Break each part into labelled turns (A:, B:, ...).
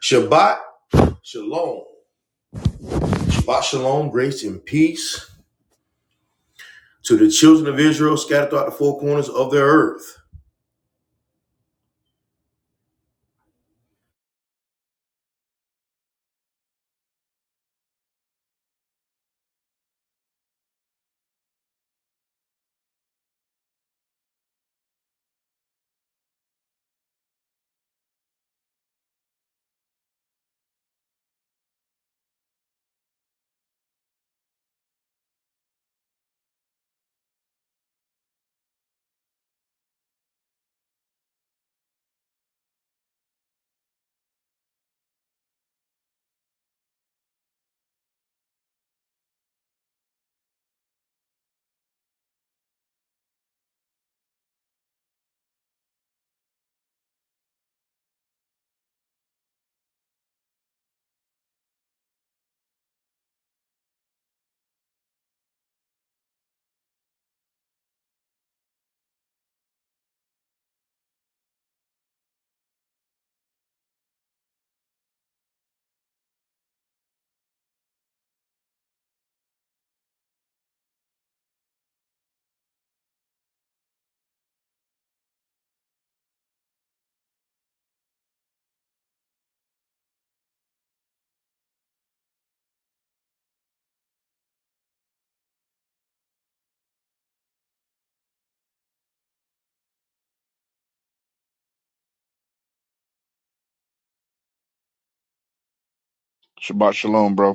A: Shabbat Shalom. Shabbat Shalom, grace and peace to the children of Israel scattered throughout the four corners of the earth.
B: Shabbat shalom, bro.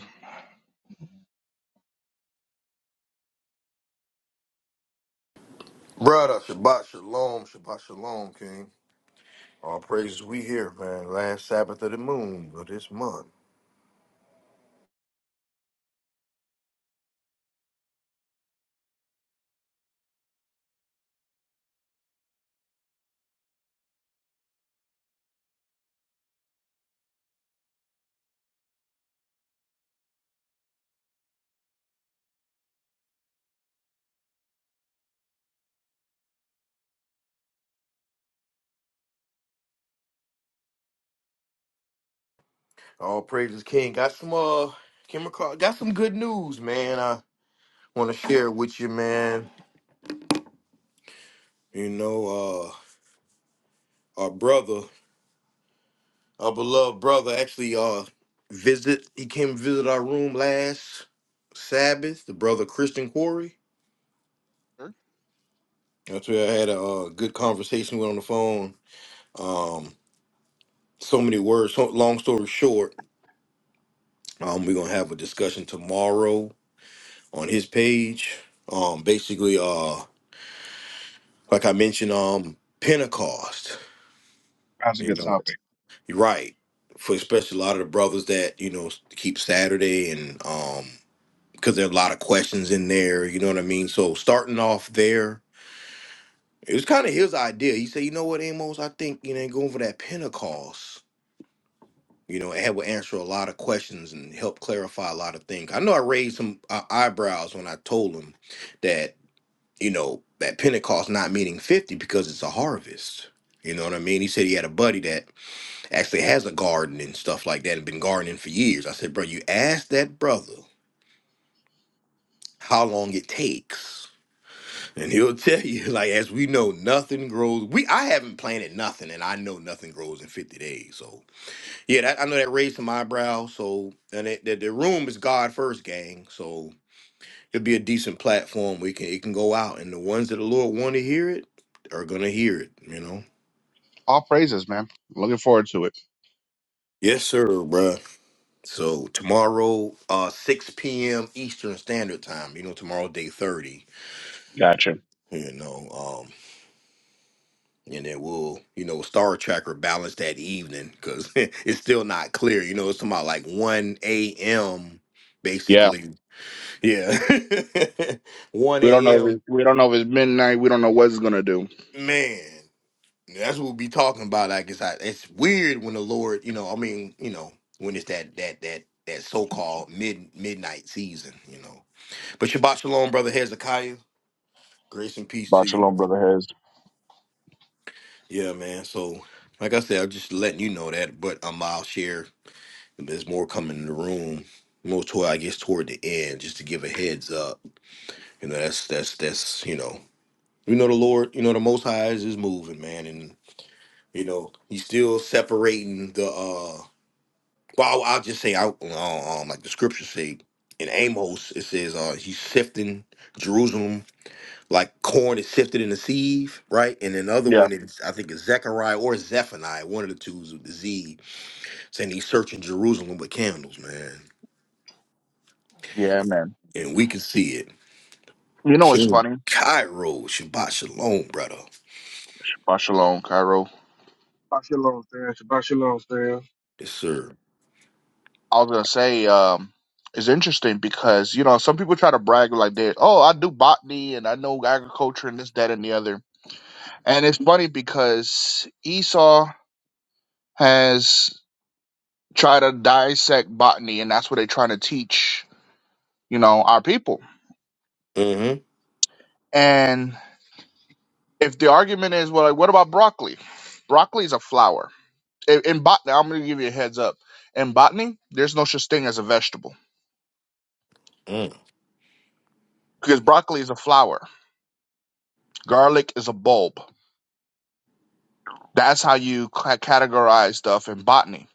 A: Brother, Shabbat Shalom, Shabbat Shalom, King. All praises we here, man. Last Sabbath of the moon of this month. All praises, King. Got some uh came across got some good news, man. I wanna share with you, man. You know, uh our brother. Our beloved brother actually uh visit he came and visit our room last Sabbath, the brother Christian Quarry.
B: Sure.
A: That's where I had a uh, good conversation with on the phone. Um so many words, so long story short, um we're gonna have a discussion tomorrow on his page. Um basically uh like I mentioned, um Pentecost,
B: That's a
A: you
B: good
A: know.
B: topic.
A: You're right. For especially a lot of the brothers that, you know, keep Saturday and um because there are a lot of questions in there. You know what I mean? So starting off there, it was kind of his idea. He said, "You know what, Amos? I think you know going for that Pentecost. You know, it will answer a lot of questions and help clarify a lot of things. I know I raised some uh, eyebrows when I told him that you know that Pentecost not meaning fifty because it's a harvest." You know what I mean? He said he had a buddy that actually has a garden and stuff like that and been gardening for years. I said, bro, you ask that brother how long it takes And he'll tell you, like, as we know, nothing grows. We I haven't planted nothing, and I know nothing grows in 50 days. So yeah, that, I know that raised some eyebrows. So and it, the, the room is God first, gang. So it'll be a decent platform. We can it can go out, and the ones that the Lord want to hear it are gonna hear it. You know.
B: All praises, man. Looking forward to it.
A: Yes, sir, bruh. So tomorrow, uh, 6 p.m. Eastern Standard Time. You know, tomorrow day 30.
B: Gotcha.
A: You know, um. and then we'll you know star tracker balance that evening because it's still not clear you know it's about like 1 a.m
B: Yeah.
A: basically yeah 1
B: We don't know. If it,
A: a.m
B: we don't know if it's midnight. We don't know what it's gonna do.
A: man that's what we'll be talking about i guess I, it's weird when the lord you know i mean you know when it's that that that that so-called mid midnight season you know but shabbat shalom brother hezekiah grace and peace to
B: Shabbat
A: you
B: shalom,
A: man
B: brother Hez.
A: yeah man so like i said i'm just letting you know that but um i'll share There's more coming in the room. More toward I guess toward the end, just to give a heads up. You know, that's that's that's you know, you know the Lord, you know the Most High is, is moving, man, and you know He's still separating the. uh Well, I'll, I'll just say out um, um, like the scriptures say in Amos, it says uh He's sifting Jerusalem like corn is sifted in the sieve, right? And another
B: Yeah.
A: one is I think it's Zechariah or Zephaniah, one of the two is with the Z, saying He's searching Jerusalem with candles, man,
B: Yeah, man.
A: and we can see it
B: You know what's
A: King
B: funny?
A: Cairo, Shabbat Shalom, brother.
B: Shabbat shalom, Cairo.
C: Shabbat shalom, Stan. Shabbat shalom, Stan.
A: Yes, sir.
B: I was gonna say, um, it's interesting because you know some people try to brag like they, oh, I do botany and I know agriculture and this, that, and the other. And it's funny because Esau has tried to dissect botany, and that's what they're trying to teach, you know, our people.
A: Mm-hmm.
B: And if the argument is, well, like, what about broccoli? Broccoli is a flower. In, in botany, I'm going to give you a heads up. In botany, there's no such thing as a vegetable
A: Mm.
B: because broccoli is a flower. Garlic is a bulb. That's how you ca- categorize stuff in botany.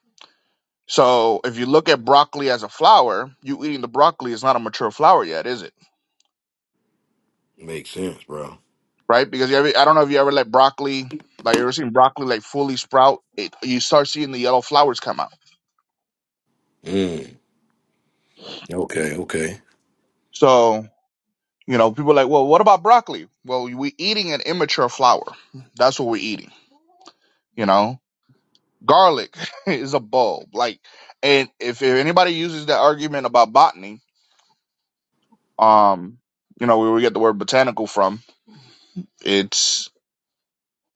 B: So if you look at broccoli as a flower, you eating the broccoli is not a mature flower yet, is it?
A: Makes sense, bro.
B: right? Because you ever, I don't know if you ever let broccoli, like you ever seen broccoli like fully sprout, it, you start seeing the yellow flowers come out.
A: Mm. Okay, okay.
B: So, you know, people are like, well, what about broccoli? Well, we're eating an immature flower. That's what we're eating, you know? Garlic is a bulb. Like, and if, if anybody uses that argument about botany, um, you know, where we get the word botanical from, it's,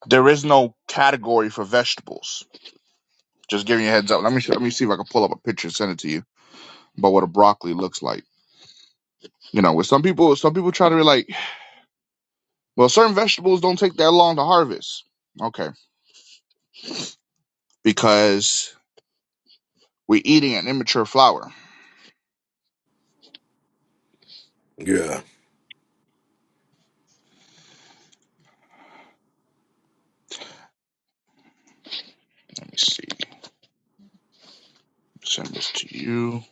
B: there is no category for vegetables. Just giving you a heads up. Let me, show, let me see if I can pull up a picture and send it to you about what a broccoli looks like. You know, with some people, some people try to be like, well, certain vegetables don't take that long to harvest. Okay, because we're eating an immature flower.
A: Yeah.
B: Let me see. Send this to you.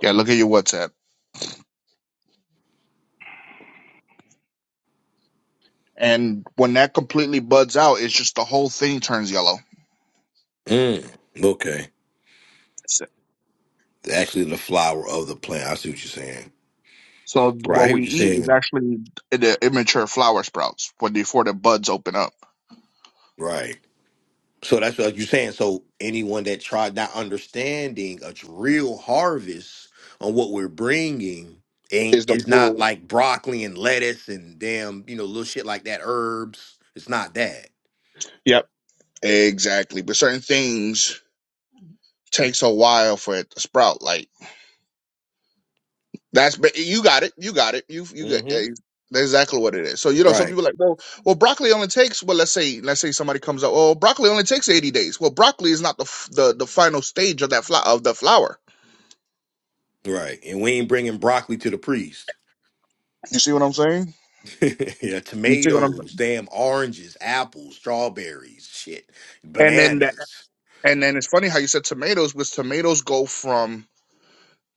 B: Yeah, look at your WhatsApp. And when that completely buds out, it's just the whole thing turns yellow.
A: Mm. Okay. Actually, the flower of the plant. I see what you're saying.
B: So
A: Right. I
B: what
A: hear
B: we
A: what you're
B: eat is
A: saying.
B: actually the immature flower sprouts when before the buds open up.
A: Right. So that's what you're saying. So anyone that tried not understanding a real harvest on what we're bringing ain't
B: Is the
A: it's not
B: full.
A: like broccoli and lettuce and damn, you know, little shit like that, herbs. It's not that.
B: Yep. Exactly. But certain things takes a while for it to sprout. Like That's but you got it. You got it. You you got
A: Mm-hmm.
B: eh, that's exactly what it is. So you know, some
A: Right.
B: people are like, well, well, broccoli only takes. Well, let's say let's say somebody comes up. Well, broccoli only takes eighty days. Well, broccoli is not the f- the the final stage of that fla- of the flower.
A: Right. And we ain't bringing broccoli to the priest.
B: You see what I'm saying?
A: yeah,
B: You see what I'm
A: tomatoes, damn oranges, apples, strawberries, shit,
B: saying? And then the-
A: bananas.
B: and then it's funny how you said tomatoes, because tomatoes go from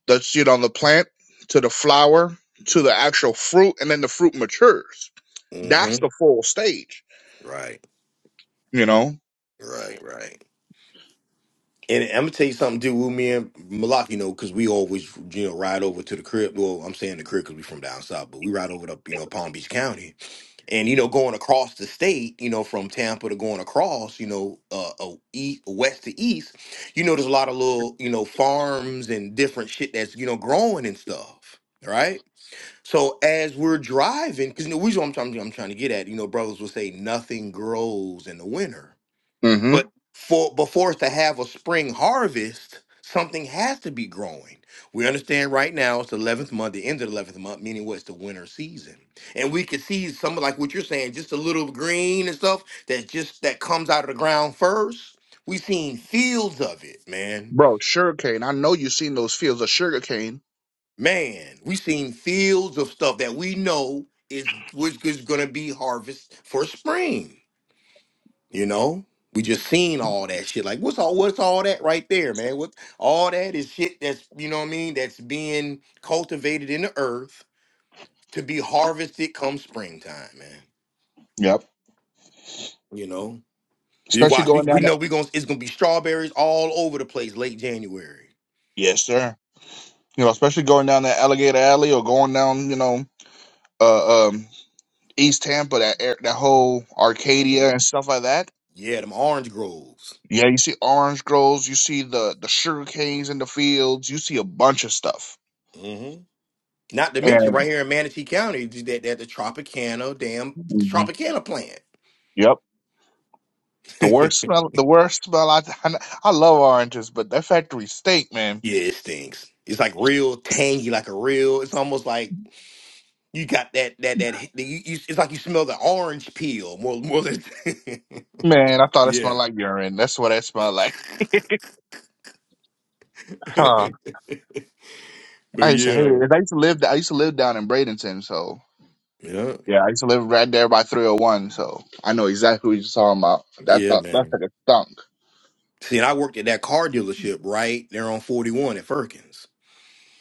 B: the seed on the plant to the flower to the actual fruit, and then the fruit matures. That's
A: Mm-hmm.
B: the full stage.
A: Right,
B: You know.
A: right, right. And I'm gonna tell you something, dude. Me and Malak, you know, because we always, you know, ride over to the crib. Well, I'm saying the crib because we from down south, but we ride over to, you know, Palm Beach County. and you know going across the state you know from tampa to going across you know uh, uh east, west to east you know there's a lot of little you know farms and different shit that's you know growing and stuff right so as we're driving because you know we i'm trying, I'm trying to get at you know brothers will say nothing grows in the winter
B: hmm
A: but for before us to have a spring harvest, something has to be growing. We understand right now it's the eleventh month, the end of the eleventh month, meaning what's the winter season. And we can see some of, like what you're saying, just a little green and stuff that just that comes out of the ground first. We seen fields of it, man.
B: Bro, sugarcane. I know you've seen those fields of sugarcane
A: Man, we seen fields of stuff that we know is which is gonna be harvest for spring. You know, we just seen all that shit. Like, what's all what's all that right there, man? What all that is shit that's you know what I mean? That's being cultivated in the earth to be harvested come springtime, man.
B: Yep.
A: You know, you
B: Especially
A: watch. We,
B: going
A: we
B: down that.
A: know we gonna it's gonna be strawberries all over the place late January.
B: Yes, sir. You know, especially going down that Alligator Alley or going down, you know, uh, um, East Tampa, that air, that whole
A: Mhm.
B: Arcadia and stuff like that.
A: Yeah, them orange groves.
B: Yeah, you see orange groves, you see the the sugar canes in the fields, you see a bunch of stuff.
A: hmm Not to mention
B: And
A: right here in Manatee County, th- that that the Tropicana damn
B: Mhm.
A: Tropicana plant.
B: yep, the
A: yeah,
B: worst smell, the worst smell. I I love oranges, but that factory steak, man,
A: it stinks. It's like real tangy, like a real. It's almost like You got that that that you, you, it's like you smell the orange peel more more than
B: man, I thought it
A: yeah.
B: smelled like urine. That's what that smelled like. Huh.
A: but
B: I used to hate
A: yeah,
B: it. I used to live. I used to live down in Bradenton, so
A: yeah,
B: Yeah, I used to live right there by 301, so I know exactly what you're talking about. That
A: yeah,
B: th- that's
A: man.
B: like a thunk.
A: See, and I worked at that car dealership right there on 41 at Firkins.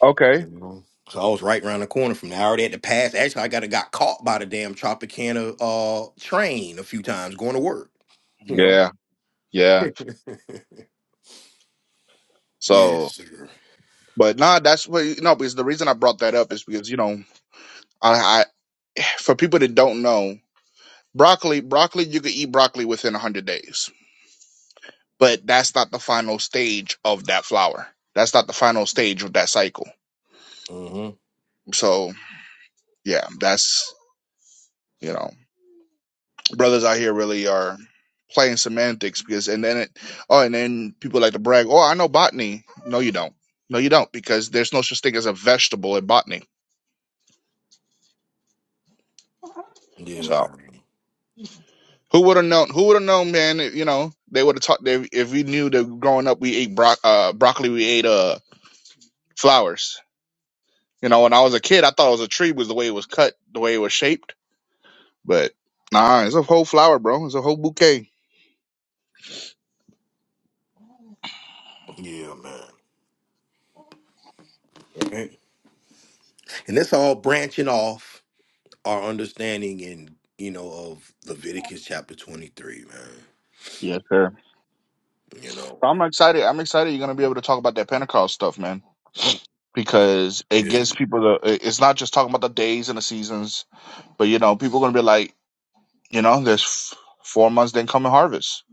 B: Okay.
A: You know, so I was right around the corner from there. I already had to pass. Actually, I got got caught by the damn Tropicana uh train a few times going to work. You know.
B: Yeah, yeah.
A: Yes,
B: So,
A: sir.
B: but nah, that's what you know. Because the reason I brought that up is because you know, I, I for people that don't know, broccoli, broccoli, you could eat broccoli within 100 days, but that's not the final stage of that flower. That's not the final stage of that cycle.
A: Mm-hmm.
B: So, yeah, that's you know. brothers out here really are playing semantics because and then it oh and then people like to brag oh i know botany no you don't no you don't because there's no such thing as a vegetable in botany
A: Yeah,
B: so
A: man.
B: who would have known who would have known man you know they would have taught they, if we knew that growing up we ate bro- uh, broccoli we ate uh flowers you know when i was a kid i thought it was a tree was the way it was cut the way it was shaped but nah it's a whole flower bro it's a whole bouquet
A: Yeah, man. Right. And that's all branching off. our understanding in you know of Leviticus chapter 23, man.
B: yes sir
A: You know.
B: so i'm excited i'm excited you're gonna be able to talk about that pentecost stuff man because it
A: Yeah.
B: gets people the it- It's not just talking about the days and the seasons, but you know, people are gonna be like, you know, there's f- four months, then come and harvest.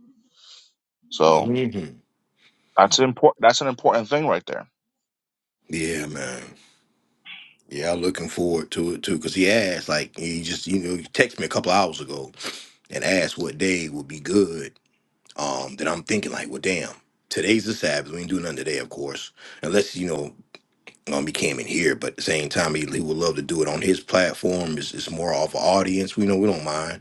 B: So
A: hmm
B: that's important. That's an important thing right there.
A: Yeah, man. Yeah, looking forward to it too. Cause he asked, like, he just, you know, he texted me a couple hours ago and asked what day would be good. Um, that I'm thinking like, well, damn, today's the Sabbath. We ain't do nothing today, of course. Unless, you know, um, he came in here, but at the same time, he, he would love to do it on his platform. It's, it's more off audience. We know we don't mind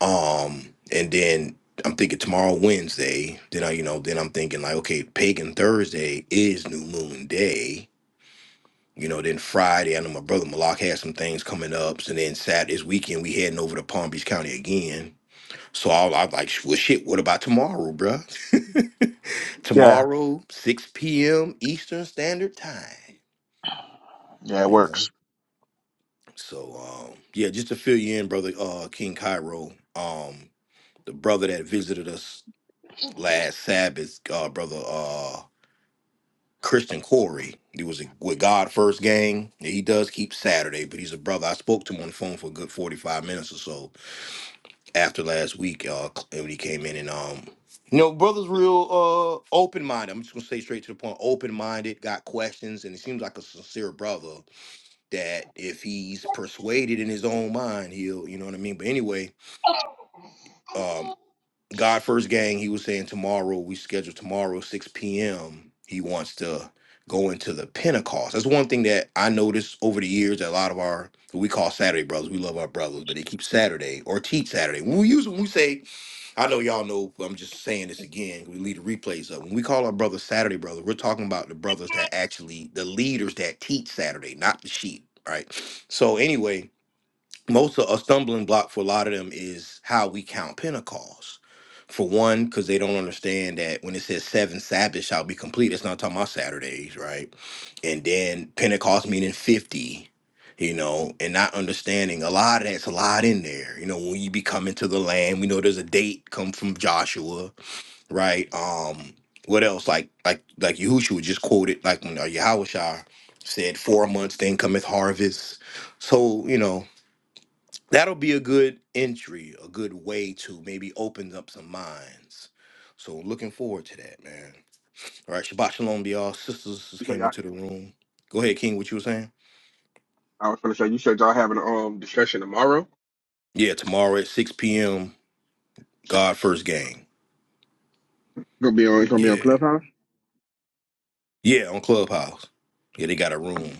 A: Um, and then I'm thinking tomorrow Wednesday. Then I, you know, then I'm thinking like, okay, Pagan Thursday is New Moon Day. You know, then Friday, I know my brother Malak had some things coming up. So then Saturday, this weekend, we heading over to Palm Beach County again. So I, I was like, well, shit, what about tomorrow, bruh?
B: Yeah,
A: tomorrow, 6 p.m. Eastern Standard Time.
B: yeah, it
A: You know?
B: works.
A: So um, yeah, just to fill you in, brother uh King Cairo, um, the brother that visited us last Sabbath, uh, brother uh, Christian Corey. He was a, with God First Gang. Yeah, He does keep Saturday, but he's a brother. I spoke to him on the phone for a good forty five minutes or so after last week uh, when he came in and um. You know, brother's real uh open minded. I'm just gonna say straight to the point. Open minded, got questions, and it seems like a sincere brother. That if he's persuaded in his own mind, he'll, you know what I mean. But anyway, um. God First Gang, he was saying tomorrow, we scheduled tomorrow, 6 p.m. He wants to go into the Pentecost. That's one thing that I noticed over the years that a lot of our what we call Saturday brothers, we love our brothers, but they keep Saturday or teach Saturday. When we use when we say, I know y'all know, but I'm just saying this again, we lead the replays up. When we call our brothers Saturday brothers, we're talking about the brothers that actually the leaders that teach Saturday, not the sheep. Right. So anyway, most of a stumbling block for a lot of them is how we count Pentecost. For one, because they don't understand that when it says seven Sabbaths shall be complete, it's not talking about Saturdays, right? And then Pentecost meaning 50, you know, and not understanding a lot of that's a lot in there. You know, when you be coming to the land, we know there's a date come from Joshua, right? Um, what else? Like like like Yahushua just quoted, like when uh, Yahweh Shai said, four months then cometh harvest. So, you know, that'll be a good entry, a good way to maybe open up some minds. So looking forward to that, man. All right, Shabbat Shalom to y'all. Sisters just
C: You said
A: came
C: y'all,
A: into the room. Go ahead, King, what you were saying?
C: I was gonna say you said y'all having a um discussion tomorrow.
A: Yeah, tomorrow at 6 p.m., God First Gang.
C: Gonna be on. It's gonna be on
A: Yeah.
C: Clubhouse.
A: Yeah, on Clubhouse. Yeah, they got a room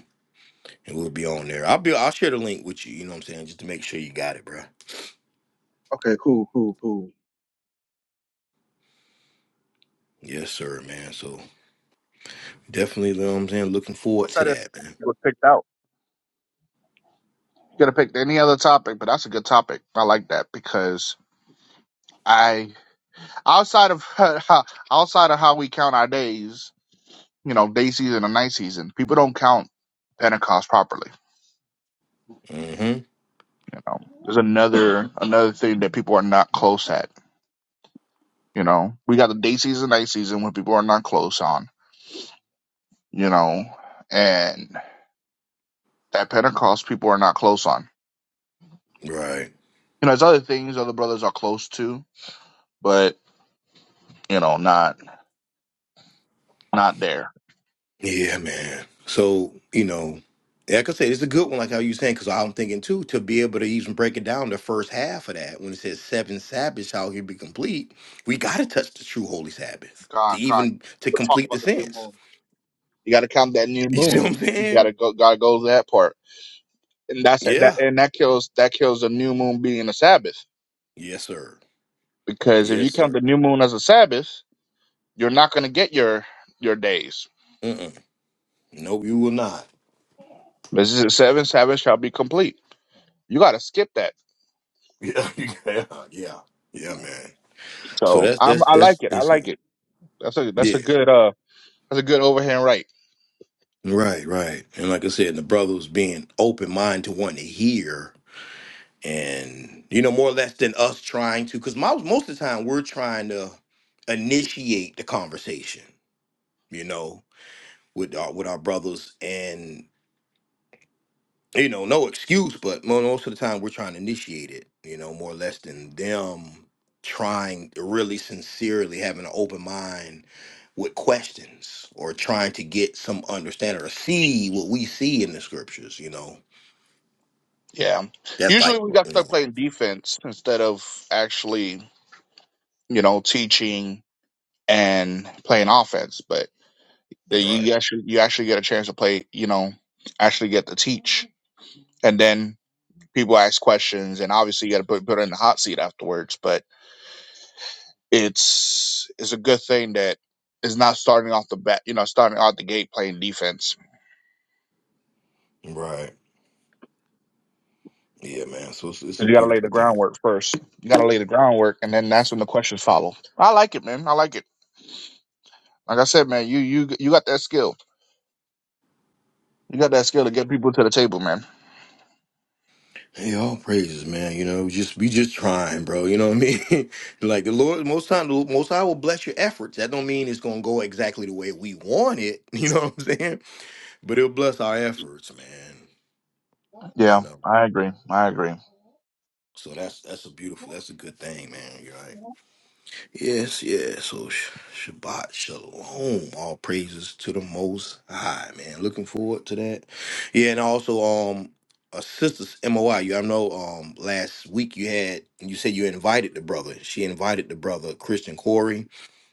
A: and we'll be on there. I'll be I'll share the link with you, you know what I'm saying, just to make sure you got it, bro.
C: Okay, cool, cool, cool.
A: Yes, sir, man. So definitely, you know what I'm saying, looking
B: I'm
A: forward to
B: excited
A: that, man.
B: it was picked out. You could have picked any other topic, but that's a good topic. I like that because I, outside of outside of how we count our days, you know, day season and night season, people don't count Pentecost properly.
A: Mm-hmm.
B: You know, there's another another thing that people are not close at You know, we got a day season, night season when people are not close on, you know, and that Pentecost people are not close on.
A: Right.
B: You know, there's other things other brothers are close to, but, you know, not not there.
A: Yeah, man. So, you know, like I said, it's a good one, like how you saying, because I'm thinking too, to be able to even break it down the first half of that, when it says seven Sabbaths shall here be complete, we gotta touch the true holy Sabbath to
B: God, God,
A: even to
B: we'll talk
A: complete the
B: about the new
A: sense.
B: moon. You got to count that new
A: You see what
B: moon.
A: I'm
B: You got
A: saying?
B: to go, got to go to that part. And that's that,
A: Yeah.
B: and that kills, that kills the new moon being a Sabbath.
A: Yes, sir.
B: Because if you
A: Yes,
B: count the
A: sir.
B: new moon as a Sabbath, you're not going to get your, your days.
A: Mm-mm. No, you will not.
B: This is seven Sabbaths shall be complete. You got to skip that
A: Yeah, yeah, yeah. Yeah, man. So
B: So
A: that's
B: I'm
A: that's
B: I
A: that's
B: like it. I
A: that's
B: like
A: good.
B: it. That's a that's a
A: Yeah.
B: good uh that's a good overhand right.
A: Right, right. And like I said, the brother was being open minded to want to hear and you know more or less than us trying to because most most of the time we're trying to initiate the conversation you know with our with our brothers and you know no excuse but mo- most of the time we're trying to initiate it you know more or less than them trying to really sincerely having an open mind with questions or trying to get some understanding or see what we see in the scriptures you know
B: Yeah.
A: that's
B: Usually
A: like
B: we
A: you
B: got stuck playing
A: know
B: defense instead of actually, you know, teaching and playing offense. But the,
A: right
B: you actually you actually get a chance to play, you know, actually get to teach. And then people ask questions and obviously you gotta put put in the hot seat afterwards. But it's it's a good thing that it's not starting off the bat, you know, starting out the gate playing defense
A: right Yeah, man. So it's, it's a
B: You got to lay the
A: beautiful thing.
B: groundwork first. You got to lay the groundwork, and then that's when the questions follow. I like it, man. I like it. Like I said, man, you you you got that skill. You got that skill to get people to the table, man.
A: Hey, all praises, man. You know, just we just trying, bro. You know what I mean? like the Lord, most time, the most I will bless your efforts. That don't mean it's gonna go exactly the way we want it. You know what I'm saying? But it'll bless our efforts, man. You
B: Yeah,
A: know.
B: I agree. I agree.
A: So that's that's a beautiful, that's a good thing, man. You're right. Yes, yes. So sh- Shabbat Shalom. All praises to the Most High, man. Looking forward to that. Yeah, and also um, a sister's MOI. You I know um last week you had you said you invited the brother. She invited the brother Christian Corey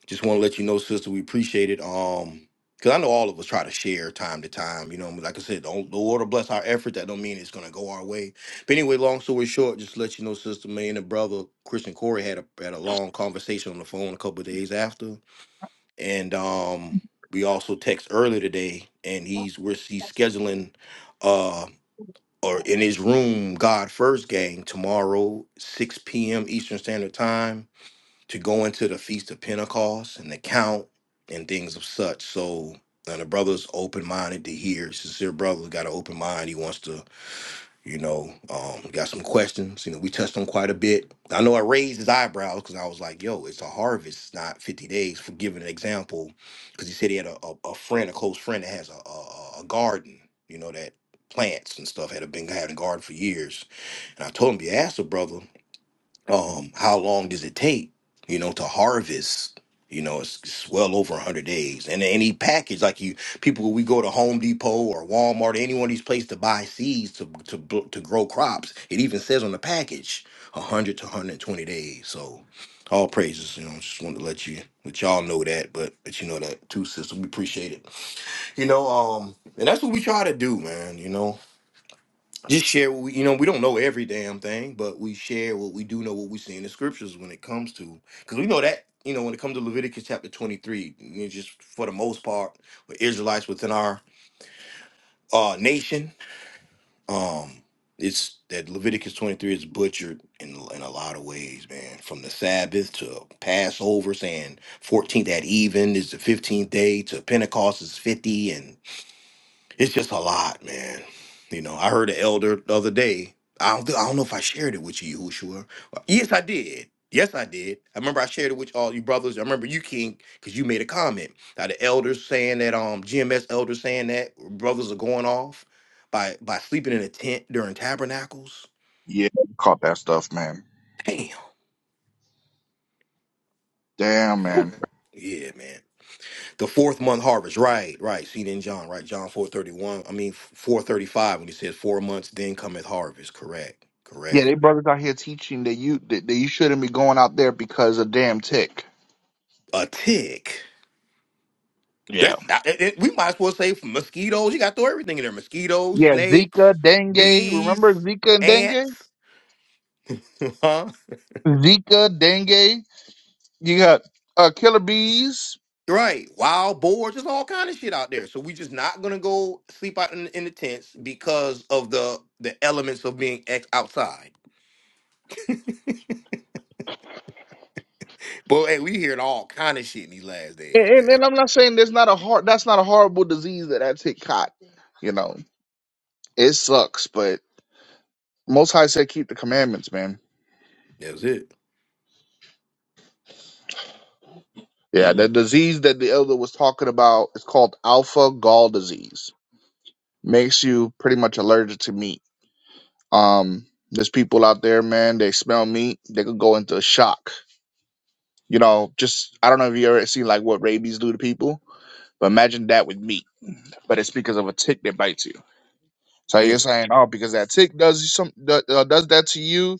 A: just want to let you know, sister, we appreciate it. Um, because I know all of us try to share time to time. You know, like I said, don't the Lord will bless our effort. That don't mean it's gonna go our way. But anyway, long story short, just to let you know, sister, me and the brother Christian Corey had a had a long conversation on the phone a couple of days after, and um, we also text earlier today, and he's we're he's scheduling, uh. Or in his room, God First Gang tomorrow, 6 p.m. Eastern Standard Time to go into the feast of Pentecost and the count and things of such. So and the brother's open minded to hear. Sincere brother got an open mind. He wants to, you know, um, got some questions. You know, we touched on quite a bit. I know I raised his eyebrows because I was like, yo, it's a harvest, not 50 days, for giving an example. Because he said he had a, a, a friend, a close friend that has a, a, a garden, you know, that plants and stuff had been having a garden for years. And I told him, you asked the brother, um how long does it take you know to harvest you know it's, it's well over 100 days and any package like you people we go to home depot or walmart any one of these places to buy seeds to, to bl- to grow crops it even says on the package 100 to 120 days so all praises you know just wanted to let you let y'all know that but but you know that too sister we appreciate it you know um and that's what we try to do man you know just share what we, you know we don't know every damn thing but we share what we do know what we see in the scriptures when it comes to because we know that you know when it comes to leviticus chapter 23 you know, just for the most part with israelites within our uh nation um it's that leviticus 23 is butchered in, in a lot of ways man from the sabbath to passover saying 14th at even is the 15th day to pentecost is 50 and. It's just a lot, man. You know, I heard an elder the other day. I don't, thi- I don't know if I shared it with you, Yahushua. Yes, I did. Yes, I did. I remember I shared it with all you brothers. I remember you, King, because you made a comment. Now the elders saying that, um, GMS elders saying that brothers are going off by by sleeping in a tent during tabernacles.
B: Yeah, you caught that stuff, man.
A: Damn.
B: Damn,
A: Whew.
B: man.
A: Yeah, man. The fourth month harvest, right, right. See then John, right? John four thirty one. I mean four thirty five when he says four months then cometh harvest. Correct,
B: Yeah,
A: correct.
B: they brothers out here teaching that you that, that you shouldn't be going out there because of damn tick.
A: a tick.
B: Yeah.
A: That's I, it, it- we might as well say mosquitoes. You got to throw everything in there: mosquitoes,
B: Yeah, Zika,
A: snakes,
B: dengue. Remember
A: bees,
B: Zika and dengue?
A: ants, huh?
B: Zika, dengue. You got uh, killer bees.
A: Right, wild boars. There's all kind of shit out there. So we just not gonna go sleep out in, in the tents because of the the elements of being ex- outside. But hey, we hearing all kind of shit in these last
B: And,
A: days, man.
B: and, and I'm not saying there's not a hard that's not a horrible disease that that's hit caught. You know, it sucks, but Most High said keep the commandments, man.
A: That was it.
B: Yeah, Mm. the disease that the elder was talking about is called alpha gall disease. Makes you pretty much allergic to meat. Um, there's people out there, man. They smell meat, they could go into shock. You know, just I don't know if you ever seen like what rabies do to people, but imagine that with meat. But it's because of a tick that bites you. So you're
A: Mm,
B: saying, oh, because that tick does you some do- uh, does that to you,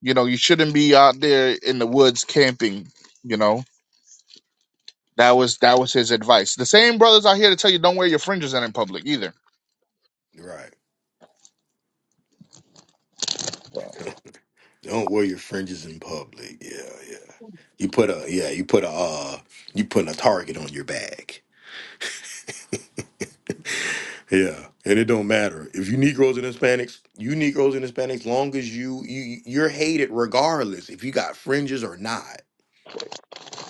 B: You know, you shouldn't be out there in the woods camping. You know, that was that was his advice. The same brothers out here to tell you don't wear your fringes out in public either.
A: you're right. Don't don't wear your fringes in public. Yeah, yeah. You put a yeah. You put a uh. You putting a target on your back. Yeah, and it don't matter if you Negroes and Hispanics. You Negroes and Hispanics, long as you you you're hated regardless if you got fringes or not.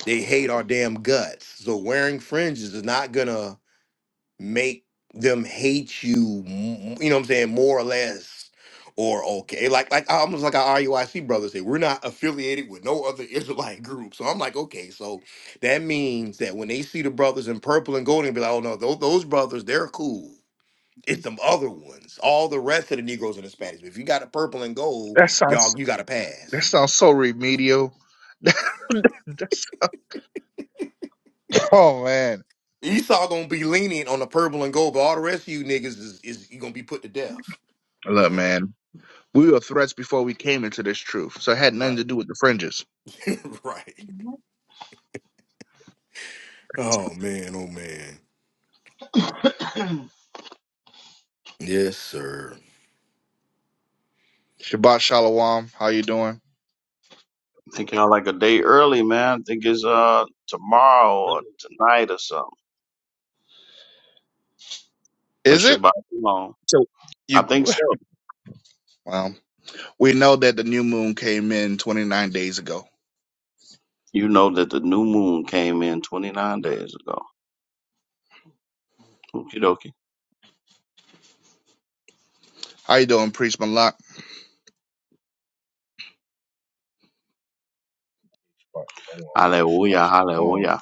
A: They hate our damn guts. So wearing fringes is not gonna make them hate you. m- You know what I'm saying? More or less, or okay. Like like almost like our RUIC brothers say, we're not affiliated with no other Israelite group. So I'm like, okay, so that means that when they see the brothers in purple and gold, and be like, oh no, those, those brothers, they're cool. It's them other ones, all the rest of the Negroes and Hispanics. But If you got a purple and gold,
B: That sounds
A: y'all, you got to
B: that
A: pass.
B: sounds so remedial. That's, oh man,
A: Esau gonna be lenient on the purple and gold, but all the rest of you niggas is, is you gonna be put to death. You
B: look,
A: know,
B: man, we were threats before we came into this truth, so it had nothing to
A: right,
B: do with the fringes.
A: right. Oh man, oh man. Yes, sir.
B: Shabbat shalom. How you doing?
D: Thinking of like a day early, man. I think it's uh tomorrow or tonight or something. But
B: Is it?
D: Shabbat Shalom.
B: So you
D: I think so.
B: well, we know that the new moon came in 29 days ago.
D: You know that the new moon came in 29 days ago. Okie dokie.
B: How you doing, Priest Malak?
E: Squash one, bro.
D: Hallelujah,
E: Squash one.
D: hallelujah.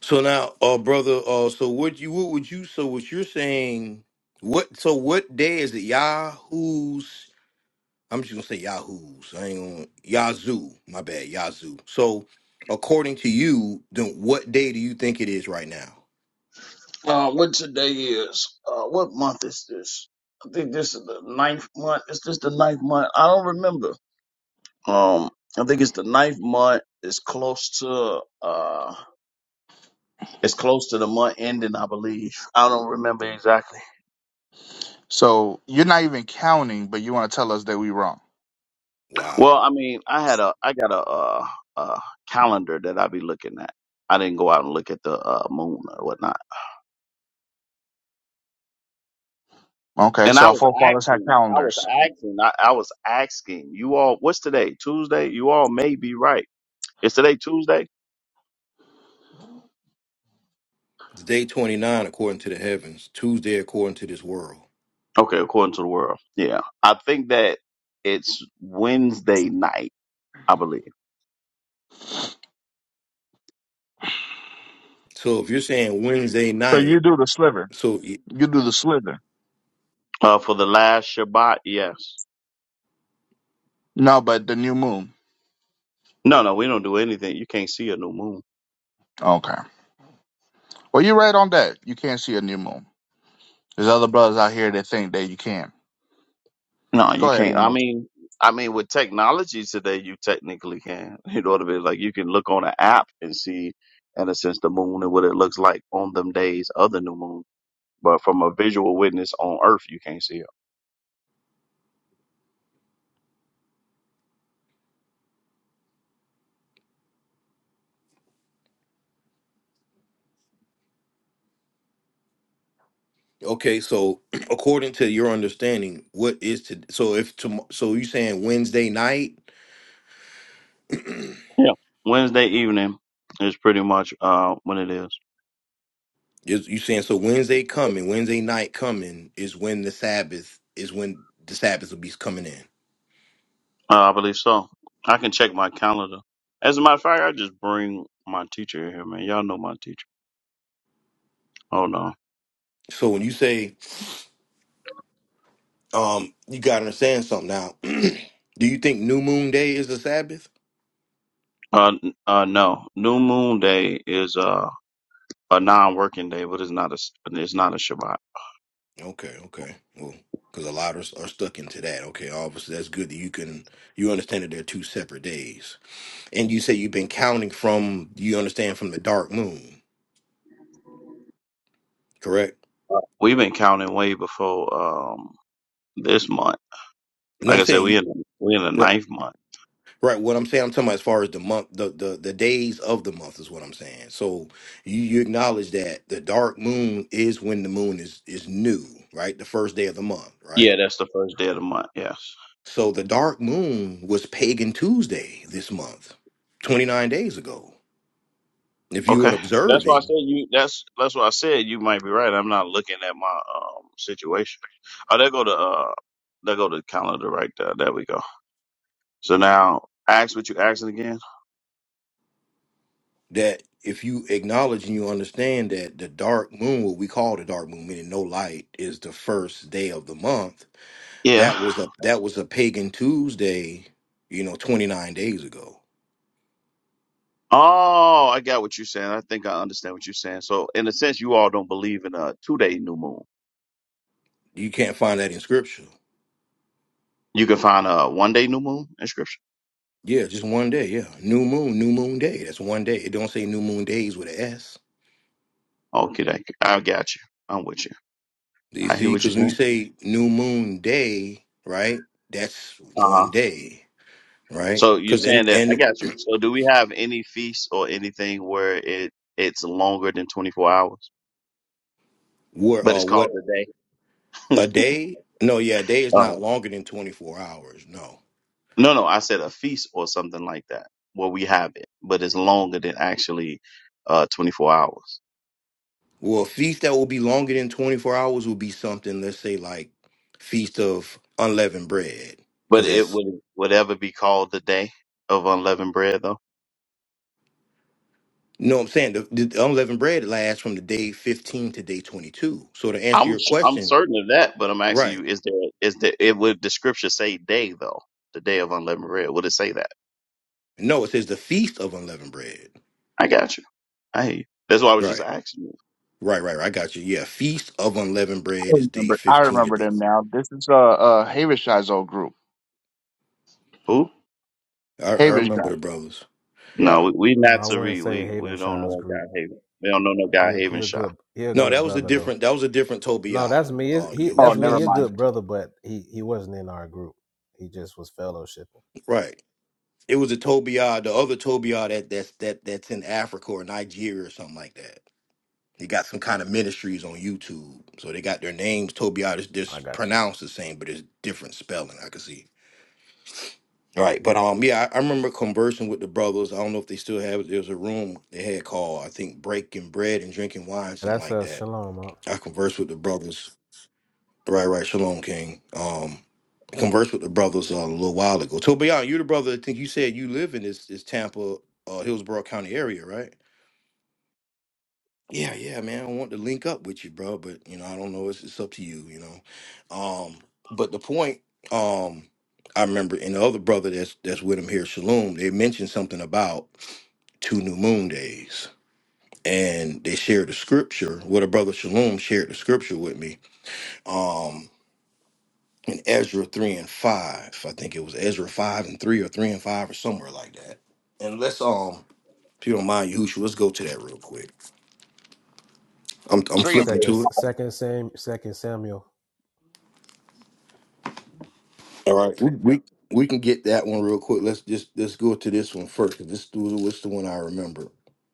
A: So now, uh, brother, uh, so what you what would you so what you're saying? What so what day is it? Yahoo's I'm just gonna say Yahoo's. I ain't gonna Yazoo. My bad, Yazoo. So, according to you, then what day do you think it is right now?
D: Uh, what today is? Uh, what month is this? I think this is the ninth month. Is this the ninth month? I don't remember. Um, I think it's the ninth month. It's close to uh, it's close to the month ending, I believe. I don't remember exactly.
B: So you're not even counting, but you want to tell us that we wrong.
D: Well,
A: Wow,
D: I mean, I had a, I got a, uh, uh calendar that I be looking at. I didn't go out and look at the uh, moon or whatnot.
B: Okay,
D: And
B: so
D: I
B: our
D: was
B: forefathers had
D: asking, I was
B: calendars.
D: asking, I, I was asking you all, what's today? Tuesday? You all may be right. Is today Tuesday?
A: it's day 29 according to the heavens. Tuesday according to this world.
D: Okay, according to the world. Yeah. I think that it's Wednesday night, I believe.
A: So if you're saying Wednesday
B: So you
A: night,
B: do the sliver.
A: so y-
B: You do the slither.
D: Uh, for the last Shabbat, yes.
B: No, but the new moon.
D: No, no, we don't do anything. You can't see a new moon.
B: Okay. Well, you're right on that. You can't see a new moon. There's other brothers out here that think that you can.
D: No, you
B: Go ahead,
D: can't. I
B: Amos.
D: mean, I mean, with technology today, you technically can. You know what I mean? Like you can look on an app and see, in a sense, the moon and what it looks like on them days of the new moon. But from a visual witness on Earth, you can't see it.
A: okay, so according to your understanding, what is to so if tomorrow? So you saying Wednesday night?
D: Yeah. Wednesday evening is pretty much uh when it is.
A: You you saying so Wednesday coming? Wednesday night coming is when the Sabbath is when the Sabbath will be coming in.
D: Uh, I believe so. I can check my calendar. As a matter of fact, I just bring my teacher here, man. Y'all know my teacher. Oh no.
A: So when you say Um, you gotta understand something now. Do you think New Moon Day is a Sabbath?
D: Uh, n- uh, no. New Moon Day is uh. a non-working day, but it's not a s- it's not a Shabbat.
A: Okay, okay. Well, because a lot of us are stuck into that. Okay, obviously that's good that you can you understand that they're two separate days. And you say you've been counting from you understand from the dark moon, correct?
D: We've been counting way before um this month.
A: No,
D: Like
A: I'm
D: I said,
A: saying
D: we
A: you,
D: in we in the
A: right,
D: ninth month.
A: right. What I'm saying, I'm talking about as far as the month, the, the the days of the month is what I'm saying. So you you acknowledge that the dark moon is when the moon is is new, right? The first day of the month, right?
D: Yeah, that's the first day of the month. Yes.
A: So the dark moon was pagan Tuesday this month, 29 days ago. If you were
D: Okay. That's why I
A: observing
D: said you. That's that's why I said you might be right. I'm not looking at my um situation. Oh, there go to uh there go to the calendar right there. There we go. So now ask what you asking again.
A: that, if you acknowledge and you understand that the dark moon, what we call the dark moon, meaning no light, is the first day of the month,
D: Yeah.
A: that was a that was a pagan Tuesday, you know, 29 days ago.
D: Oh, I got what you're saying. I think I understand what you're saying. So in a sense, you all don't believe in a two day new moon.
A: You can't find that in scripture.
D: You can find a one day new moon in scripture.
A: Yeah, just one day, yeah. New moon, new moon day. That's one day. It don't say new moon days with an S.
D: Okay, thank you. I got you. I'm with you.
A: You
D: I hear
A: see,
D: what you're
A: because when you
D: saying.
A: say new moon day, right? That's
D: Uh huh.
A: one day, right?
D: So you're
A: Because and
D: saying that I
A: and
D: got you. So do we have any feasts or anything where it it's longer than 24 hours,
A: what
D: but
A: uh
D: it's called
A: what
D: a day?
A: a day? No, yeah, a day is
D: Uh-huh.
A: not longer than twenty four hours. No.
D: No, no, I said a feast or something like that where we have it, but it's longer than actually uh 24 hours.
A: Well, a feast that will be longer than twenty four hours will be something. Let's say like feast of unleavened bread,
D: But
A: because
D: it
A: that's
D: would would ever be called the day of unleavened bread though.
A: you know what I'm saying. The, the unleavened bread lasts from the day fifteen to day twenty two. So to answer
D: I'm
A: your
D: s- I'm
A: question,
D: certain of that, but I'm asking
A: right?
D: you: Is there is there? It would the scripture say day though? The day of unleavened bread. Would it say that?
A: No, it says the feast of unleavened bread.
D: I got you. I hear you. That's why I was just
A: Right.
D: asking you.
A: Right, right, right. I got you. Yeah, Feast of Unleavened
B: I
A: Bread is day
B: remember. I
A: fifteen
B: remember
A: today.
B: them now. This is uh uh Havishai's old group.
D: Who?
A: I, I remember
B: Havishai.
A: the brothers.
B: Yeah.
D: No, we, we
F: No,
D: not
F: I
D: to
F: wouldn't
D: read.
F: say
D: We we
F: Haven
D: don't
F: Shine's
D: know a guy
F: group.
D: Haven. We don't know no
F: He
D: guy
F: a, he
D: Haven
F: a
D: shot.
F: good he a
A: No,
F: good
A: that was a
F: brother though.
A: different. That was a different
F: No,
A: Tobiah.
F: that's me. It's,
A: Oh,
F: he
B: Oh,
F: that's
A: Yahushua.
F: me.
A: That
B: never
F: He
A: was
F: a
A: a
B: mind.
F: good
A: different.
F: brother, but he he wasn't in our group. He just was fellowshipping.
A: Right. It was a Tobiah. The other Tobiah that that's that that's in Africa or Nigeria or something like that. They got some kind of ministries on YouTube, so they got their names Tobiah. It's
F: I
A: just
F: got you.
A: pronounced the same, but it's different spelling. I can see. All right, but um, yeah, I, I remember conversing with the brothers. I don't know if they still have it. There was a room they had called, I think, breaking bread and drinking wine, something
F: That's
A: like
F: uh
A: that.
F: shalom. Up.
A: I conversed with the brothers. Right, right, Shalom King. Um, I conversed with the brothers uh, a little while ago. So, beyond you, the brother, I think you said you live in this this Tampa, uh, Hillsborough County area, right? Yeah, yeah, man. I want to link up with you, bro, but you know, I don't know. It's it's up to you, you know. Um, but the point, um, I remember, and the other brother that's that's with him here, Shalom, they mentioned something about two new moon days, and they shared the scripture. What a brother Shalom shared the scripture with me. Um, in Ezra three and five, I think it was Ezra five and three or three and five or somewhere like that. And let's um, if you don't mind, Yahushua, let's go to that real quick. I'm I'm
B: Three and
A: flipping
F: Second
B: four.
A: to it.
F: second Sam second Samuel
A: All right, we we we can get that one real quick. Let's just let's go to this one first. 'cause This was was the one I remember,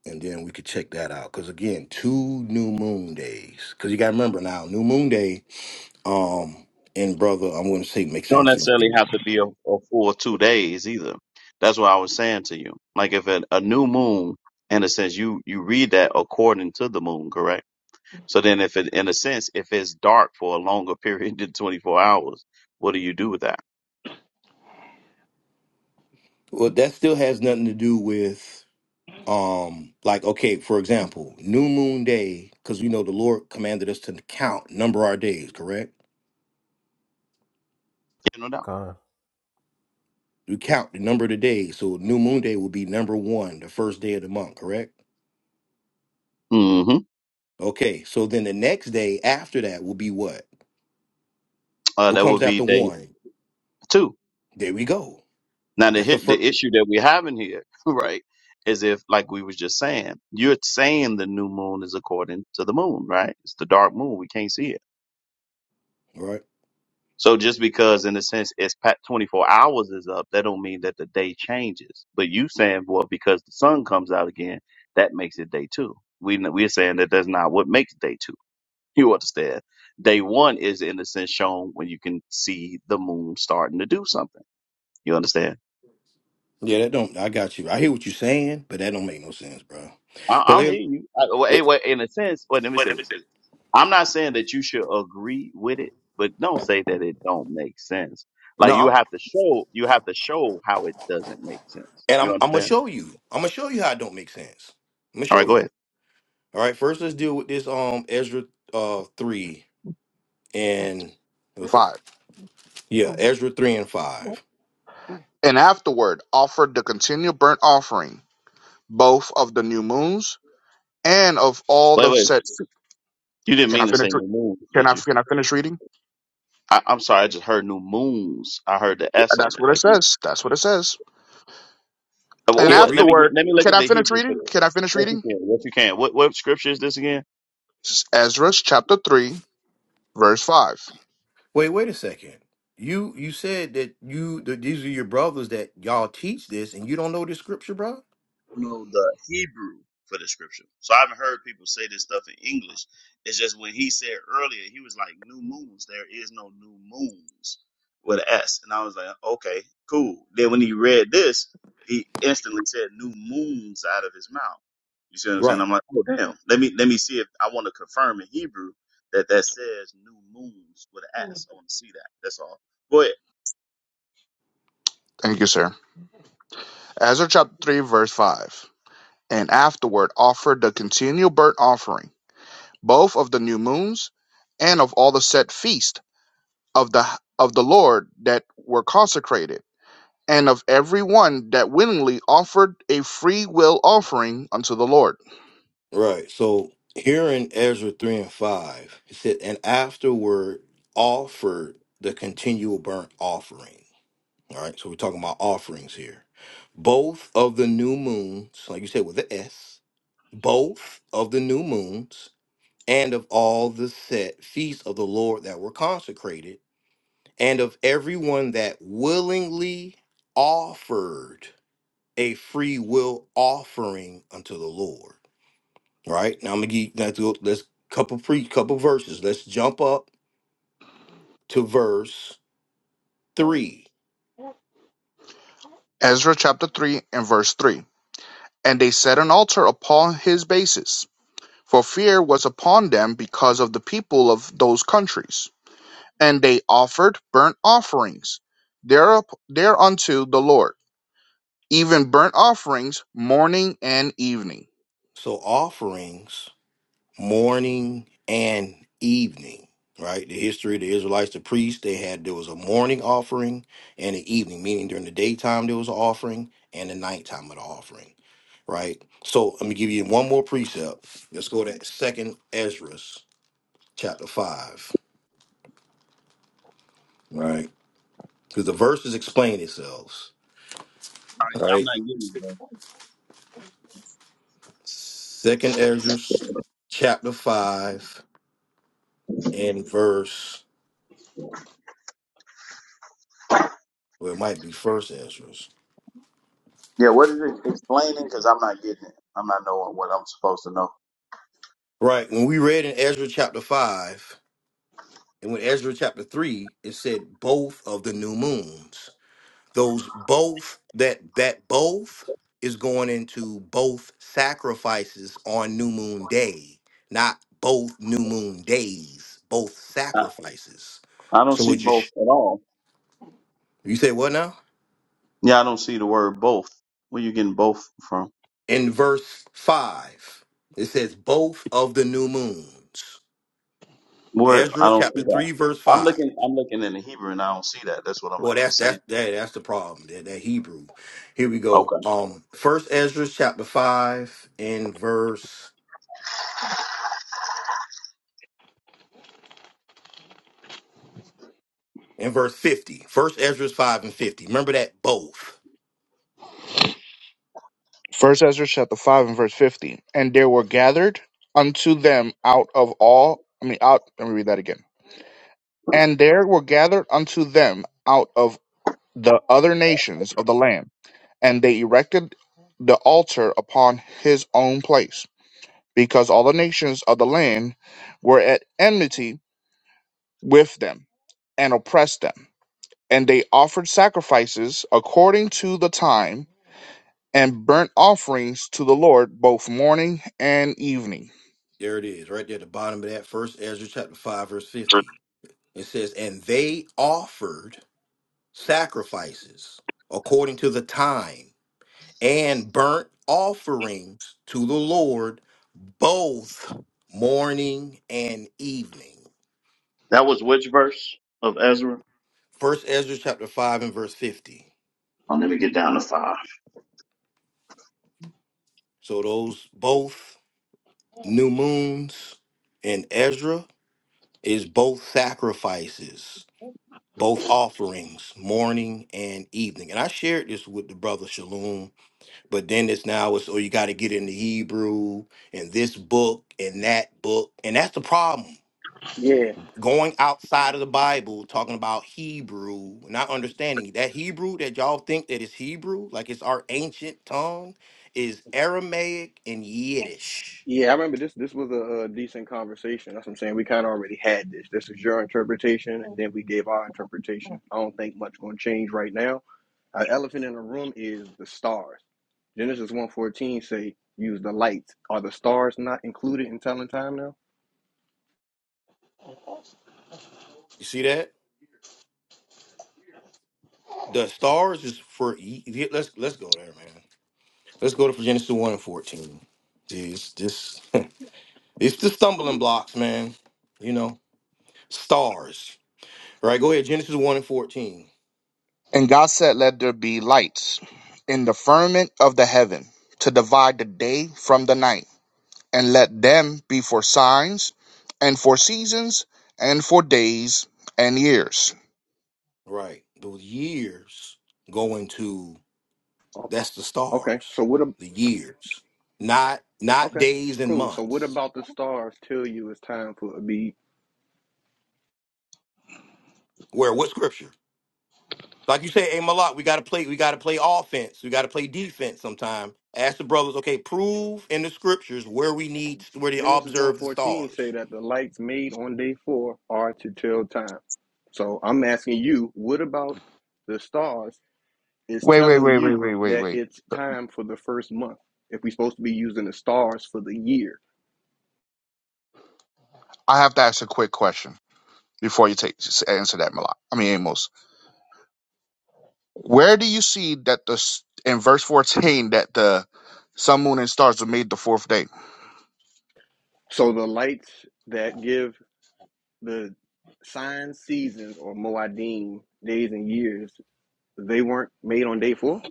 A: and then we could check that out. Because again, two new moon days. Because you got to remember now, new moon day. Um, and brother, I'm going to say make
D: It
A: sure
D: don't
A: I'm saying.
D: necessarily
A: thing.
D: have to be a, a full two days either. That's what I was saying to you. Like if a, a new moon, in a sense, you you read that according to the moon, correct? So then, if it, in a sense, if it's dark for a longer period than 24 hours, what do you do with that?
A: Well, that still has nothing to do with um, like okay, for example, new moon day. Because we know the Lord commanded us to count number our days. Correct.
D: Yeah, no doubt.
F: Con.
A: We count the number of the days. So new moon day will be number one, the first day of the month. Correct.
D: hmm
A: Okay, so then the next day after that will be what?
D: Uh,
A: What
D: that
A: comes
D: would be
A: after
D: day
A: one?
D: two.
A: There we go.
D: Now, the
A: That's the
D: hit, the
A: first,
D: issue that we're having here, right, is if, like we was just saying, you're saying the new moon is according to the moon, right? It's the dark moon. We can't see it.
A: right?
D: So just because, in a sense, it's pat 24 hours is up, that don't mean that the day changes. But you saying, well, because the sun comes out again, that makes it day two. We, we're saying that that's not what makes day two You understand? Day one is in a sense shown when you can see the moon starting to do something. You understand?
A: Yeah, that don't. I got you. I hear what you're saying, but that don't make no sense, bro.
D: I,
A: But
D: I'll hear
A: let,
D: you. I, well,
A: let-
D: anyway, in a sense, wait, let me say this. I'm not saying that you should agree with it, but don't say that it don't make sense. Like
A: no,
D: you
A: I'm,
D: have to show, you have to show how it doesn't make sense.
A: and I'm,
D: You
A: I'm gonna
D: understand?
A: show you. I'm gonna show you how it don't make sense. I'm gonna
D: All right,
A: show
D: go
A: you.
D: ahead.
A: All right, first let's deal with this. Um, Ezra, uh, three and what's it?
B: five.
A: Yeah, Ezra three and five.
B: And afterward, offered the continual burnt offering, both of the new moons and of all
D: Wait,
B: the
D: wait.
B: set
D: You didn't
B: Can I
D: mean to
B: finish?
D: say
B: re-
D: new moon,
B: Can
D: did
B: I
D: you?
B: can I finish reading?
D: I, I'm sorry. I just heard new moons. I heard the
B: Yeah,
D: S on
B: that's
D: it.
B: what it
D: Like you.
B: says. That's what it says.
D: Uh,
B: And
D: wh-
A: Yeah,
D: wh- let
A: read.
D: me get,
B: afterward,
D: let me look
B: can
D: at
B: I
D: the
B: finish
D: Hebrew for
B: reading?
D: this.
B: Can I finish
D: Yes, you
B: reading?
D: can. Yes, you can. What what scripture is this again?
B: This is Ezra chapter three, verse five.
A: Wait, wait a second. You you said that you that these are your brothers that y'all teach this, and you don't know this scripture, bro.
D: Know the Hebrew for the scripture. So I haven't heard people say this stuff in English. It's just when he said earlier, he was like new moons. There is no new moons with an S, and I was like, okay, cool. Then when he read this, he instantly said new moons out of his mouth. You see what I'm saying?
A: Right,
D: I'm like, oh damn. Let me let me see if I want to confirm in Hebrew that that says new moons with an S. I want to see that. That's all. Go ahead.
B: Thank you, sir. Ezra chapter three, verse five. And afterward, offered the continual burnt offering, both of the new moons and of all the set feast of the of the Lord that were consecrated, and of every one that willingly offered a free will offering unto the Lord.
A: right. So here in Ezra 3 and 5, it said, and afterward offered the continual burnt offering. All right, so we're talking about offerings here. Both of the new moons, like you said with the S, both of the new moons and of all the set feasts of the Lord that were consecrated and of everyone that willingly offered a free will offering unto the Lord. Right now, I'm gonna give let's go- let's couple pre couple verses. Let's jump up to verse three.
B: Ezra chapter 3 and verse 3. And they set an altar upon his bases: for fear was upon them because of the people of those countries. And they offered burnt offerings thereup- thereunto the Lord, even burnt offerings morning and evening.
A: So offerings morning and evening right the history of the israelites the priests they had there was a morning offering and an evening meaning during the daytime there was an offering and the nighttime of the offering right so let me give you one more precept let's go to second ezra chapter 5 right because the verses explain themselves
D: I'm
A: right
D: not getting it, bro.
A: second ezra chapter 5 and verse well it might be first ezra
D: Yeah, what is it explaining? Because I'm not getting it. I'm not knowing what I'm supposed to know.
A: Right. When we read in Ezra chapter 5 and when Ezra chapter 3, it said both of the new moons. Those both that that both is going into both sacrifices on new moon day, not both new moon days, both
D: I,
A: sacrifices.
D: I don't
A: So
D: see
A: it
D: both
A: just
D: at all.
A: you say what now?
D: Yeah, I don't see the word both. Where you getting both from?
A: In verse 5, it says both of the new moons.
D: Where
A: Ezra
D: I don't
A: chapter
D: see that.
A: 3 verse
D: I'm
A: 5.
D: looking. I'm looking in the Hebrew, and I don't see that. That's what I'm
A: Well, that's that's
D: saying.
A: that, that's the problem. That, that Hebrew. Here we go.
D: Okay.
A: Um, First Ezra chapter five and verse and verse fifty. First Ezra five and fifty. Remember that both.
B: First Ezra chapter five and verse fifty. And there were gathered unto them out of all I mean out let me read that again. And there were gathered unto them out of the other nations of the land and they erected the altar upon his own place, because all the nations of the land were at enmity with them and oppressed them. And they offered sacrifices according to the time and burnt offerings to the Lord both morning and evening.
A: There it is, right there at the bottom of that. First Ezra chapter five verse fifty. It says, "And they offered sacrifices according to the time and burnt offerings to the Lord both morning and evening."
D: That was which verse of Ezra?
A: First Ezra chapter 5 and verse 50.
D: Oh, let me get down to five.
A: So those both new moons and Ezra is both sacrifices, both offerings, morning and evening. And I shared this with the brother Shalom, but then it's now it's oh you got to get into Hebrew and this book and that book. And that's the problem.
G: Yeah,
A: going outside of the Bible, talking about Hebrew, not understanding that Hebrew that y'all think that is Hebrew, like it's our ancient tongue, is Aramaic and Yiddish.
G: yeah, I remember this. This was a, uh decent conversation. That's what I'm saying. We kind of already had this. This is your interpretation, and then we gave our interpretation. I don't think much going to change right now. An elephant in the room is the stars. Genesis one fourteen say use the lights. Are the stars not included in telling time now?
A: You see that? The stars is for Ye- Ye- let's let's go there, man. Let's go to Genesis one and fourteen. Jeez, this it's the stumbling blocks, man. You know, stars. Right, go ahead. Genesis one and fourteen.
B: And God said, Let there be lights in the firmament of the heaven to divide the day from the night and let them be for signs and for seasons and for days and years.
A: Right, those years go into.
G: Oh,
A: That's the
G: okay.
A: stars,
G: So what? ab-
A: the years, not not
G: Okay,
A: days and
G: cool. So what
A: months.
G: about the stars tell you it's time for a B?
A: Where what scripture? Like you say, hey Malak, we gotta play, we gotta play offense, we gotta play defense sometime. Ask the brothers, okay, prove in the scriptures where we need where they
G: Genesis one
A: observe the
G: fourteen say
A: stars.
G: that the lights made on day 4 are to tell time. So I'm asking you, what about the stars is
B: Wait, wait,
G: telling
B: wait, wait,
G: you
B: wait, wait,
G: that
B: wait.
G: it's time for the first month if we're supposed to be using the stars for the year.
B: I have to ask a quick question before you take answer that, Malak. I mean, Amos. Where do you see that the s- in verse fourteen that the sun, moon, and stars were made the fourth day?
G: So the lights that give the signs, seasons or moedim, days and years, they weren't made on day 4? Is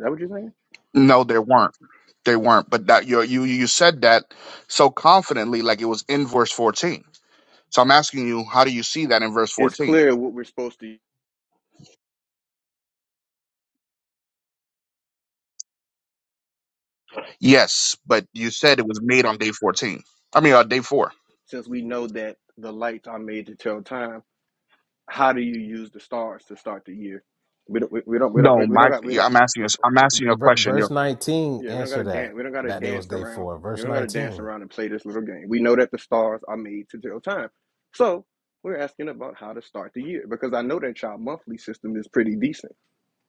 G: that what you're saying?
B: No, they weren't. They weren't. But that you you you said that so confidently, like it was in verse fourteen. So I'm asking you, how do you see that in verse
G: It's
B: fourteen?
G: clear what we're supposed to
B: Yes, but you said it was made on day 14. I mean, uh, day four.
G: since we know that the lights are made to tell time how do you use the stars to start the year? We don't, we, we don't, we don't,
B: No,
G: we, we don't
B: Mike.
G: got, we
B: Yeah,
G: don't,
B: I'm asking you. I'm asking you a
F: Ver,
B: question,
F: verse
B: yo.
F: nineteen
G: yeah, we don't got
F: answer
G: to dance,
F: that
G: we don't got to
F: that it was
G: dance
F: day
G: around,
F: four.
G: we
F: Verse
G: don't got to dance
F: nineteen.
G: around and play this little game. We know that the stars are made to tell time, so we're asking about how to start the year because I know that y'all monthly system is pretty decent.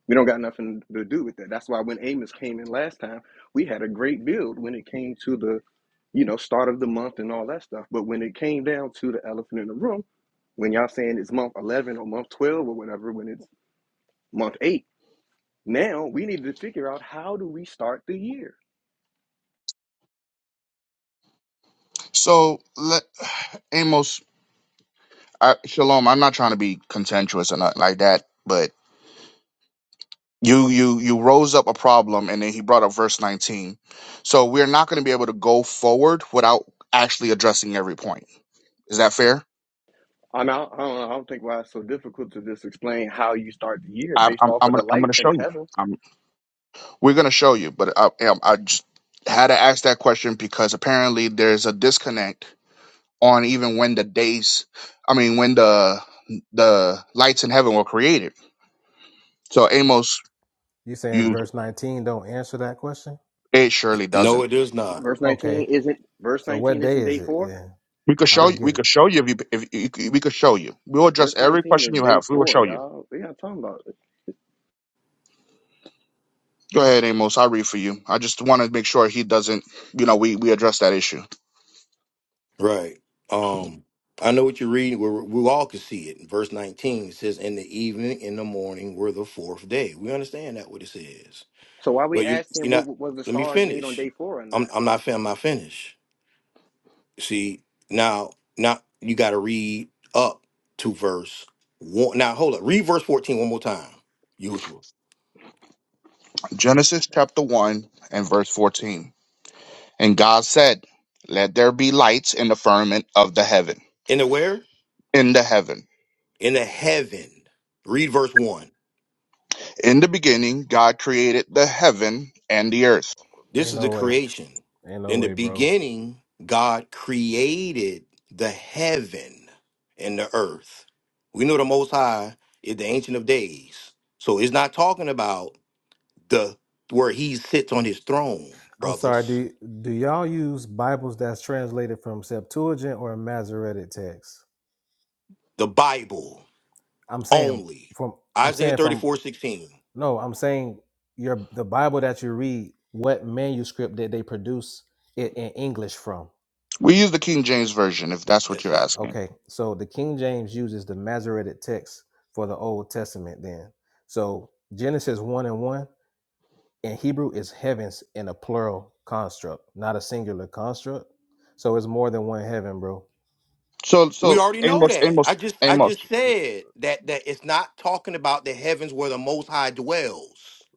G: We don't got nothing to do with that. That's why when Amos came in last time, we had a great build when it came to the, you know, start of the month and all that stuff. But when it came down to the elephant in the room, when y'all saying it's month eleven or month twelve or whatever, when it's month eight. Now we need to figure out how do we start the year.
B: So, let, Amos, I, Shalom. I'm not trying to be contentious or nothing like that, but you, you, you rose up a problem, and then he brought up verse 19. So we're not going to be able to go forward without actually addressing every point. Is that fair?
G: And I, I, don't, I don't think why it's so difficult to just explain how you start the year
B: I'm,
G: based
B: I'm,
G: off
B: I'm
G: of the
B: gonna, I'm gonna
G: lights in
B: show you.
G: heaven.
B: I'm, we're gonna show you, but I, I just had to ask that question because apparently there's a disconnect on even when the days i mean when the the lights in heaven were created so amos
F: You saying
B: you
F: verse nineteen don't answer that question?
B: it surely
A: No,
B: doesn't
A: it is not.
G: Verse nineteen
F: Okay.
G: isn't verse
F: So what
G: nineteen
F: day
G: isn't day
F: is it
G: four.
F: then?
B: we could
F: I
B: show
G: Verse
B: you
F: don't
B: we
F: get it.
B: could show you if you if you, we could show you we will
G: verse
B: address every
G: nineteen
B: question
G: is
B: you
G: day
B: have we will
G: four,
B: show you
G: y'all. We not talking about it.
B: go ahead amos i'll read for you i just want to make sure he doesn't you know we we address that issue
A: Right. Um, I know what you're reading. We, we all can see it. In verse 19, it says, In the evening, in the morning, we're the fourth day. We understand that what it says.
G: So why we
A: But you
G: asking
A: you're
G: what
A: not
G: what- was the
A: let me
G: stars made on
A: finish.
G: day four or
A: I'm
G: not?
A: I'm not fin- I'm not finished. See, now, now you got to read up to verse one. Now, hold up. Read verse fourteen one more time. Usual.
B: genesis chapter 1 and verse 14 and god said let there be lights in the firmament of the heaven
A: In the where?
B: in the heaven
A: In the heaven. Read verse one.
B: in the beginning god created the heaven and the earth
A: This
F: Ain't
A: is the
F: no way.
A: creation.
F: Ain't no
A: In the
F: way, bro.
A: beginning, God created the heaven and the earth. We know the Most High is the Ancient of Days. So it's not talking about the where he sits on his throne,
F: I'm sorry.
A: brothers.
F: Do do y'all use Bibles that's translated from Septuagint or Masoretic text?
A: The Bible.
F: I'm saying
A: only.
F: from. I'm
A: Isaiah
F: saying
A: thirty
F: from.
A: four 16.
F: No, I'm saying your the Bible that you read. What manuscript did they produce it in English from?
B: We use the King James version, if that's what
A: That's
B: you're
A: it.
B: asking.
F: Okay, so the King James uses the Masoretic text for the Old Testament then. So Genesis 1 and 1 in Hebrew is heavens in a plural construct, not a singular construct. So it's more than one heaven, bro.
B: So,
A: We
B: so
A: already know
B: Amos,
A: that.
B: Amos,
A: I just I
B: Amos,
A: just said that that it's not talking about the heavens where the most high dwells.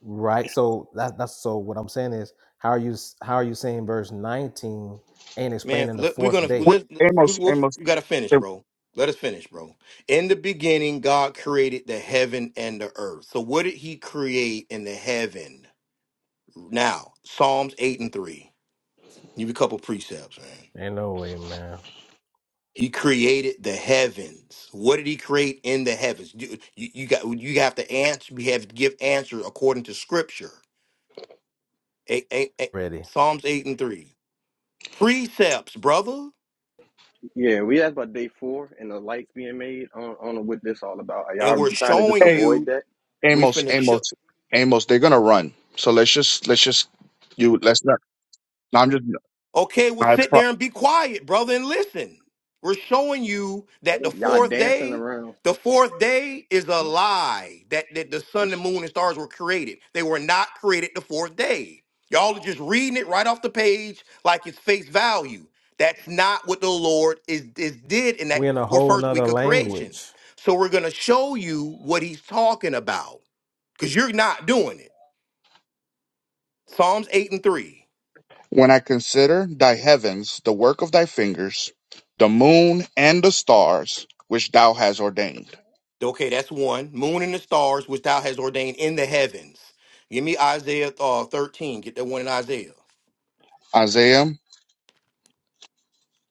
F: Right. So that that's so what I'm saying is how are you s- how are you saying verse 19 ain't
A: Man,
F: explaining the
A: let, we're
F: fourth
A: gonna
F: day?
A: let,
B: Wh-
A: we,
B: Amos,
A: we'll,
B: Amos,
A: we gotta finish, bro. Let us finish, bro. In the beginning, God created the heaven and the earth. So what did he create in the heaven? Now, Psalms 8 and 3. Give you a couple precepts, man.
F: Ain't no way, man.
A: He created the heavens. What did he create in the heavens? You, you, you got you have to answer. We have to give answer according to Scripture. A, a, a-
F: Ready.
A: Psalms eight and three precepts, brother,
G: Yeah, we asked about day four and the lights being made. I don't, I don't know what this all about. Are
A: and
G: y'all
A: we're
G: trying to just
A: showing
B: hey,
G: avoid
A: you.
G: that?
A: We
B: Amos,
A: finna show.
B: Amos, Amos. They're gonna run. So let's just, let's just, you, let's not. no, I'm just.
A: Okay, well,
B: I
A: sit
B: pro-
A: there and be quiet, brother, and listen. We're showing you that
E: Let
A: the
E: him-
G: Y'all
A: fourth
G: dancing
A: day,
G: around.
A: the fourth day is a lie that, that the sun, the
E: It's,
A: moon, and stars were created. They were not created the fourth day. Y'all are just reading it right off the page like it's face value. That's not what the Lord is, is did in that
F: We in a whole
A: first
F: nother
A: week of creation.
F: language.
A: So we're gonna show you what he's talking about. Because you're not doing it. Psalms 8 and 3.
B: when I consider thy heavens, the work of thy fingers, the moon and the stars which thou hast ordained.
A: Okay, that's one. Moon and the stars, which thou has ordained in the heavens. Give me Isaiah uh, 13. Get that one in Isaiah.
B: Isaiah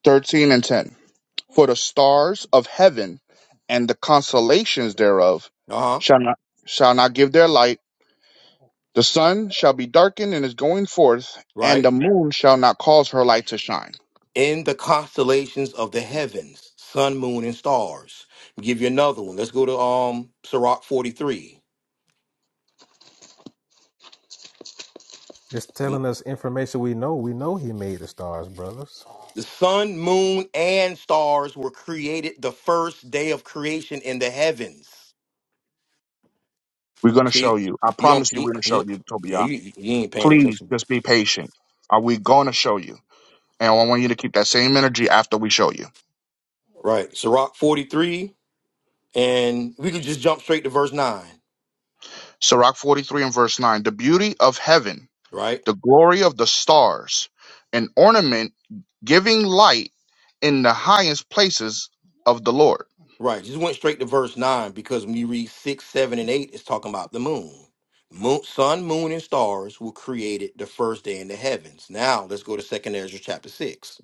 B: 13 and 10. For the stars of heaven and the constellations thereof
A: Uh huh.
B: shall not shall not give their light The sun shall be darkened in his going forth, and
A: Right?
B: the moon shall not cause her light to shine.
A: In the constellations of the heavens, sun, moon, and stars. Give you another one. Let's go to um Sirach 43.
F: It's telling
A: The
F: us information we know. We know he made the stars, brothers.
A: sun, moon, and stars were created the first day of creation in the heavens.
B: We're going to show
A: See?
B: you. I
A: You don't,
B: promise you,
A: you,
B: we're going to show
A: you,
B: you,
A: yeah,
B: Tobiah.
A: you, you ain't paying
B: Please
A: attention.
B: just be patient. Are we going to show you? And I want you to keep that same energy after we show you.
A: Right. Sirach 43. And we could just jump straight to verse 9,
B: Sirach 43 and verse 9 The beauty of heaven,
A: right?
B: the glory of the stars, an ornament giving light in the highest places of the Lord.
A: Right. Just went straight to verse 9 because when you read 6, 7, and 8, it's talking about the moon. moon. Sun, moon, and stars were created the first day in the heavens. Now let's go to Second Ezra chapter 6.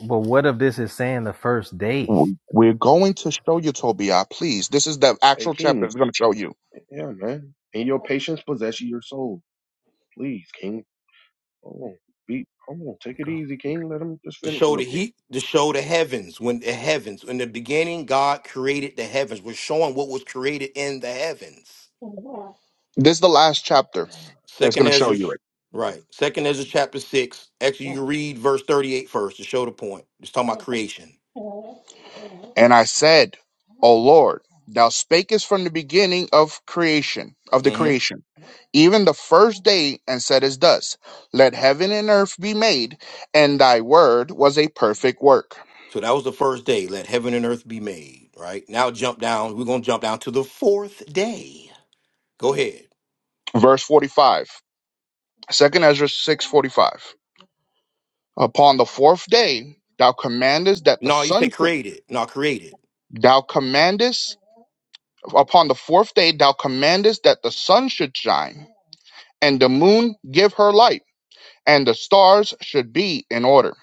F: But what if this is saying the first day?
B: We're going to show you, Tobiah. Please. This is the
E: hey,
B: actual chapter
E: King.
B: that's going to show you.
E: Yeah, man. And your patience possess you your soul. Please, King. Come on. Be, come on. Take it easy, King. Let him just
A: To
E: finish
A: show
E: real
A: the
E: quick.
A: heat, to show the heavens, when the heavens, in the beginning, God created the heavens. We're showing what was created in the heavens.
B: This is the last chapter that's going
A: Second
B: to show
A: Ezra,
B: you it.
A: right. Second Ezra chapter 6. Actually, you read verse 38 first to show the point. It's talking about creation.
B: And I said, O Lord, thou spakest from the beginning of creation, of the
A: Mm-hmm.
B: creation, even the first day, and said thus, let heaven and earth be made, and thy word was a perfect work.
A: So that was the first day. Let heaven and earth be made. Right now, jump down. We're gonna jump down to the fourth day. Go ahead.
B: Verse 45. Second Ezra six forty five. Upon the fourth day thou commandest that the
A: No, you say
B: sun should
A: created. No, created.
B: thou commandest upon the fourth day thou commandest that the sun should shine, and the moon give her light, and the stars should be in order.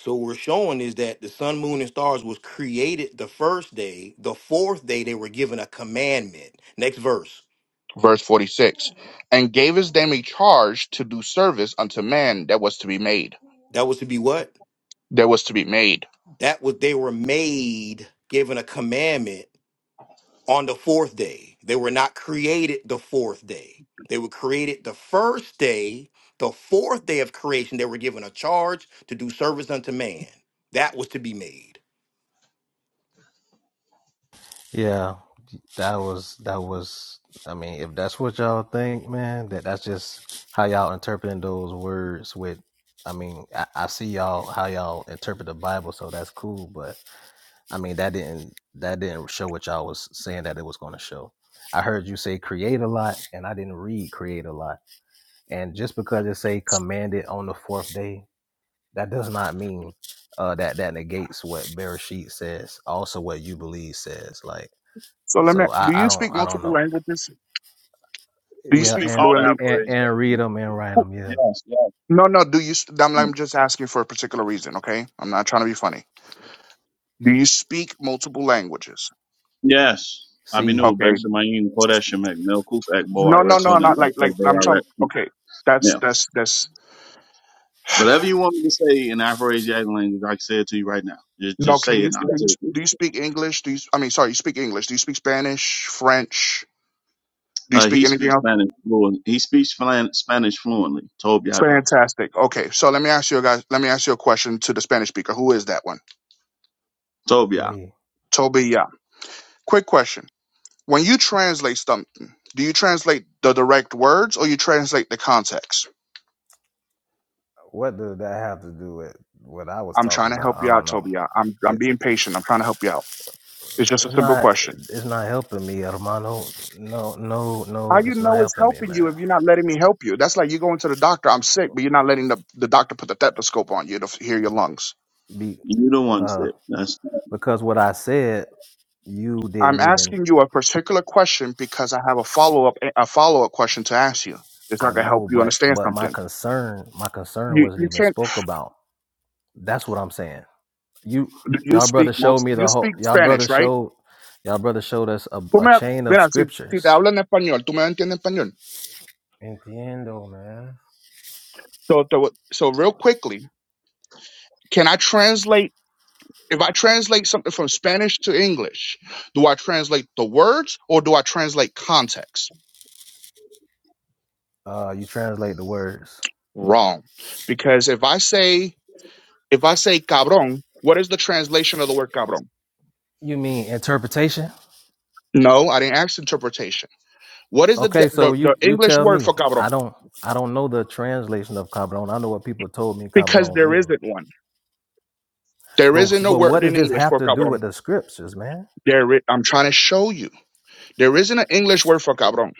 A: So what we're showing is that the sun, moon, and stars was created the first day. The fourth day they were given a commandment. Next verse.
B: Verse forty six. And gavest them a charge to do service unto man that was to be made.
A: That was to be what?
B: That was to be made.
A: That was they were made given a commandment on the fourth day. They were not created the fourth day. They were created the first day, the fourth day of creation. They were given a charge to do service unto man. That was to be made.
F: Yeah, that was that was. I mean, if that's what y'all think, man, that that's just how y'all interpreting those words. With, I mean, I, I see y'all how y'all interpret the Bible, so that's cool. But I mean, that didn't that didn't show what y'all was saying that it was going to show. I heard you say create a lot, and I didn't read create a lot. And just because it say commanded on the fourth day, That does not mean uh, that that negates what Bereshit says, also what you believe says. Like,
B: So let me.
F: so I,
B: Do
F: I
B: you
F: don't
B: speak
F: I don't
B: multiple
F: know.
B: languages? Do you
D: We
F: Yeah,
B: speak
D: speak
F: and,
D: all the
F: and
B: fluently?
F: and
D: Afroasiatics.
F: read them and write them. Yeah,
D: Yes, yes,
B: No, no. Do you? I'm,
D: yes.
B: I'm just asking for a particular reason. Okay, I'm not trying to be funny Do you speak multiple languages?
D: Yes.
F: see
D: Abinu,
B: Okay.
D: Beshemayim, Kodesh, Shemek, Melkuf, Ekbo,
B: No, no,
D: Aretz,
B: no,
D: Onek,
B: not like like
D: Asher,
B: I'm talking.
D: Be'aret.
B: Okay, that's that's that's.
D: Whatever you want me to say in Afro-Asiatic language, I can say it to you right now. Just,
B: No,
D: just
B: can
D: say it.
B: you,
D: And I'll
B: can you
D: take it.
B: do you speak English? Do you I mean sorry, you speak English? Do you speak Spanish, French? Do you
D: Uh,
B: speak
D: he
B: anything
D: speaks
B: else?
D: Spanish fluent. He speaks flan- Spanish fluently. Tobia does.
B: Fantastic. Okay, so let me ask you a guys. Let me ask you a question to the Spanish speaker. Who is that one?
D: Tobia,
F: me.
B: Toby. Yeah. Quick question. When you translate something, do you translate the direct words or you translate the context?
F: What does that have to do with what I was
B: I'm trying
F: talking
B: to help
F: about?
B: you
F: I
B: out,
F: don't know.
B: Toby. Yeah. I'm I'm
F: It,
B: being patient. I'm trying to help you out. It's just a
F: it's
B: simple
F: not
B: question.
F: it's not helping me, hermano. No, no,
B: How
F: no,
B: you
F: it's not
B: know it's
F: helping me,
B: helping you
F: man.
B: if you're not letting me help you? That's like you going to the doctor, I'm sick, but you're not letting the, the doctor put the stethoscope on you to f- hear your lungs.
F: Be
D: you the one
F: uh
D: said. That's
F: because what I said, you
B: I'm
F: didn't even
B: asking you a particular question because I have a follow up a follow up question to ask you. It's
F: I
B: not gonna help
F: know,
B: you
F: but
B: understand
F: but my
B: something.
F: concern, my concern
B: You
F: wasn't
B: you
F: even
B: can't
F: spoke about. That's what I'm saying. You
B: you
F: y'all brother
B: speak
F: showed
B: most
F: me
B: you
F: the
B: speak
F: whole y'all brother
B: Spanish, right?
F: showed y'all brother showed us a,
B: Tú
F: a
B: me-
F: chain of
B: Mira, si, si te
F: scriptures.
B: hablo en español, tú me entiendes en español.
F: Entiendo, man.
B: So, so so real quickly, can I translate If I translate something from Spanish to English, do I translate the words or do I translate context?
F: Uh you translate the words.
B: Wrong. Because if I say if I say cabron, what is the translation of the word cabron?
F: You mean interpretation?
B: No, I didn't ask interpretation. What is the de-
F: Okay, so
B: the,
F: you
B: the
F: you
B: English
F: tell
B: word
F: me.
B: for
F: I
B: cabron?
F: don't I don't know the translation of cabron. I know what people told me
B: Because
F: cabron
B: there
F: means.
B: isn't one. There
F: But
B: isn't a
F: but what
B: word
F: does
B: in
F: this
B: English
F: have
B: for
F: to do with
B: cabron.
F: the scriptures, man?
B: There, i- I'm trying to show you. There isn't an English word for cabron.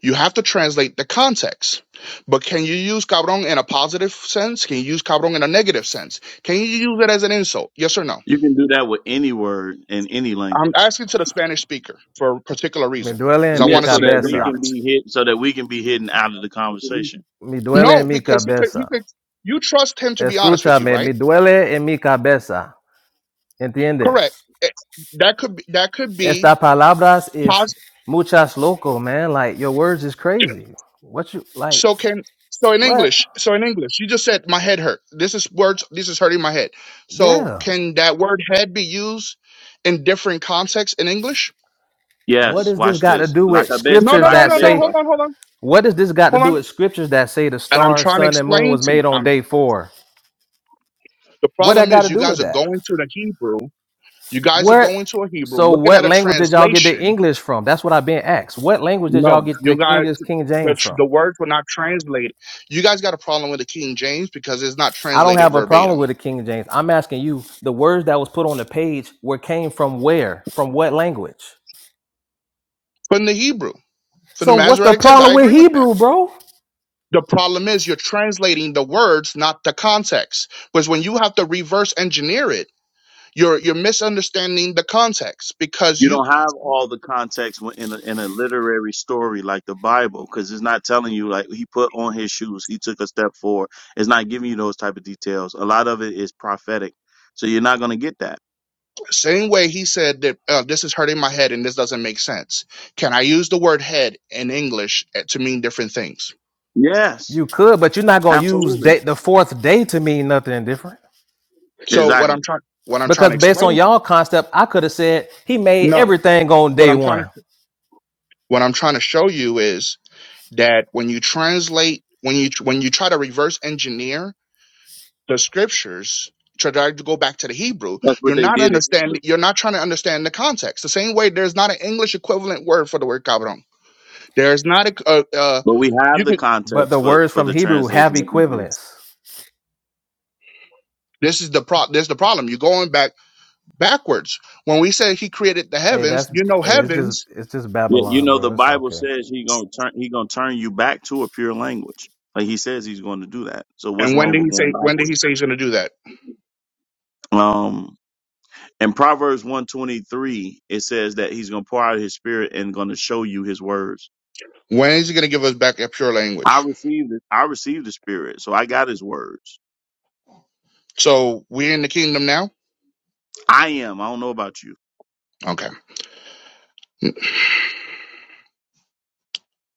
B: You have to translate the context. But can you use cabrón in a positive sense? Can you use cabrón in a negative sense? Can you use it as an insult? Yes or no?
D: you can do that with any word in any
B: I'm
D: language.
B: asking to the Spanish speaker for a particular
F: Me
B: reason
F: duele
B: because
F: en
B: I
D: Yeah,
F: mi
B: want to
D: so
B: see if
D: that
B: he's going to
D: we
B: be
F: cabeza.
D: can
B: honest.
D: be hit, so that we can be hidden out of the
E: Take it
D: conversation.
E: easy.
F: Me duele
B: No,
F: en mi
B: because he could, he
F: cabeza.
B: could, you trust him to be honest with you,
F: Escúchame, me
B: right?
F: duele en mi cabeza.
B: Correct.
F: ¿Entiendes?
B: Eh, That could be, that could be
F: Estas palabras es
B: positive.
F: muchas loco, man. Like your words is crazy. What you like?
B: So can so in
F: What?
B: English, so in English, you just said my head hurt. This is words. This is hurting my head. So
F: Yeah.
B: can that word head be used in different contexts in English?
F: What
D: Yes,
F: does this
D: watch
F: got to
D: this.
F: do
D: La
F: with
D: cabeza,
B: No, no,
F: scriptures
D: la
B: no,
F: that
B: no, no.
F: say?
B: Hold
D: cabeza.
B: on, hold on,
F: What does this got to
B: hold
F: do
B: on.
F: with scriptures that say the
B: And I'm
F: stars,
B: trying to
F: sun, and moon
B: explain
F: was
B: to you.
F: made on
B: I'm,
F: day four?
B: the
F: What that
B: problem
F: got
B: is
F: to
B: you
F: do with
B: guys are
F: that?
B: going to the Hebrew. You guys are
F: What?
B: going to a Hebrew,
F: So
B: looking
F: what
B: at a
F: language did y'all get the
B: translation.
F: English from? That's what I've been asked. What language did y'all
B: No,
F: get
B: you
F: the
B: guys,
F: English King
B: the
F: James
B: tr-
F: from?
B: the words were not translated. You guys got a problem with the King James because it's not
F: I don't
B: translated
F: have a problem
B: verbatim
F: with the King James. I'm asking you, the words that was put on the page were came from where? From what language?
B: from the Hebrew, from the
F: So what's the
B: Masoretic text. I
F: problem with
B: agree with that.
F: Hebrew, bro?
B: The problem is you're translating the words, not the context. Because when you have to reverse engineer it, you're you're misunderstanding the context. Because
D: you
B: you
D: don't have all the context when- in a, in a literary story like the Bible because it's not telling you like he put on his shoes, he took a step forward. It's not giving you those type of details. A lot of it is prophetic, so you're not going to get that.
B: same way he said that uh, this is hurting my head and this doesn't make sense. Can I use the word head in English eh, to mean different things?
D: Yes,
F: You could, but you're not gonna use
D: absolutely,
F: day, the fourth day to mean nothing different.
B: So what I'm
D: exactly.
B: trying what I'm trying
F: Because
B: to
F: based on
B: explain?
F: y'all concept, I could have said he made
B: No.
F: everything on
B: What
F: day
B: I'm trying to
F: one.
B: what I'm trying to show you is that when you translate when you when you try to reverse engineer the scriptures to try to go back to the Hebrew,
D: That's what
B: you're
D: they
B: not
D: did in English,
B: understand you're not trying to understand the context. The same way there's not an English equivalent word for the word cabron. There's not a uh, uh,
D: but we have
B: you
D: the
B: could
F: But
D: context
F: the
D: for
F: words
D: for
F: from
D: the
F: Hebrew have
D: translation of Hebrew.
F: equivalence.
B: this is the pro this is the problem. You're going back backwards. When we say he created the
F: Hey,
B: heavens,
F: that's
B: you know
F: hey, it's just
B: heavens.
F: it's just
D: Yeah, you
F: Babylon,
D: know
F: bro.
D: the
F: It's
D: Bible
F: okay.
D: says he gonna turn he gonna turn you back to a pure language. Like he says he's going to do that. So what's
B: And when
D: wrong
B: did
D: with
B: he
D: going
B: say when did
D: backwards?
B: he say he's gonna do that?
D: Um, In Proverbs 123, it says that he's going to pour out his spirit and going to show you his words.
B: When is he gonna give us back a pure
D: I
B: language?
D: received it. I received the spirit. So I got his words.
B: So we're in the kingdom now?
D: I am. I don't know about you.
B: Okay.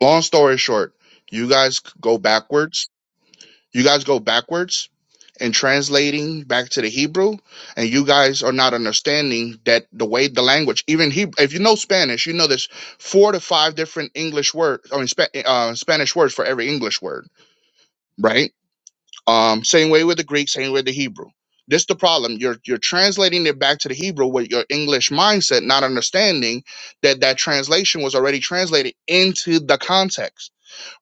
B: Long story short, you guys go backwards You guys go backwards in translating back to the Hebrew, and you guys are not understanding that the way the language, even he, if you know Spanish, you know there's four to five different English words, I mean, Spa- uh, Spanish words for every English word, right? Um, same way with the Greek, same way with the Hebrew. This the problem. You're you're translating it back to the Hebrew with your English mindset, not understanding that that translation was already translated into the context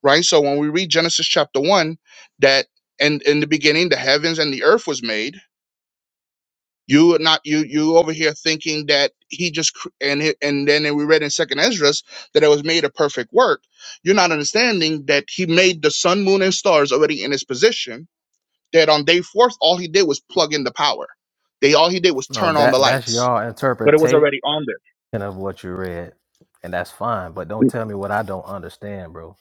B: right? So when we read Genesis chapter one, that and in the beginning the heavens and the earth was made. You are not you you over here thinking that he just cr- and it, and then we read in Second Esdras that it was made a perfect work. You're not understanding that he made the sun, moon, and stars already in his position. That on day fourth, all he did was plug in the power. They all he did was
F: No,
B: turn on the
F: that that's
B: lights,
F: y'all
B: but it was
F: interpretation.
B: already on
F: and of what you read, and that's fine. But don't
B: there.
F: tell me what I don't understand, bro.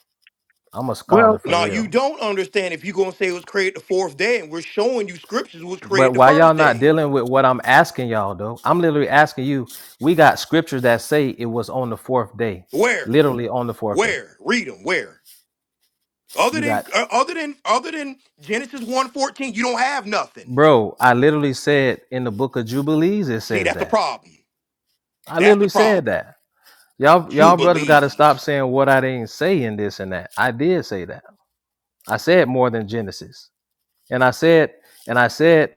F: I'm a scholar
B: Well,
F: for
A: Now, you
F: real.
A: don't understand if you're going to say it was created the fourth day, and we're showing you scriptures was created
F: But
A: the
F: why y'all
A: first
F: not
A: day.
F: dealing with what I'm asking y'all though? I'm literally asking you. We got scriptures that say it was on the fourth day,
A: Where?
F: literally on the fourth day.
A: Where? Read them. Where? Other
F: You
A: than
F: got,
A: uh, other than other than Genesis one fourteen. you don't have nothing.
F: bro. I literally said in the book of Jubilees it
A: See,
F: says
A: that's the
F: that.
A: problem.
F: I
A: That's the
F: literally said
A: problem.
F: that. Y'all, y'all brothers got to
A: Jubilees
F: stop saying what I didn't say in this and that. I did say that. I said more than Genesis, and I said, and I said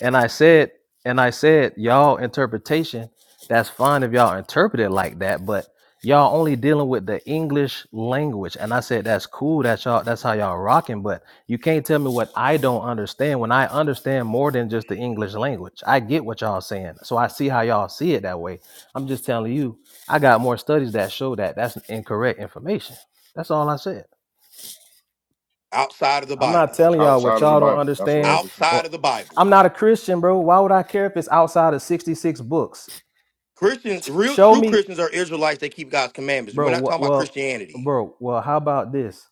F: And I said, and I said, y'all interpretation, that's fine if y'all interpret it like that, but y'all only dealing with the English language. And I said, that's cool, that's y'all, that's how y'all rocking, but you can't tell me what I don't understand when I understand more than just the English language. I get what y'all saying. So I see how y'all see it that way. I'm just telling you, I got more studies that show that that's incorrect information. That's all I said.
A: outside of the
F: I'm not
A: Bible.
F: telling y'all what
E: Outside of the
F: y'all don't
E: Bible. That's what I was
F: understand.
E: just going
A: outside
F: Or
A: of the Bible.
F: I'm not a Christian, bro. Why would I care if it's outside of 66 books?
A: Christians,
F: T-
A: real
F: show
A: true
F: me,
A: Christians are Israelites that keep God's commandments. We're
F: bro.
A: not
F: wh-
A: talking about
F: well,
A: Christianity.
F: bro. Well, how about this?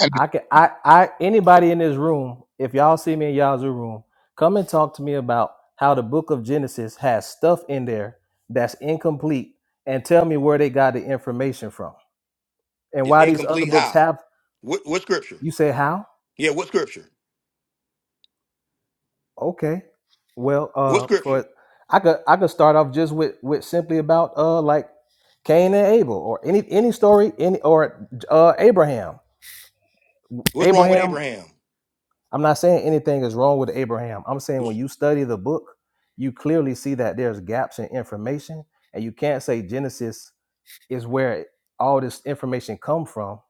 B: And
F: I can. I. I. Anybody in this room, if y'all see me in y'all's room, come and talk to me about how the Book of Genesis has stuff in there that's incomplete, and tell me where they got the information from and
A: It's
F: why these other
A: incomplete.
F: books
A: How?
F: have.
A: What, what scripture?
F: You say how?
A: Yeah, what scripture?
F: Okay. Well,
A: What
F: uh,
A: scripture?
F: for I could I could start off just with with simply about uh like Cain and Abel or any any story any or uh Abraham.
A: What's wrong with
F: Abraham.
A: Abraham?
F: I'm not saying anything is wrong with Abraham. I'm saying
A: It,
F: when you study the book, you clearly see that there's gaps in information, and you can't say Genesis is where all this information come from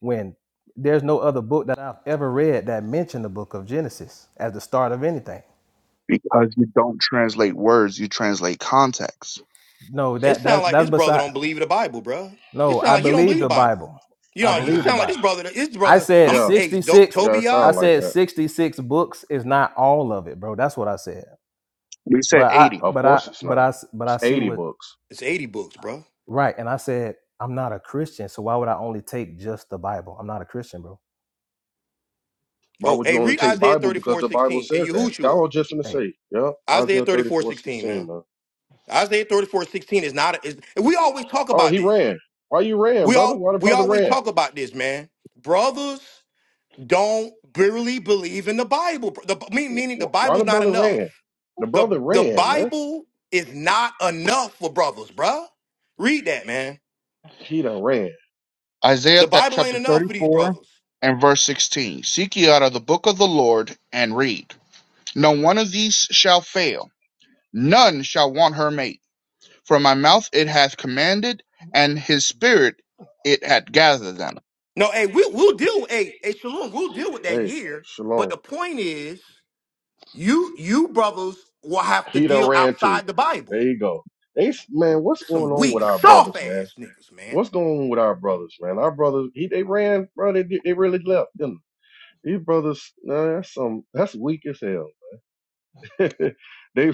F: when there's no other book that I've ever read that mentioned the book of Genesis as the start of anything.
B: because you don't translate words, you translate context.
F: No,
A: it
F: that
A: sounds
F: that
A: like
F: that's
A: this brother
F: beside.
A: don't believe the Bible, bro. It
F: No,
A: sounds
F: I
A: like he don't
F: believe
A: believe the
F: the
A: Bible.
F: Bible.
A: You
F: I
A: know,
E: to say.
A: you
F: believe the
A: sound like this
F: Bible.
A: brother. This
F: I
A: brother,
F: said
A: I'm
E: yeah.
A: hey, Do-
F: 66.
E: Yeah, it
F: I
E: sounds
A: Tobiah.
E: like
F: said
E: that.
F: 66 books is not all of it, bro. That's what I said.
B: We said
F: But I
B: eighty.
E: Of
F: but I
E: course it's
F: but
E: not.
F: I but
E: It's
F: I see
E: 80
F: what
E: books.
A: It's eighty books, bro.
F: right and I said I'm not a Christian, so why would I only take just the Bible? I'm not a Christian, bro.
E: Why
A: Oh,
E: would you
A: hey,
E: only
A: read
E: take
A: Isaiah
E: Bible?
A: thirty
E: Because
A: four
E: the Bible
A: sixteen. Hey,
E: says that. That
A: Yahushua,
E: was just going to
F: Hey,
E: say. Yeah.
A: Isaiah
E: Isaiah
A: thirty
E: thirty
A: four
E: four
A: sixteen,
E: sixteen,
A: man.
E: man.
A: Isaiah thirty four sixteen is not. A, is, and we always talk
E: Oh,
A: about
E: he
A: this.
E: ran. Why you ran,
A: we
E: brother?
A: all
E: Why the
A: we
E: brother
A: always
E: ran?
A: talk about this, man. Brothers don't really believe in the Bible. The, me- meaning the
E: Wh- Why
A: Bible's
E: the
A: not
E: brother
A: enough.
E: ran? The
A: The
E: brother
A: the
E: ran, man.
A: Bible is not enough for brothers, bruh. Read that, man.
E: He done ran.
B: Isaiah
A: The
B: th-
A: Bible ain't
B: chapter
A: enough for these
B: 34
A: brothers.
B: and verse 16. Seek ye out of the book of the Lord and read. No one of these shall fail, none shall want her mate. For my mouth it hath commanded, and his spirit it hath gathered them.
A: No, hey, we, we'll deal. with, Hey, hey, Shalom, we'll deal with that
E: Hey,
A: year. But
E: shalom.
A: the point is, you you brothers will have to
E: He done
A: deal
E: ran too.
A: outside the
E: There
A: Bible.
E: you go. They man, what's
A: Some
E: going on with
A: weak,
E: our
A: soft
E: brothers, man?
A: ass niggas, man.
E: What's going on with our brothers, man? Our brothers, he they ran, bro. They did- they really left. Didn't they? These brothers, nah, that's some that's weak as hell. they,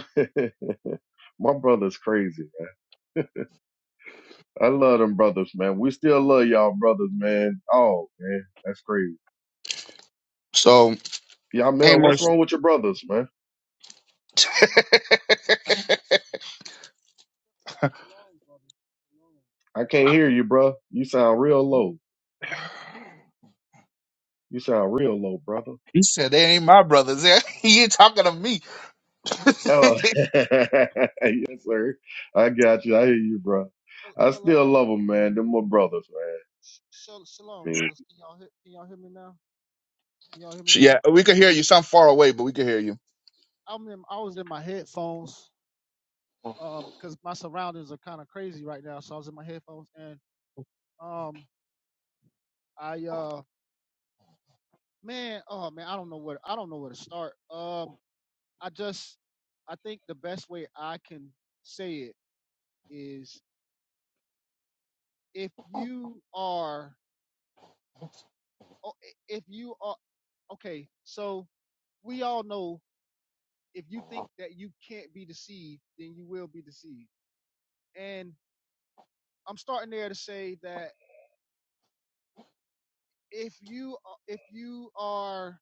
E: my brother's crazy, man. I love them brothers, man. We still love y'all brothers, man. Oh man, that's crazy.
B: So,
E: Y'all, Mel, what's
B: Amos,
H: Um,
E: wrong with your brothers, man?
H: shalom, brother. Shalom.
E: I can't hear you, bro. You sound real low. You sound real low, brother.
B: he said, They ain't my brothers. He ain't talking to me.
E: Oh, yes, sir. I got
H: Hel-
E: you. I hear you, bro. I still
H: Hello,
E: love them, man. They're my brothers,
H: Sh- shal-
E: man. I
H: shalom,
E: mean,
H: brothers. Can y'all hear, can y'all hear me now? Can y'all hear me now?
B: Yeah, we could hear you. Sound far away, but we could hear you.
H: I'm in, I was in my headphones, um, cause my surroundings are kind of crazy right now, so I was in my headphones, and um, I uh, man, oh man, I don't know where I don't know where to start. Um, I just, I think the best way I can say it is if you are, oh, i- if you are, okay, so we all know if you think that you can't be deceived, then you will be deceived. And I'm starting there to say that if you uh, if you are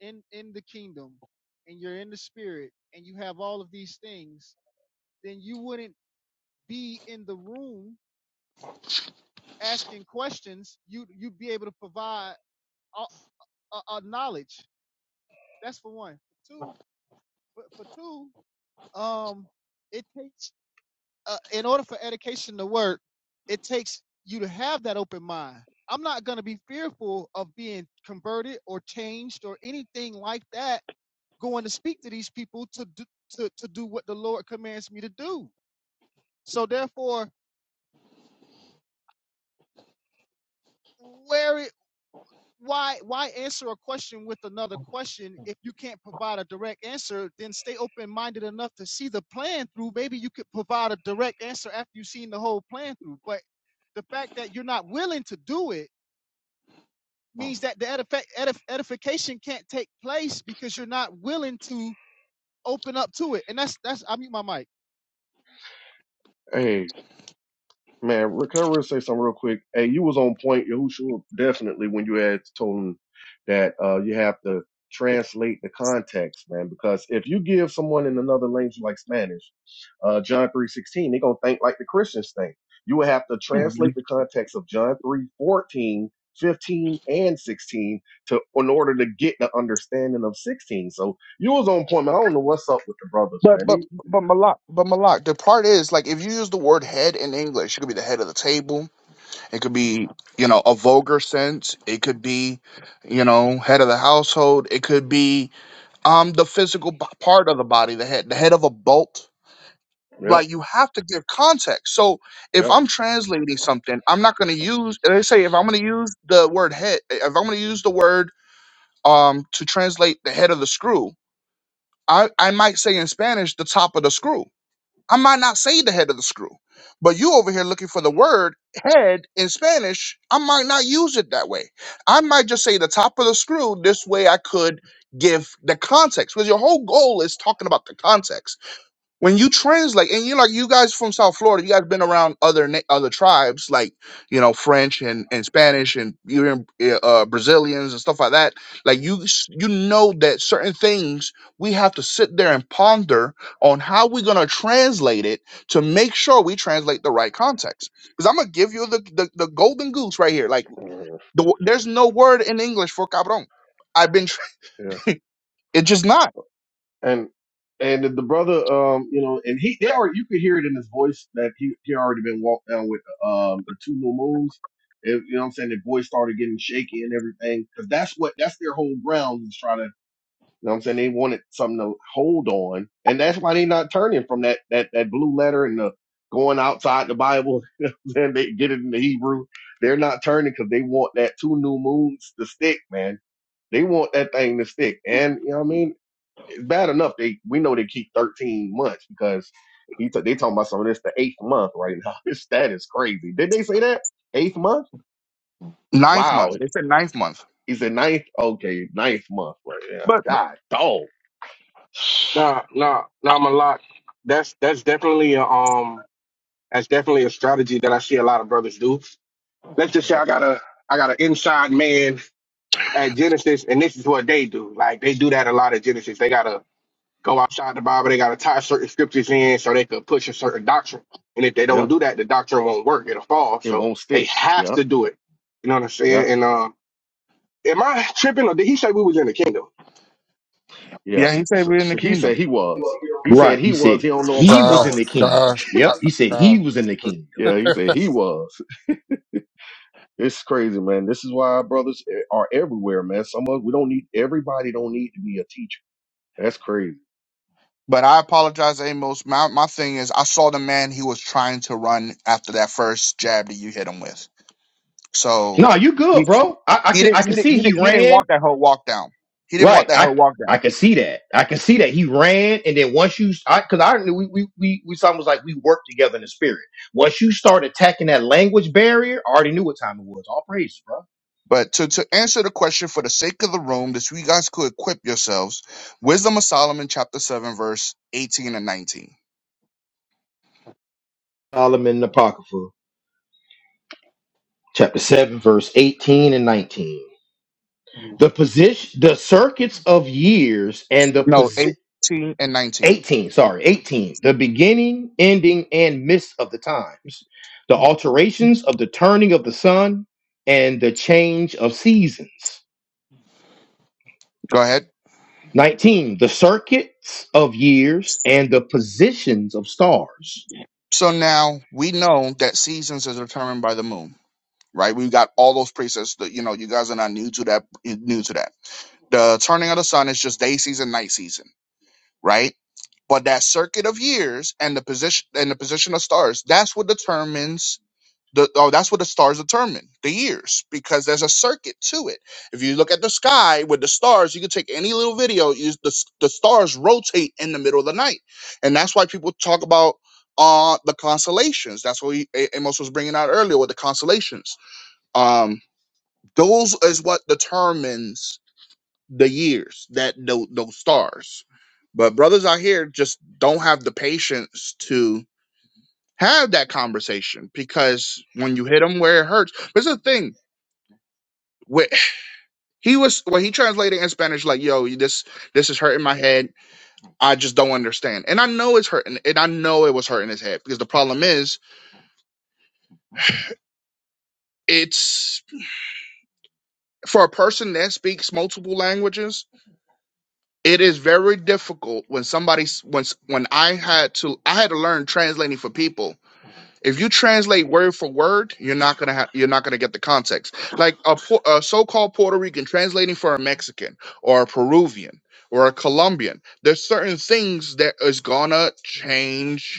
H: in in the kingdom and you're in the spirit and you have all of these things, then you wouldn't be in the room asking questions. You you'd be able to provide a, a, a knowledge. That's for one. For two, for two, um, it takes uh, in order for education to work, it takes you to have that open mind. I'm not going to be fearful of being converted or changed or anything like that. Going to speak to these people to do, to to do what the Lord commands me to do. So therefore, where it, why why answer a question with another question if you can't provide a direct answer? Then stay open minded enough to see the plan through. Maybe you could provide a direct answer after you've seen the whole plan through. But the fact that you're not willing to do it means that the edif edif- edification can't take place because you're not willing to open up to it. And that's that's I mute my mic.
E: hey, Man, Rick, can I really say something real quick? Hey, you was on point, Yahushua, definitely when you had told him that uh, you have to translate the context, man. Because if you give someone in another language like Spanish, uh, John three sixteen, they're gonna think like the Christians think. You would have to
B: Mhm.
E: translate the context of John 3 14, 15, and sixteen to in order to get the understanding of sixteen. So you was on point, man. I don't know what's up with the brothers,
B: But but
E: man.
B: but Malak, but Malak, the part is like if you use the word head in English, it could be the head of the table. It could be you know a vulgar sense. It could be you know head of the household. It could be um the physical b- part of the body, the head, the head of a bolt.
E: They, yep,
B: Like you have to give context. So if
E: yep,
B: I'm translating something, I'm not going to use. They say if I'm going to use the word head, if I'm going to use the word um to translate the head of the screw, I, I might say in Spanish the top of the screw. I might not say the head of the screw, but you over here looking for the word head in Spanish, I might not use it that way. I might just say the top of the screw. This way I could give the context because your whole goal is talking about the context when you translate and you're like you guys from south florida you guys been around other na- other tribes like you know french and, and spanish and even uh, brazilians and stuff like that like you s- you know that certain things we have to sit there and ponder on how we're going to translate it to make sure we translate the right context because i'm going to give you the, the the golden goose right here like
E: Mm-hmm.
B: the, wo- there's no word in english for cabron i've been tra-
E: yeah.
B: it's just not
E: and and the brother, um, you know, and he, they already, you could hear it in his voice that he, he already been walked down with um the two new moons. It, you know what I'm saying? The boys started getting shaky and everything because that's what that's their whole ground is trying to. You know what I'm saying? They wanted something to hold on, and that's why they not turning from that that that blue letter and the going outside the Bible. You know what I'm saying? They get it in the Hebrew. They're not turning because they want that two new moons to stick, man. They want that thing to stick, and you know what I mean it's bad enough they we know they keep 13 months because he t- they talking about some of this the eighth month right now. It's, that is crazy. Did they say that eighth month?
B: ninth month
E: Wow.
B: they said ninth month
E: He said ninth. Okay, ninth month. But yeah,
B: but but-
E: God, dog.
C: Nah, nah, nah. My lot. That's that's definitely a, um that's definitely a strategy that I see a lot of brothers do. Let's just say I got a I got an inside man at Genesis, and this is what they do. Like they do that a lot at Genesis. They got a go outside the Bible. They got to tie certain scriptures in so they could push a certain doctrine. And if they don't
E: Yep,
C: do that, the doctrine won't work. It'll fall.
E: it
C: So
E: won't
C: they
E: stick.
C: have
E: Yep,
C: to do it. You know what I'm
E: yep,
C: saying? And um, am I tripping or did he say we was in the kingdom?
E: yeah.
B: yeah he said
E: So,
B: we're in the
E: so he
B: kingdom
E: said he was. He said
A: Right. He
E: he
A: said
E: was. He don't know
A: he
E: about
I: Kai,
A: was in
E: y'all.
A: the
I: Kai,
A: kingdom.
I: I-
A: Yep. He said
I: Kai.
A: he was in the kingdom.
E: Yeah, he said he was. It's crazy, man. This is why our brothers eh, are everywhere, man. Some of we don't need everybody. Don't need to be a teacher. That's crazy.
B: But I apologize, Amos. My my thing is, I saw the man he was trying to run after that first jab that you hit him with. So
A: No, you
B: he,
A: good, bro. I, I
B: he
A: could
B: didn't
A: I
B: he
A: could
B: didn't
A: see
B: he
A: he
B: didn't he didn't
A: ran.
B: want that whole walk down. He didn't
A: Right.
B: want that
A: I
B: whole walk down.
A: I could see that. I can see that he ran, and then once you, I because I knew we we we we saw was like we worked together in the spirit. Once you start attacking that language barrier, I already knew what time it was. All praise, bro.
B: But to, to answer the question for the sake of the room, this you guys could equip yourselves. Wisdom of Solomon, chapter seven, verse eighteen and nineteen.
A: Solomon Apocrypha, chapter seven, verse eighteen and nineteen. The position, the circuits of years, and the
B: No, eighteen and nineteen.
A: 18, sorry, 18. The beginning, ending, and midst of the times, the alterations of the turning of the sun, and the change of seasons.
B: Go ahead.
A: 19. The circuits of years and the positions of stars.
B: So now we know that seasons are determined by the moon. right? We've got all those presets that you know you guys are not new to that new to that. The turning of the sun is just day season, night season, right? But that circuit of years and the position and the position of stars, that's what determines the oh, that's what the stars determine, the years, because there's a circuit to it. If you look at the sky with the stars, you can take any little video, use the, s- the stars rotate in the middle of the night. And that's why people talk about uh the constellations. That's what we, A- Amos was bringing out earlier with the constellations. Um. Those is what determines the years that tho- those stars. But brothers out here just don't have the patience to have that conversation because when you hit them where it hurts, there's a thing. Where he was when he translated in Spanish, like, yo, this this is hurting my head. I just don't understand. And I know it's hurting, and I know it was hurting his head because the problem is it's for a person that speaks multiple languages it is very difficult when somebody when when I had to I had to learn translating for people. If you translate word for word, you're not gonna have you're not gonna get the context. Like a, Pu- a so-called Puerto Rican translating for a Mexican or a Peruvian or a Colombian, there's certain things that is gonna change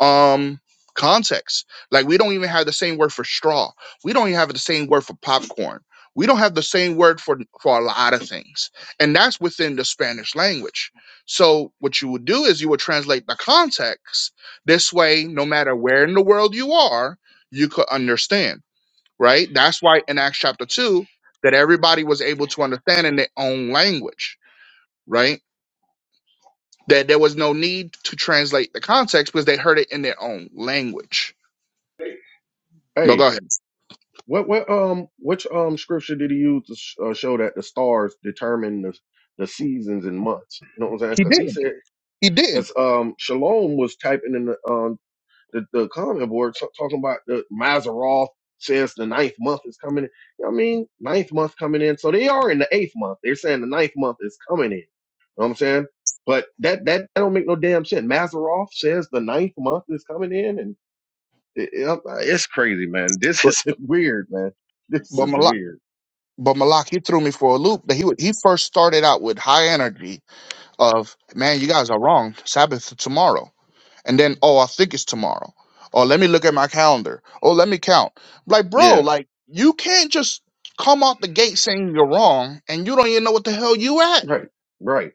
B: um context. Like we don't even have the same word for straw. We don't even have the same word for popcorn. We don't have the same word for for a lot of things. And that's within the Spanish language. So what you would do is you would translate the context. This way, no matter where in the world you are, you could understand, right? That's why in Acts chapter 2 that everybody was able to understand in their own language, right? That there was no need to translate the context because they heard it in their own language No,
E: hey.
B: go ahead.
E: What what um which um scripture did he use to sh- uh, show that the stars determine the the seasons and months? You know what I'm saying?
B: He
E: Because he
B: didn't.
E: said
B: He didn't.
E: because um Shalom was typing in the um the, the comment board t- talking about the Maseroth says the ninth month is coming. In. You know what I mean ninth month coming in, so they are in the eighth month. They're saying the ninth month is coming in. You know what I'm saying? But that that, that don't make no damn sense. Maseroth says the ninth month is coming in, and. It- it- I'm- uh, it's crazy, man. This
B: But
E: is weird, man. This
B: but
E: is
B: Malak,
E: weird.
B: but Malak, he threw me for a loop. That he would- he first started out with high energy of man, you guys are wrong. Sabbath is tomorrow, and then oh, I think it's tomorrow. Oh, let me look at my calendar. Oh, let me count. Like bro,
E: Yeah,
B: like you can't just come out the gate saying you're wrong, and you don't even know what the hell you at.
E: right, right.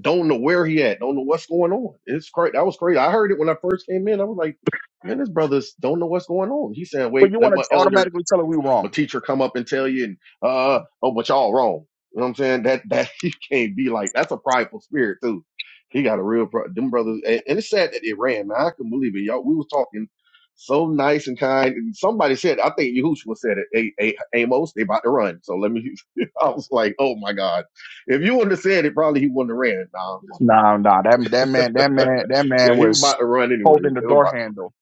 E: Don't know where he at. Don't know what's going on. It's crazy. That was crazy. I heard it when I first came in. I was like, man, this brother's don't know what's going on. He said,
B: But
E: wait,
B: you
E: let
B: want
E: my
B: to
E: elder
B: automatically tell her we
E: My
B: wrong.
E: teacher come up and tell you, and uh, uh, oh, but y'all wrong. You know what I'm saying? That that you can't be like. That's a prideful spirit too. He got a real pro- them brothers, and, and it's sad that it ran. Man, I couldn't believe it, y'all. We was talking so nice and kind, and somebody said, I think Yahushua said it. A, a, Amos, they about to run. So let me. I was like, oh my god. If you wouldn't have said it, probably he wouldn't have ran. Nah, I'm just playing.
B: No, no, that that man, that man, that
E: Yeah,
B: man
E: he was
B: was
E: about to run anyway.
B: holding the
E: They were
B: door
E: about
B: handle.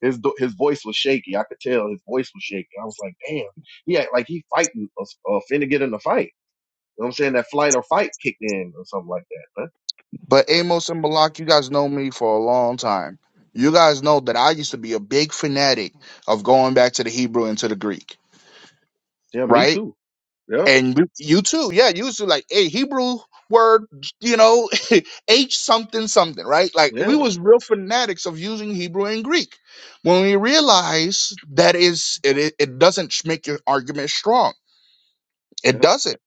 E: his his voice was shaky. I could tell his voice was shaky. I was like, damn, he act like he fighting, uh, uh, finna get in a fight. You know what I'm saying? That flight or fight kicked in or something like that. Huh?
B: But Amos and Malak, you guys know me for a long time. You guys know that I used to be a big fanatic of going back to the Hebrew and to the Greek,
E: Yeah, me
B: right?
E: too. Yep.
B: and you you too yeah you used to like a hebrew word you know h something something right like we
E: Yeah.
B: was real fanatics of using hebrew and greek when we realized that is it it, it doesn't sh- make your argument strong it
E: Yeah.
B: doesn't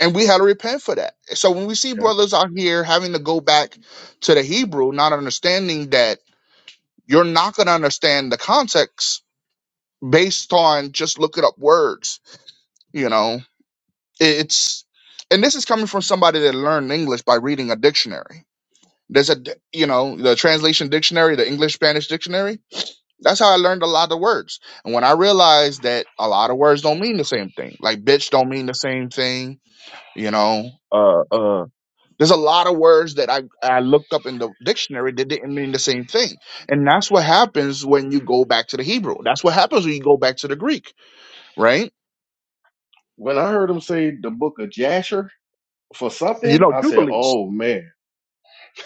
B: and we had to repent for that so when we see
E: Yeah.
B: brothers out here having to go back to the hebrew not understanding that you're not going to understand the context based on just looking up words you know it's and this is coming from somebody that learned english by reading a dictionary there's a di- you know the translation dictionary the english spanish dictionary that's how i learned a lot of words and when i realized that a lot of words don't mean the same thing like bitch don't mean the same thing you know uh uh there's a lot of words that I, I looked up in the dictionary that didn't mean the same thing. And that's what happens when you go back to the Hebrew. That's what happens when you go back to the Greek, right?
E: When I heard him say the book of Jasher for
B: You
E: something,
B: know,
E: I said,
B: jubilees.
E: oh man.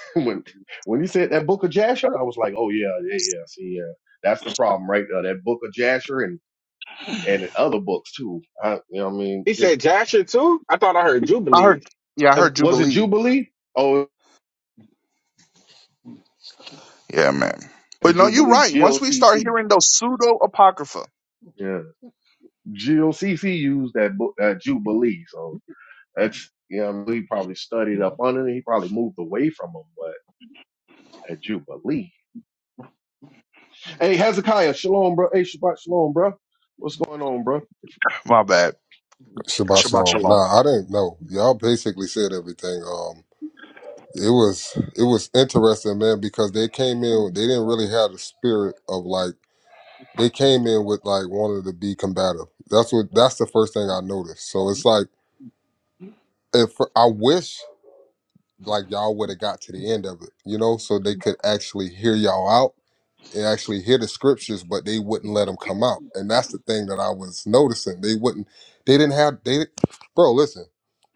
E: when when he said that book of Jasher, I was like, oh yeah, yeah, yeah. See, yeah. That's the problem right there. That book of Jasher and, and other books too. I, you know what I mean?
C: He
E: It,
C: said Jasher too. I thought I heard
B: I
C: Jubilees.
B: heard, yeah, I
E: uh,
B: heard
E: was it
B: jubilees
E: Jubilee? Oh,
B: Yeah, man. But no, you're
E: Jubilee,
B: right. Once we start
E: GOCC.
B: hearing those pseudo apocrypha,
E: Yeah. G O C C used that book, that Jubilee. So that's, yeah, He probably studied up on it. He probably moved away from him, but that Jubilee. Hey, Hezekiah, shalom, bro. Hey, Shabbat, shalom, bro. What's going on, bro?
B: my bad.
I: Shabbat
B: Shabbat
I: shalom.
B: shalom.
I: Nah, I didn't know. Y'all basically said everything. Um, it was it was interesting, man, because they came in. They didn't really have the spirit of like they came in with like wanted to be combative. That's what that's the first thing I noticed. So it's like if I wish like y'all would have got to the end of it, you know, so they could actually hear y'all out and actually hear the scriptures, but they wouldn't let them come out. And that's the thing that I was noticing. They wouldn't. They didn't have. They, bro, listen.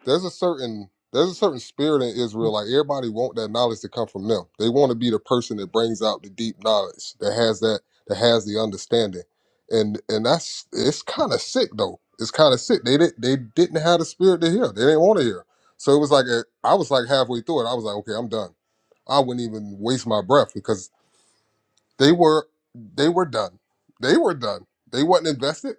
I: There's a certain there's a certain spirit in Israel. Like everybody want that knowledge to come from them. They want to be the person that brings out the deep knowledge that has that that has the understanding. And and that's it's kind of sick though. It's kind of sick. They didn't they didn't have the spirit to hear. They didn't want to hear. So it was like a, I was like halfway through it. I was like, okay, I'm done. I wouldn't even waste my breath because they were they were done. They were done. They wasn't invested.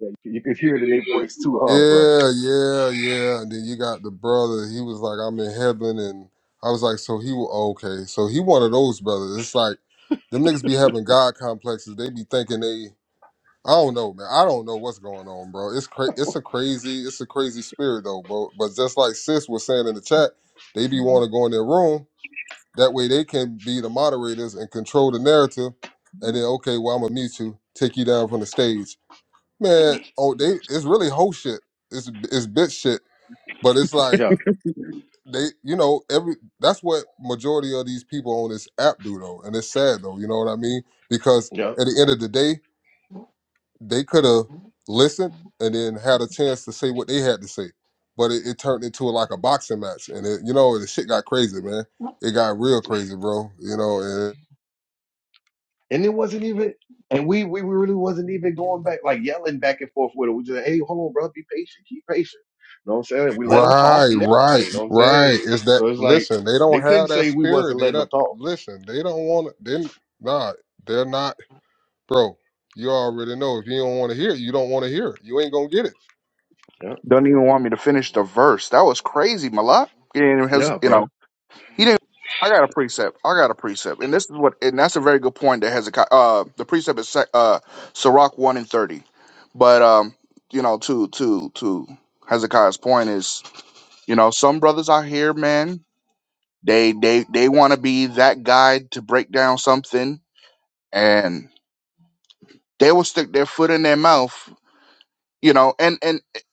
E: Yeah, you could hear it in their voice too, huh, bro?
I: Yeah, yeah, yeah. And then you got the brother. He was like, "I'm in heaven," and I was like, "So he wa- okay? So he one of those brothers." It's like them niggas be having god complexes. They be thinking they. I don't know, man. I don't know what's going on, bro. It's cra- It's a crazy. It's a crazy spirit, though, bro. But just like sis was saying in the chat, they be want to go in their room That way they can be the moderators and control the narrative. And then, okay, well, I'm gonna meet you, take you down from the stage. Man, oh, they it's really whole shit. It's it's bitch shit. But it's like
E: Yeah,
I: they, you know, every that's what majority of these people on this app do though. And it's sad though, you know what I mean? Because
E: yeah.
I: at the end of the day, they could have listened and then had a chance to say what they had to say. But it, it turned into like a boxing match. And it, you know, the shit got crazy, man it got real crazy, bro. You know, and
E: And it wasn't even, and we, we really wasn't even going back, like yelling back and forth with it. We just, hey, hold on, bro, be patient, keep patient. You know what I'm saying? We let them talk
I: Right,
E: and
I: right,
E: everything, you know what I'm saying?
I: right. Is that
E: So it's like,
I: listen? They don't
E: they couldn't
I: have that
E: say we
I: spirit.
E: wasn't
I: They
E: letting them
I: don't
E: talk.
I: listen. They don't want to. They nah. They're not, bro. You already know. If you don't want to hear it, you don't want to hear it. You ain't gonna get it.
E: Yeah.
B: Don't even want me to finish the verse. That was crazy, Malak. And it has,
E: Yeah,
B: You know,
E: bro.
B: He didn't. I got a precept. I got a precept, and this is what, and that's a very good point that Hezekiah. Uh, the precept is Sec- uh, Sirach one and thirty, but um, you know, to to to Hezekiah's point is, you know, some brothers out here, man, they they they want to be that guy to break down something, and they will stick their foot in their mouth you know and and it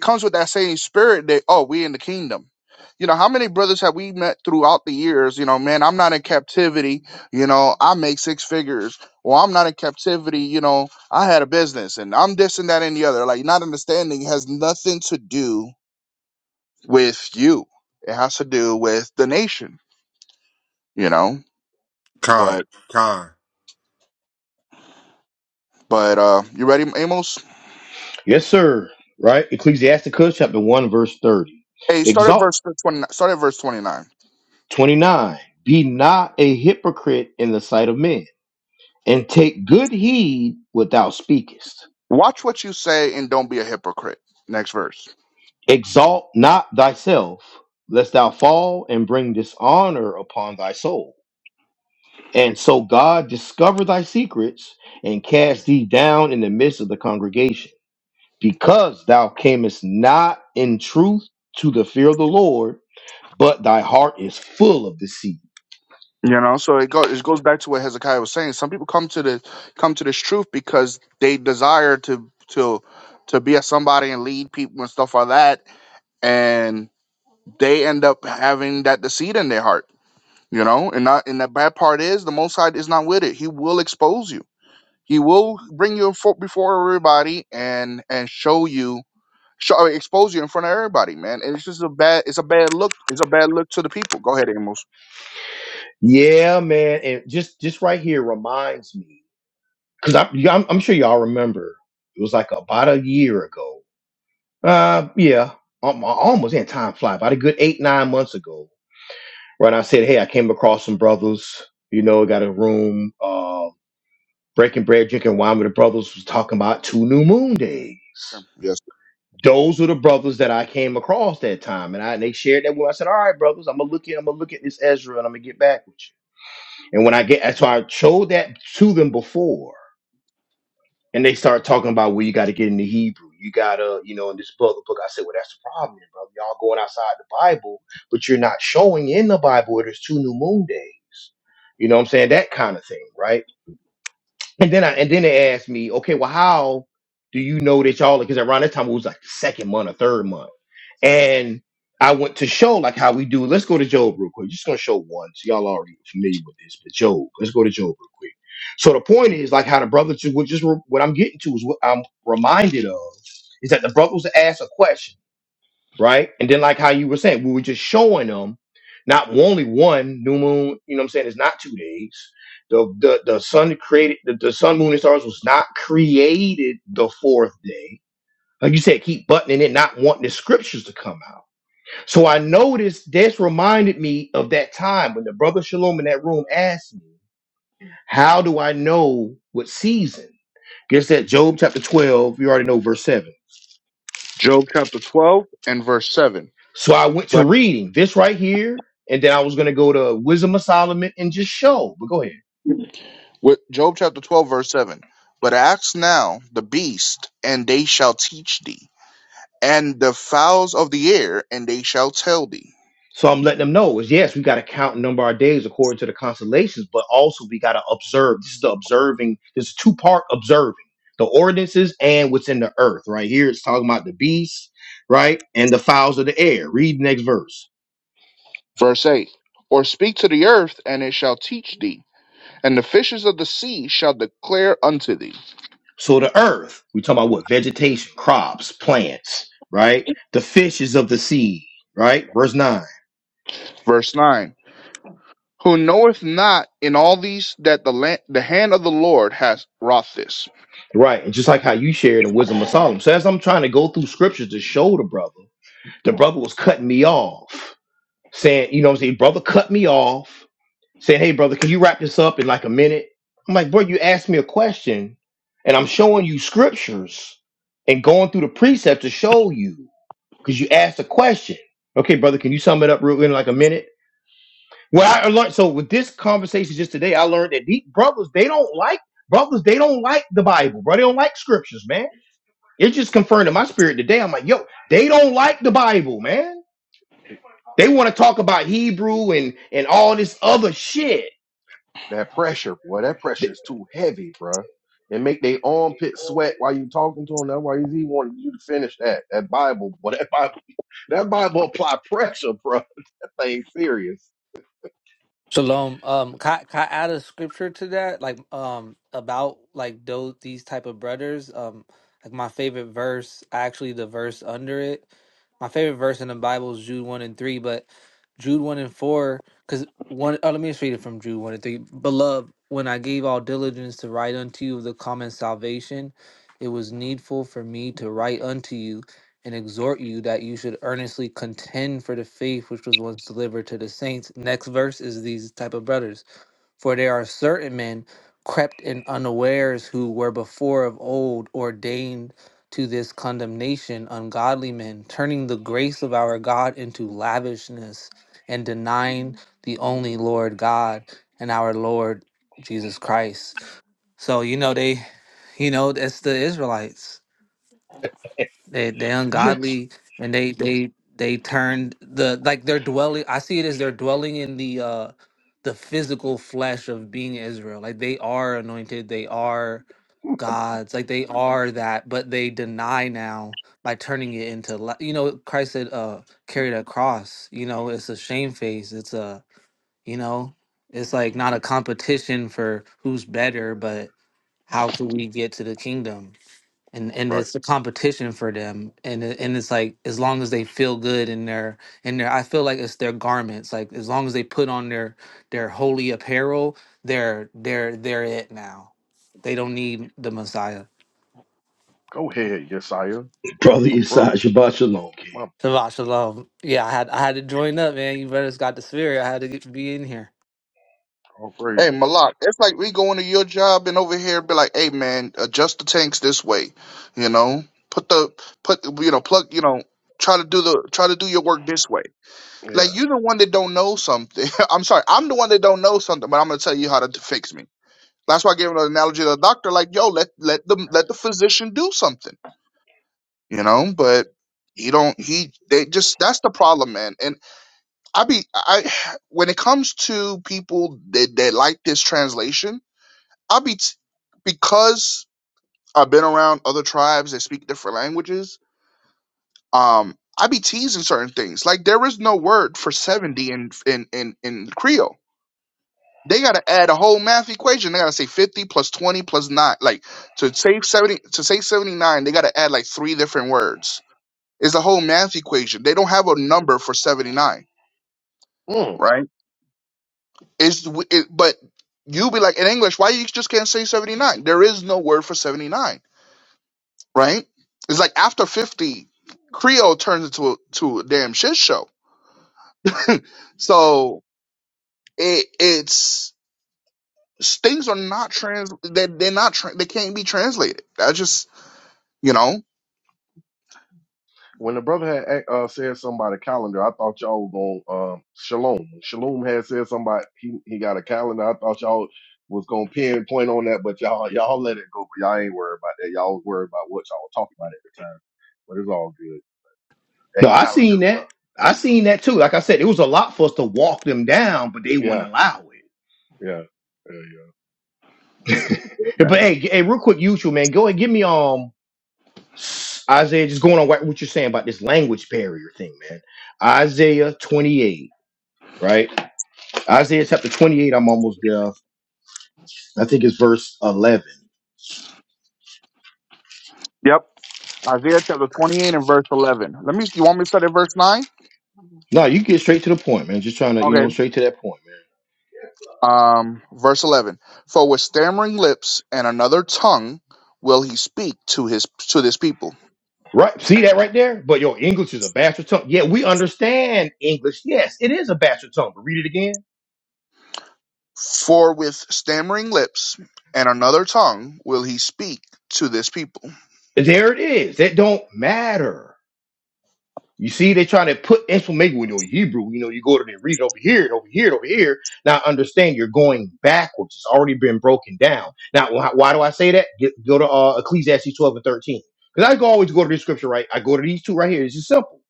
B: comes with that same spirit that oh we in the kingdom you know how many brothers have we met throughout the years you know man i'm not in captivity you know i make six figures well i'm not in captivity you know i had a business and i'm this and that and the other like not understanding has nothing to do with you it has to do with the nation you know
I: Con,
B: but
I: con.
B: but uh you ready amos
A: Yes, sir. Right? Ecclesiasticus chapter 1, verse 30.
B: hey start at
A: Exalt
B: verse 29 start at verse 29
A: 29. Be not a hypocrite in the sight of men, and take good heed what thou speakest.
B: watch what you say and don't be a hypocrite next verse
A: Exalt not thyself, lest thou fall and bring dishonor upon thy soul. And so God discover thy secrets and cast thee down in the midst of the congregation, because thou camest not in truth to the fear of the Lord, but thy heart is full of deceit.
B: You know, so it goes it goes back to what Hezekiah was saying. Some people come to the come to this truth because they desire to to to be a somebody and lead people and stuff like that, and they end up having that deceit in their heart. You know, and not and the bad part is the Most High is not with it. He will expose you. He will bring you in fo- before everybody and and show you show uh, expose you in front of everybody, man. And it's just a bad it's a bad look. It's a bad look to the people. Go ahead, Amos.
A: Yeah, man, and just just right here reminds me because I'm, yeah, I'm I'm sure y'all remember it was like about a year ago. Uh, yeah, um, almost in time fly about a good eight nine months ago. Right. I said, hey, I came across some brothers, you know, got a room, uh, breaking bread, drinking wine with the brothers was talking about two new moon days. Those were the brothers that I came across that time. And I and they shared that with me. I said, All right, brothers, I'm gonna look at I'm gonna look at this Ezra and I'm gonna get back with you. And when I get so I showed that to them before. and they start talking about well, you got to get into Hebrew. You gotta, you know, in this book, book. I said, well, that's the problem, here, brother. Y'all going outside the Bible, but you're not showing in the Bible where there's two new moon days. You know what I'm saying? That kind of thing, right? And then I and then they asked me, okay, well, how do you know that y'all? Because around that time it was like the second month or third month. And I went to show like how we do. Let's go to Job real quick. Just gonna show one. So y'all already familiar with this, but Job. Let's go to Job real quick. So the point is like how the brother just what just what I'm getting to is what I'm reminded of is that the brothers asked a question, right? And then like how you were saying, we were just showing them not only one new moon. You know what I'm saying? It's not two days. The the the sun created the, the sun, moon, and stars was not created the fourth day. Like you said, keep buttoning it, not wanting the scriptures to come out so I noticed this reminded me of that time when the brother Shalom in that room asked me, How do I know what season? Guess that Job chapter 12, you already know verse 7.
B: Job chapter 12 and verse 7.
A: So I went to
B: But
A: reading this right here, and then I was going to go to Wisdom of Solomon and just show. But go ahead.
B: with Job chapter 12, verse 7. But ask now the beast, and they shall teach thee, and the fowls of the air, and they shall tell thee.
A: So I'm letting them know is yes, we got to count and number our days according to the constellations, but also we got to observe. This is the observing. This is two part observing the ordinances and what's in the earth. Right here, it's talking about the beasts, right, and the fowls of the air. Read the next verse.
B: Verse 8. Or speak to the earth, and it shall teach thee, and the fishes of the sea shall declare unto thee.
A: So the earth, we talking about what vegetation, crops, plants, right? The fishes of the sea, right? Verse nine,
B: Verse 9. Who knoweth not in all these that the, land, the hand of the Lord hath wrought this?
A: right? And just like how you shared in Wisdom of Solomon. So as I'm trying to go through scriptures to show the brother, the brother was cutting me off saying, you know what I'm saying, brother cut me off, saying, hey, brother, can you wrap this up in like a minute? I'm like, bro, you asked me a question and I'm showing you scriptures and going through the precept to show you because you asked a question. Okay, brother, can you sum it up real in like a minute? Well, I learned so with this conversation just today, I learned that these brothers, they don't like brothers, they don't like the Bible, bro. They don't like scriptures, man. It just confirmed in my spirit today. I'm like, yo, they don't like the Bible, man they want to talk about Hebrew and and all this other shit.
E: That pressure, boy, that pressure is too heavy, bro. And make they armpit sweat while you talking to them. That's why he wanted you to finish that. That Bible, boy, that Bible, that Bible apply pressure, bro. That thing serious.
J: Shalom. Um, can, I- can I add a scripture to that? Like, um, about like those these type of brothers. Um, like my favorite verse, actually the verse under it. My favorite verse in the Bible is Jude one and three, but Jude one and four, because one. Oh, let me just read it from Jude one and three. Beloved, when I gave all diligence to write unto you of the common salvation, it was needful for me to write unto you and exhort you that you should earnestly contend for the faith which was once delivered to the saints. Next verse is these type of brothers. For there are certain men crept in unawares who were before of old ordained to this condemnation, ungodly men, turning the grace of our God into lavishness and denying the only Lord God and our Lord Jesus Christ. So, you know, they, you know, that's the Israelites they they
E: Yes.
J: ungodly and they they they turned the like they're dwelling. I see it as they're dwelling in the uh the physical flesh of being Israel. Like they are anointed, they are gods, like they are that, but they deny now by turning it into li- you know Christ said uh carried a cross. You know it's a shame face. It's a you know it's like not a competition for who's better, but how can we get to the kingdom? and and
E: Right.
J: it's a competition for them and it- and it's like as long as they feel good in their in their I feel like it's their garments like as long as they put on their their holy apparel they're they're they're it now they don't need the Messiah
E: Go ahead, yesaya, My brother.
A: Uh, Shalom.
E: My
J: Shabbat shalom yeah I had I had to join up man you brothers got the spirit I had to get, be in here
E: all praise.
B: Hey Malak, it's like we going to your job and over here be like, hey man, adjust the tanks this way, you know, put the put you know plug you know try to do the try to do your work this way. Like
E: Yeah.
B: you the one that don't know something. I'm sorry, I'm the one that don't know something, but I'm gonna tell you how to, to fix me. That's why I gave an analogy to the doctor, like yo, let let the let the physician do something, you know. But he don't he they just that's the problem, man. And I be I when it comes to people that that like this translation I'll be t- because I've been around other tribes that speak different languages. Um, I be teasing certain things. Like there is no word for seventy in in in, in Creole. They gotta add a whole math equation. They gotta say fifty plus twenty plus nine. Like to say seventy to say seventy nine, they gotta add like three different words. It's a whole math equation. They don't have a number for seventy nine,
E: Mm.
B: right? It's w- it, but you be like in English, why you just can't say seventy nine? There is no word for seventy nine right? It's like after fifty, Creole turns into a, to a damn shit show. So it it's things are not trans. They they're not. Tra- they can't be translated. That's just you know.
E: When the brother had uh, said something about a calendar, I thought y'all was gonna um, shalom. When Shalom had said something about he he got a calendar. I thought y'all was gonna pinpoint on that, but y'all y'all let it go. But y'all ain't worried about that. Y'all was worried about what y'all was talking about at the time. But it's all good.
A: No,
E: That
A: I seen
E: calendar, bro.
A: that. I seen that too. Like I said, it was a lot for us to walk them down, but they
E: Yeah,
A: wouldn't allow
E: yeah, yeah, yeah.
A: it. But hey, g- hey, real quick, YouTube man, go and give me um Isaiah. Just going on what what you're saying about this language barrier thing, man. Isaiah 28, right? Isaiah chapter 28. I'm almost there. I think it's verse 11.
B: Yep. Isaiah chapter twenty eight and verse eleven. Let me. You want me to start at verse nine?
A: No, you get straight to the point, man. Just trying to, you
B: Okay.
A: know, straight to that point.
B: Um, verse eleven. For with stammering lips and another tongue will he speak to his to this people
A: Right. See that right there? But your English is a bastard tongue. Yeah, we understand English. Yes, it is a bastard tongue. But read it again.
B: For with stammering lips and another tongue will he speak to this people.
A: There it is. That don't matter. You see, they trying to put explanation with your Hebrew. You know, you go to the read it over here, and over here, and over here. Now understand you're going backwards. It's already been broken down. Now, why, why do I say that? Get, go to uh, Ecclesiastes 12 and 13. Because I go always go to this scripture, right? I go to these two right here. It's just simple.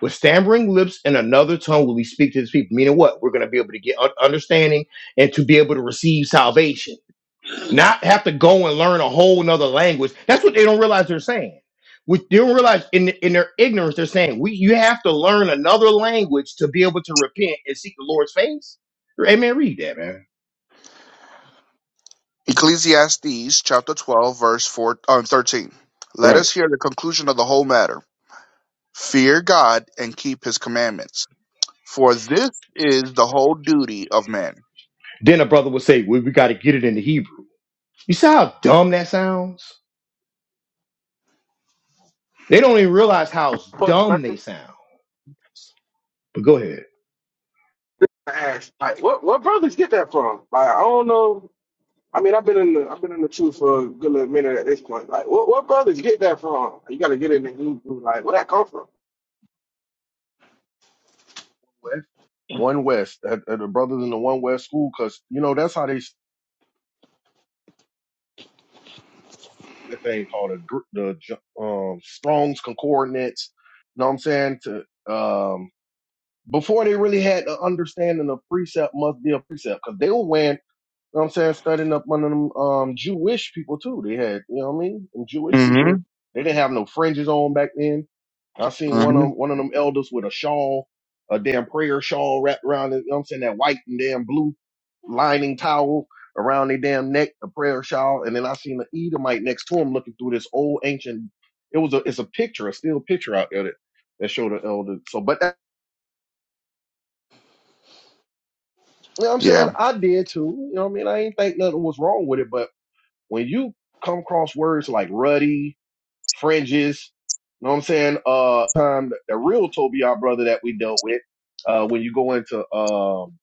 A: With stammering lips and another tongue will he speak to his people. Meaning what? We're going to be able to get un- understanding and to be able to receive salvation not have to go and learn a whole nother language. That's what they don't realize they're saying. What they don't realize in in their ignorance, they're saying we you have to learn another language to be able to repent and seek the Lord's face. Amen. Read that, man.
B: Ecclesiastes chapter 12, verse 4, uh, 13. Let
A: Right.
B: us hear the conclusion of the whole matter. Fear God and keep his commandments, for this is the whole duty of man.
A: Then a brother would say, well, we got to get it into Hebrew. You see how dumb that sounds? They don't even realize how
C: Put the
A: dumb they
C: question.
A: sound. But go ahead.
C: I asked, like, what what brothers get that from? Like, I don't know. I mean, I've been in the I've been in the truth for a good little minute at this point. Like, what what brothers get that from? You got to get in the Hebrew. Like, where that come from?
E: West, one West, uh, uh, the brothers in the one West school, because you know that's how they that thing called a, the um, Strong's Concordance. You know what I'm saying? To um, before they really had the understanding of precept must be a precept, because they were when you know what I'm saying studying up under them um Jewish people too. They had you know what I mean? And Jewish
B: hmm
E: people they didn't have no fringes on back then. I seen one of
B: hmm
E: 'em- one of them elders with a shawl, a damn prayer shawl wrapped around it. You know what I'm saying that white and damn blue lining towel around their damn neck, a prayer shawl, and then I seen an Edomite next to him looking through this old ancient. It was a it's a picture, a still picture out there that, that showed an elder. So, but that, you know what I'm saying
B: Yeah.
E: I did too. You know what I mean? I ain't think nothing was wrong with it, but when you come across words like ruddy, fringes. You know what I'm saying? Uh, time the real Toby, our brother that we dealt with, uh, when you go into, um,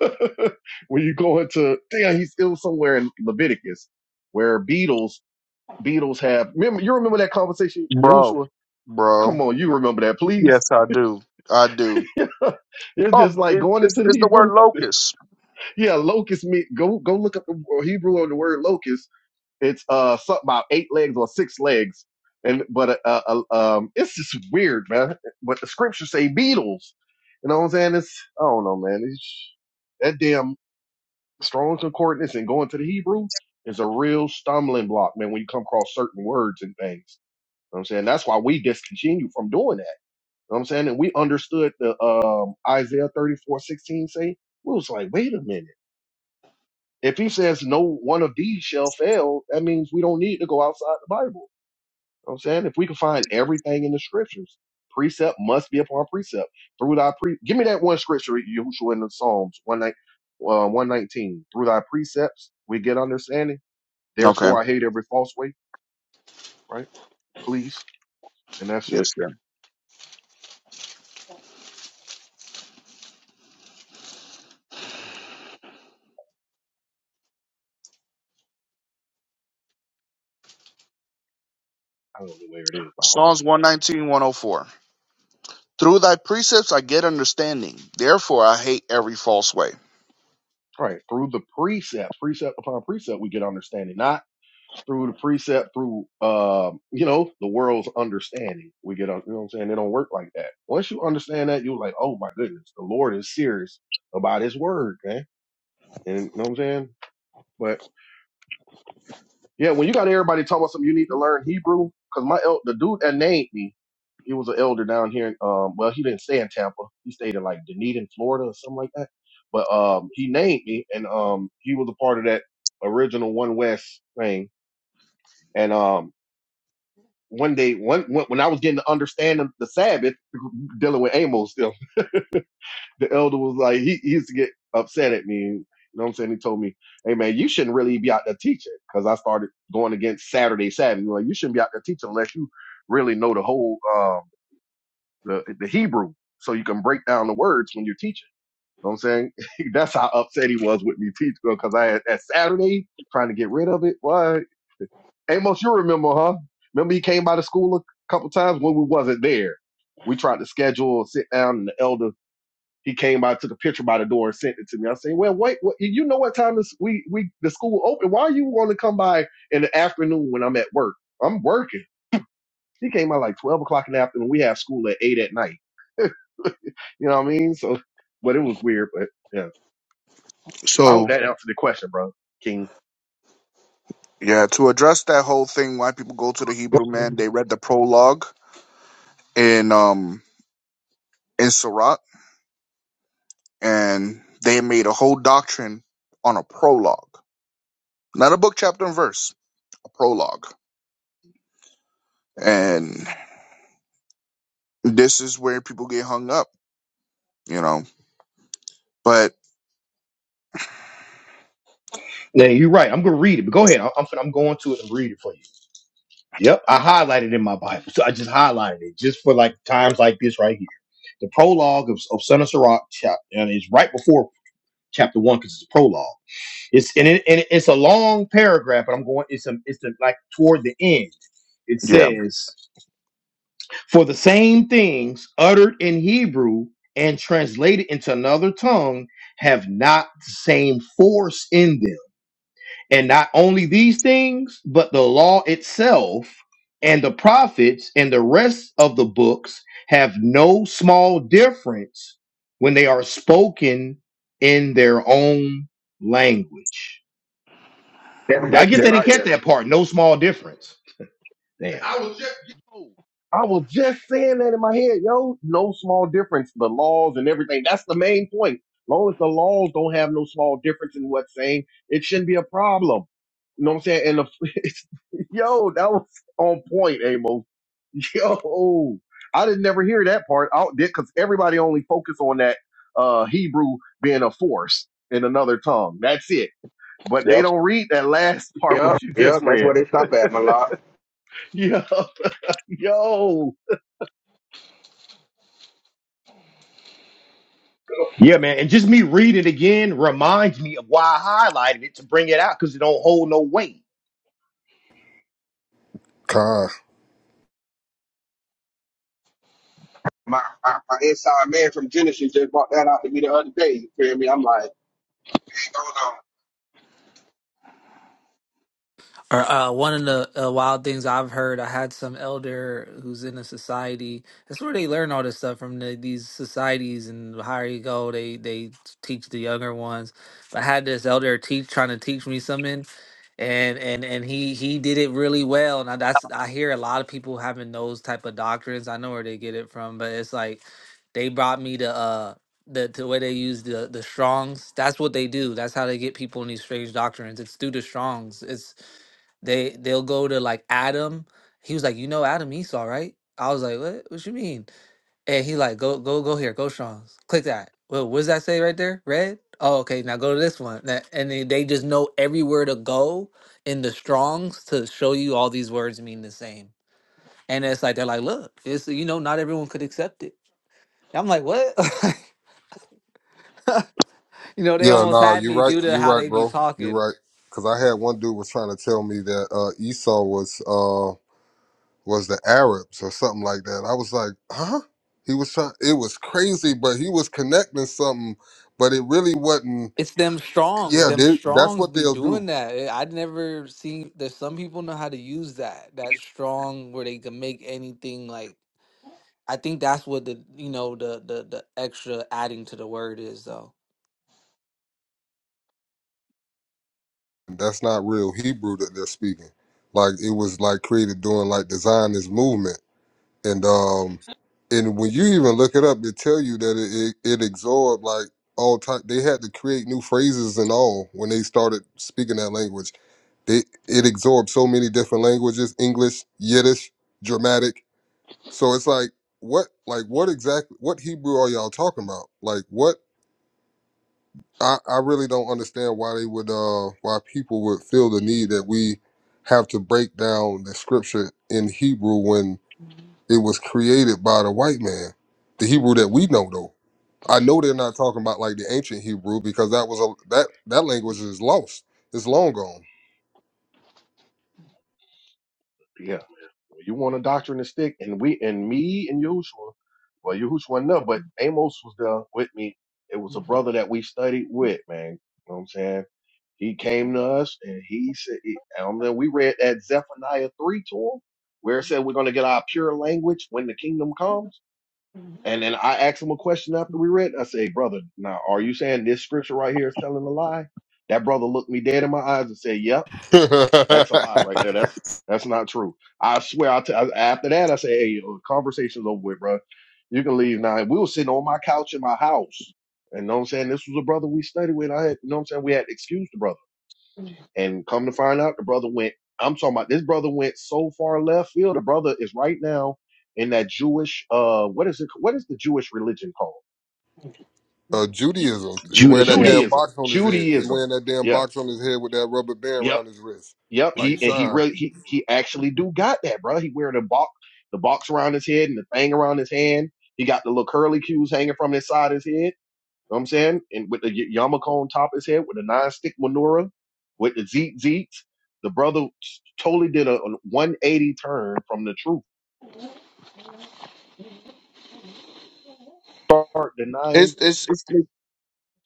E: when you go into, damn, he's still somewhere in Leviticus where beetles, beetles have, remember, you remember that conversation,
B: Bro.
E: Yahushua?
B: Bro.
E: Come on, you remember that, please.
B: Yes, I do. I do.
E: it's just
B: Oh,
E: like
B: it,
E: going
B: it's,
E: into the
B: it's the word
E: Hebrew.
B: locust.
E: Yeah, locust meat. Go, go look up the Hebrew on the word locust It's uh something about eight legs or six legs, and but uh, uh uh, um it's just weird, man. But the scriptures say beetles. You know what I'm saying? It's I don't know, man. It's that damn strong concordance and going to the Hebrew is a real stumbling block, man. When you come across certain words and things, you know what I'm saying that's why we discontinue from doing that. You know what I'm saying, and we understood the um Isaiah 34:16 say we was like, wait a minute. If he says no one of these shall fail, that means we don't need to go outside the Bible know what I'm saying if we can find everything in the scriptures, precept must be upon precept. Through thy pre, give me that one scripture, Yahushua in the Psalms one night, uh, one nineteen. Through thy precepts we get understanding.
B: Okay.
E: Therefore I hate every false way. Right, please, and that's it.
B: Yes, sir.
E: I don't know where it is by heart.
B: Psalms 119, 104. Through thy precepts I get understanding. Therefore I hate every false way.
E: right. through the precept, precept upon precept, we get understanding. Not through the precept, through uh, you know, the world's understanding. We get on, you know what I'm saying? It don't work like that. Once you understand that, you're like, oh my goodness, the Lord is serious about his word, man. And you know what I'm saying? But yeah, when you got everybody talking about something, you need to learn Hebrew. Cause my el- the dude that named me, he was an elder down here. In, um, well, he didn't stay in Tampa. He stayed in like Dunedin, Florida, or something like that. But um, he named me, and um, he was a part of that original One West thing. And um, one day, one when I was getting to understand the the Sabbath, dealing with Amos, still, the elder was like, he, he used to get upset at me. You know what I'm saying? He told me, "Hey man, you shouldn't really be out there teaching," because I started going against Saturday Sabbath. He was Like you shouldn't be out there teaching unless you really know the whole um, the the Hebrew, so you can break down the words when you're teaching. You know what I'm saying? That's how upset he was with me teaching because I had that Saturday trying to get rid of it. Why? Amos, you remember, huh? Remember he came by the school a couple times when we wasn't there. We tried to schedule a sit down, and the elder he came by, took a picture by the door, and sent it to me. I said, "Well, wait, what, you know what time this we we the school open? Why you want to come by in the afternoon when I'm at work? I'm working." He came by like twelve o'clock in the afternoon. We have school at eight at night. You know what I mean? So, but it was weird. But yeah, I hope
B: So
E: that answered the question, bro. King.
B: yeah, to address that whole thing, why people go to the Hebrew
C: That,
B: man, they read the prologue in um in Sirach, and they made a whole doctrine on a prologue. Not a book, chapter, and verse, a prologue. And this is where people get hung up, you know. But
A: Now you're right. I'm gonna read it, but go ahead. I'm I'm, finna- I'm going to it and read it for you. Yep, I highlighted in my Bible, so I just highlighted it just for like times like this right here. the prologue of, of Son of Sirach chapter, and it's right before chapter one because it's a prologue. It's and, it, and it's a long paragraph, but I'm going. It's a, it's the, like toward the end. It
B: yeah.
A: says, "For the same things uttered in Hebrew and translated into another tongue have not the same force in them." And not only these things, but the law itself and the prophets and the rest of the books have no small difference when they are spoken in their own language. I
C: that's
A: guess
B: Yeah.
C: it
A: they didn't
C: right
A: catch
C: there.
A: that part. No small difference. Damn.
E: I was just saying that in my head, yo. No small difference. The laws and everything. That's the main point. long as the laws don't have no small difference in what's saying, it shouldn't be a problem. You know what I'm saying? And the, yo, that was on point, Amos. Yo, I didn't never hear that part out there because everybody only focus on that uh Hebrew being a force in another tongue. That's it. But they
B: Yep.
E: don't read that last part
C: Yep,
E: what you just
C: yep, that's
E: read.
C: where they stop at, my lot.
E: Yo, yo.
A: Yeah, man. And just me reading it again reminds me of why I highlighted it to bring it out because it don't hold no weight.
I: Con.
C: My, my my inside man from Genesis just brought that out to me the other day. You feel me? I'm like, hold on.
J: Or uh, one of the uh, wild things I've heard, I had some elder who's in a society. That's where they learn all this stuff from the, these societies, and the higher you go, they they teach the younger ones. But I had this elder teach trying to teach me something, and and and he he did it really well. Now that's I hear a lot of people having those type of doctrines. I know where they get it from, but it's like they brought me to uh the the way they use the the Strongs. That's what they do. That's how they get people in these strange doctrines. It's through the Strongs. It's they they'll go to like Adam. He was like, you know Adam Esau, right? I was like, what? What you mean? And he like, go go go here, go Strong's, click that. Well, what does that say right there? Red. Oh, okay. Now go to this one. That- And they, they just know everywhere to go in the Strong's to show you all these words mean the same. And it's like they're like, look, it's you know not everyone could accept it. I'm like, what? you know, they
I: Yeah,
J: almost
I: nah.
J: had
I: You
J: me
I: right.
J: due to
I: You
J: how
I: right,
J: they be
I: bro. You
J: talking.
I: right. Cause I had one dude was trying to tell me that uh, Esau was uh, was the Arabs or something like that. I was like, huh? He was trying. It was crazy, but he was connecting something. But it really wasn't.
J: It's them strongs.
I: Yeah,
J: Them
I: they, that's
J: strongs
I: what
J: be
I: they'll
J: doing
I: do.
J: that. Eh, I'd never seen. There's some people know how to use that. That strong where they can make anything like. I think that's what the you know the the the extra adding to the word is though.
I: That's not real Hebrew that they're speaking. Like it was like created during like the Zionist movement, and um, and when you even look it up, they tell you that it it, it absorbed like all type. They had to create new phrases and all when they started speaking that language. They it absorbed so many different languages: English, Yiddish, Dramatic. So it's like what like what exactly what Hebrew are y'all talking about? Like what I, I really don't understand why they would uh why people would feel the need that we have to break down the scripture in Hebrew when it was created by the white man. The Hebrew that we know though. I know they're not talking about like the ancient Hebrew because that was a that that language is lost. It's long gone.
E: You want a doctor and a stick, and we and me and Yahushua. Well, Yahushua no, but Amos was there with me. It was a brother that we studied with, man. You know what I'm saying? He came to us and he said, and then we read that Zephaniah 3 to him, where it said we're going to get our pure language when the kingdom comes. And then I asked him a question after we read. it. I say, brother, now are you saying this scripture right here is telling a lie? That brother looked me dead in my eyes and said, yep.
I: uh,
E: That's a lie right there. That's that's not true. I swear. I t- I- after that, I say, hey, yo, conversation's over with, bro. You can leave now. And we were sitting on my couch in my house, and you know what I'm saying this was a brother we studied with. I had, you know what I'm saying, we had to excuse the brother, and come to find out, the brother went. I'm talking about this brother went so far left field. The brother is right now in that Jewish. Uh, what is it? What is the Jewish religion called?
I: Judaism. He wearing that
B: Yeah.
I: damn
E: Judaism.
I: box on his head. He
E: Judaism.
I: wearing that damn
E: Yeah.
I: box on his head with that rubber band
E: Yep.
I: around his wrist.
E: Yep,
I: Like
E: he and he
I: shine.
E: really he he actually do got that, bro. He wearing the box the box around his head and the thing around his hand. He got the little curly cues hanging from his side of his head. You know what I'm saying? And with the y- yarmulke on top of his head, with the nine stick menorah, with the zeet zeets, the brother totally did a, a 180 turn from the truth. Start
B: It's
E: denying,
B: it's, it's, it's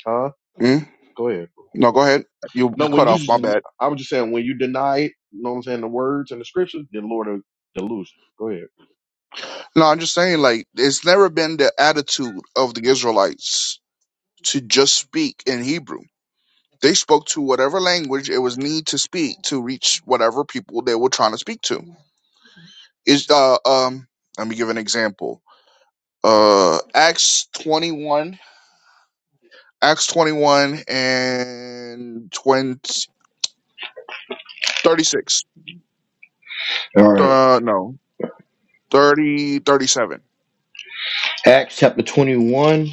E: huh?
B: mm?
E: Go ahead.
B: no, go ahead.
E: No,
B: you cut
E: when you
B: off,
E: just,
B: my bad.
E: I was just saying when you deny, it, you know what I'm saying, the words and the scriptures, then Lord of delusion. Go ahead.
B: No, I'm just saying, like, it's never been the attitude of the Israelites to just speak in Hebrew. They spoke to whatever language it was need to speak to reach whatever people they were trying to speak to. Is uh um let me give an example. Uh Acts 21, Acts 21 and 20 36.
A: All right.
B: Uh no, 30 37.
A: Acts chapter 21,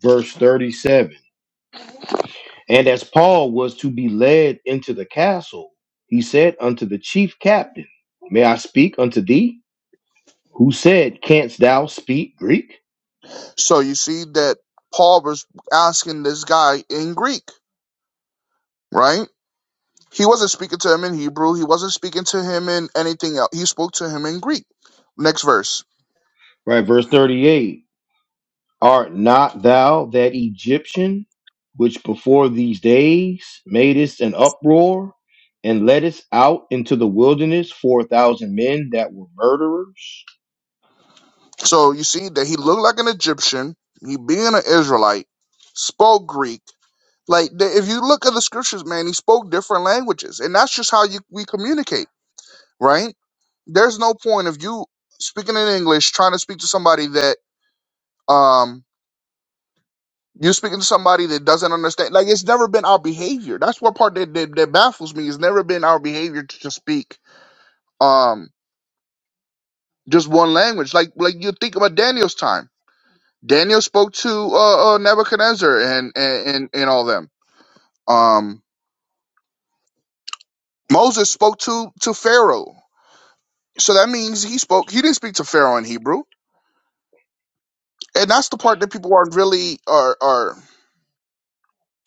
A: verse 37. And as Paul was to be led into the castle, he said unto the chief captain, May I speak unto thee? who said, Canst thou speak Greek?
B: So you see that Paul was asking this guy in Greek, right? He wasn't speaking to him in Hebrew. He wasn't speaking to him in anything else. He spoke to him in Greek. Next verse.
A: Right, verse 38 Art not thou that Egyptian which before these days madest an uproar and leddest out into the wilderness 4,000 men that were murderers?
B: So you see that he looked like an Egyptian. He being an Israelite, spoke Greek. Like the- if you look at the scriptures, man, he spoke different languages, and that's just how you we communicate, right? There's no point of you speaking in English trying to speak to somebody that um you're speaking to somebody that doesn't understand. Like it's never been our behavior. That's what part that that, that baffles me. It's never been our behavior to just speak. Um, just one language. Like like you think about Daniel's time. Daniel spoke to uh, uh, Nebuchadnezzar and, and and and all them. Um, Moses spoke to to Pharaoh. So that means he spoke. He didn't speak to Pharaoh in Hebrew, and that's the part that people are really are are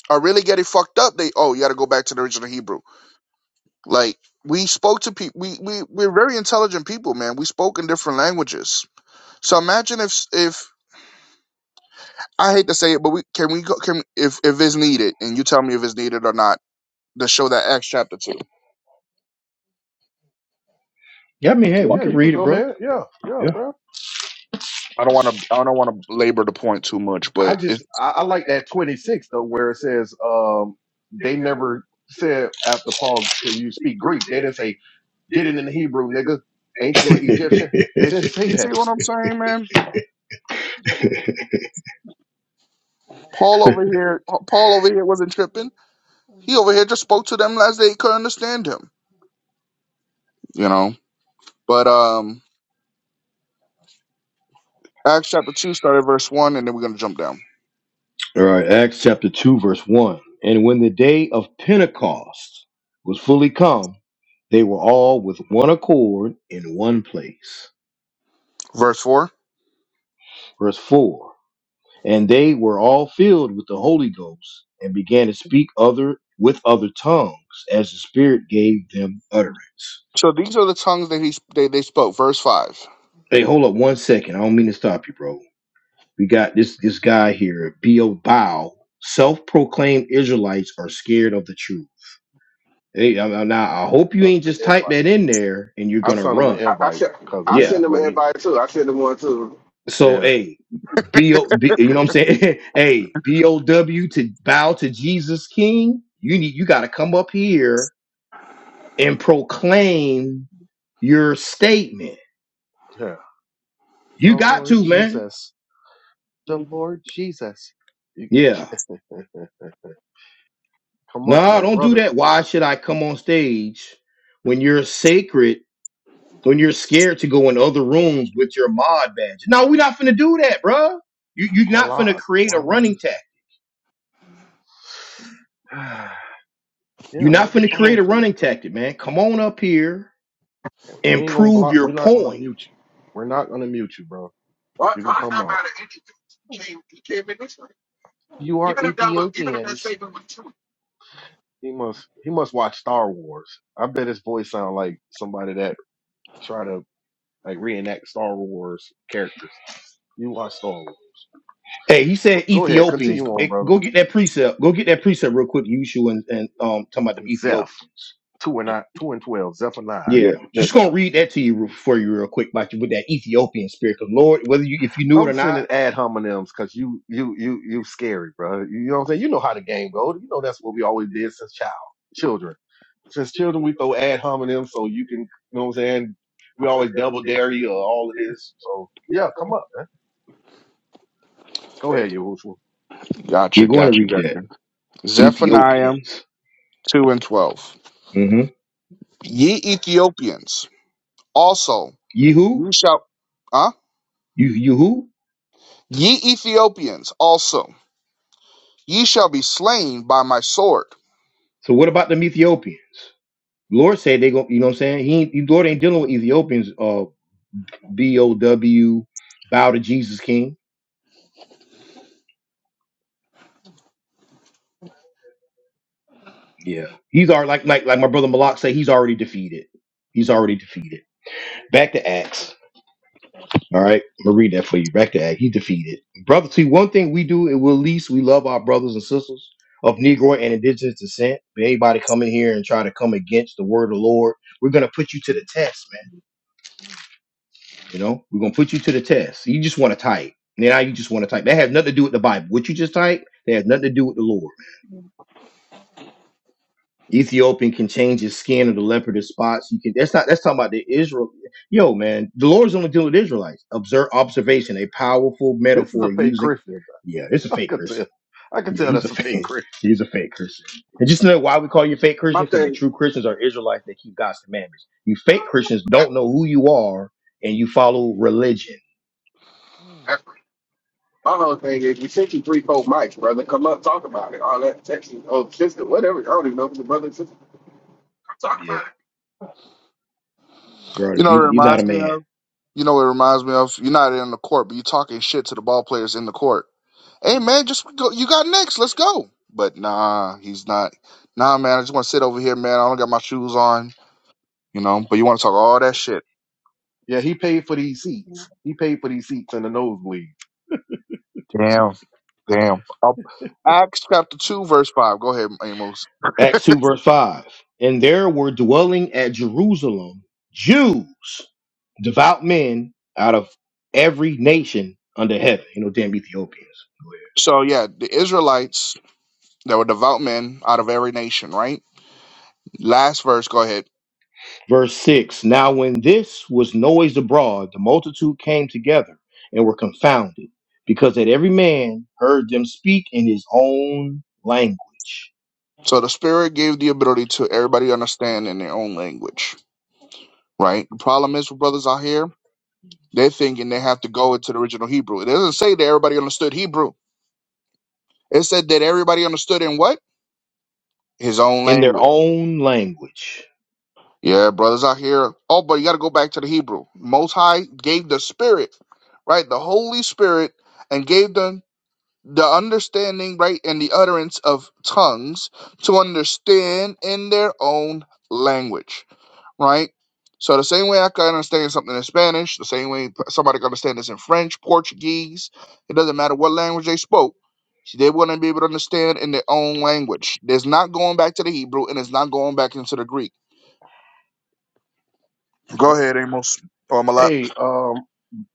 B: are really getting fucked up. They oh you got to go back to the original Hebrew. Like we spoke to people. We we we're very intelligent people, man. We spoke in different languages. So imagine if if I hate to say it, but we can we go, can if if it's needed, and you tell me if it's needed or not to show that Acts chapter two.
A: Yeah, I mean, hey, we
B: Well,
E: Yeah,
A: can
E: you could
A: read it,
E: go
A: bro.
E: ahead. Yeah, yeah,
A: Yeah.
E: bro.
B: I don't want to. I don't want to labor the point too much,
E: I
B: but it,
E: just I, I like that 26 though, where it says um they never said after Paul, can you speak Greek? They didn't say get it in the Hebrew, nigga. Ain't you an Egyptian? They didn't say
B: you see
E: that.
B: what I'm saying, man. Paul over here. Paul over here wasn't tripping. He over here just spoke to them as they could understand him. You know. But um, Acts chapter two started verse one, and then we're gonna jump down
A: All right, Acts chapter 2, verse 1. And when the day of Pentecost was fully come, they were all with one accord in one place.
B: verse four.
A: Verse 4. And they were all filled with the Holy Ghost and began to speak other with other tongues as the Spirit gave them utterance.
B: So these are the tongues that he they, they spoke. Verse five.
A: Hey, hold up one second. I don't mean to stop you, bro. We got this this guy here, B.O. Bow. Self-proclaimed Israelites are scared of the truth. Hey, I- now I hope
E: I
A: you
E: sent
A: ain't
E: him an
A: just type
E: invite.
A: that in there and you're
E: I
A: gonna
E: sent him an
A: run.
C: I, I
E: invite
C: should
E: because of
C: I
E: that.
A: Yeah.
C: sent him
E: But
C: an
E: he,
C: invite too. I sent him one too.
A: So
E: yeah,
A: hey, B O B you know what I'm saying? hey, B O W to bow to Jesus King. You need you gotta come up here and proclaim your statement.
E: yeah.
A: You
E: The
A: got
E: Lord
A: to, man.
E: Jesus, the Lord Jesus. You
A: Yeah.
E: come up,
A: No,
E: man,
A: don't do
E: brother.
A: that. Why should I come on stage when you're sacred, when you're scared to go in other rooms with your mod badge? No, we're not finna do that, bruh. You, you're not finna
E: Malak,
A: create a
E: why would you?
A: running tag. You're
E: Yeah, man,
A: not
E: just
A: finna
E: come on
A: create a
E: stage,
A: running
E: bro.
A: tactic, man. Come on up here
E: And we
A: and
E: ain't gonna
A: prove
E: block.
A: your
E: We're not gonna
A: point.
E: mute you. We're not gonna mute you, bro.
C: What?
E: You can
C: How's
E: come
C: that
E: up.
C: matter? He came he came in this way.
E: You are
C: Even if that was even if that
E: Ethiopians.
C: statement was true.
E: He must. He must watch Star Wars. I bet his voice sound like somebody that try to like reenact Star Wars characters. You watch Star Wars.
A: Hey, he
E: But
A: said
E: go ahead,
A: Ethiopians.
E: continue on,
A: Hey,
E: brother.
A: go get that precept. Go get that precept real quick, Yushu, and, and um talking about them Ethiopians.
E: Zeph two and nine, two and twelve. Zephaniah.
B: Yeah.
A: Yeah,
B: yeah.
A: just gonna read that to you re- for you real quick, about you with that Ethiopian spirit. Cause Lord, whether you if you knew it
E: I'm
A: or not,
E: sending ad hominems because you, you, you, you scary, bro. You know what I'm saying? You know how the game goes. You know that's what we always did since child, children. Since children, we throw ad hominems so you can, you know what I'm saying? We always double dare you or all of this. So yeah, come up, man. Go ahead, Yahushua.
B: Gotcha.
A: you're going to
B: Gotcha.
A: read that
B: Gotcha. Zephaniah
A: Ethiopians.
B: two and twelve.
A: Mm-hmm.
B: Ye Ethiopians also,
A: Yehu,
B: you shall. Huh?
A: you you who?
B: Ye Ethiopians also, ye shall be slain by my sword.
A: So what about them Ethiopians? Lord said they go. You know what I'm saying? He, ain't- Lord ain't dealing with Ethiopians. Uh. B O W, bow to Jesus King. Yeah. He's already like like like my brother Malak say, he's already defeated. He's already defeated. Back to Acts. All right, I'm gonna read that for you. Back to Acts. He's defeated. Brother, see one thing we do, it will at least we love our brothers and sisters of Negro and indigenous descent. If anybody come in here and try to come against the word of the Lord, we're gonna put you to the test, man. You know, we're gonna put you to the test. You just wanna type. Now you just wanna type. That has nothing to do with the Bible. What you just type, that has nothing to do with the Lord. Ethiopian can change his skin or the leopard his spots. You can that's not that's talking about the Israel. Yo, man, the Lord's only dealing with Israelites. Observe observation, a powerful
E: This is a
A: metaphor
E: fake
A: using
E: Christian.
A: yeah, it's a
E: I
A: fake
E: could tell.
A: Christian.
E: I could
A: Yeah,
E: tell
A: he's a
E: that's a fake
A: fake.
E: Christian.
A: He's a fake Christian. And just know why we call you fake
C: My
A: Christian? Because the
C: thing,
A: true Christians are Israelites that keep God's commandments. You fake Christians
C: I,
A: don't know who you are and you follow religion.
H: Mm.
C: I, my whole thing is we sent you three, four mics, brother. Come up, talk about it. All that texting, oh sister, whatever. I don't even know if it's a brother, and sister. Come talk
A: Yeah,
C: about it.
A: you're,
B: You know what it
A: you're not a
B: reminds me
A: man.
B: of? You know what it reminds me of? You're not in the court, but you're talking shit to the ball players in the court. Hey man, just go you got next, let's go. But nah, he's not nah man, I just wanna sit over here, man. I don't got my shoes on, you know, but you wanna talk all that shit.
E: Yeah, he paid for these seats. He paid for these seats in the nosebleed.
B: Damn, damn. Up Acts chapter two, verse five. Go ahead, Amos.
A: Acts 2, verse 5. And there were dwelling at Jerusalem Jews, devout men out of every nation under heaven. You know, damn Ethiopians.
B: So yeah, the Israelites, they were devout men out of every nation, right? Last verse, go ahead.
A: Verse 6 Now, when this was noised abroad, the multitude came together and were confounded, because that every man heard them speak in his own language.
B: So the spirit gave the ability to everybody understand in their own language, right? The problem is with brothers out here, they're thinking they have to go into the original Hebrew. It doesn't say that everybody understood Hebrew. It said that everybody understood in what? His own
A: In their
B: language.
A: own language.
B: Yeah, brothers out here. Oh, but you got to go back to the Hebrew. Most High gave the Spirit, right? The Holy Spirit, and gave them the understanding, right, and the utterance of tongues to understand in their own language right? So the same way I can understand something in Spanish, the same way p- somebody can understand this in French, Portuguese, it doesn't matter what language they spoke. They wouldn't be able to understand in their own language. There's not going back to the Hebrew and it's not going back into the Greek. Go
E: Yep.
B: ahead, Amos or Malak.
E: Hey, um,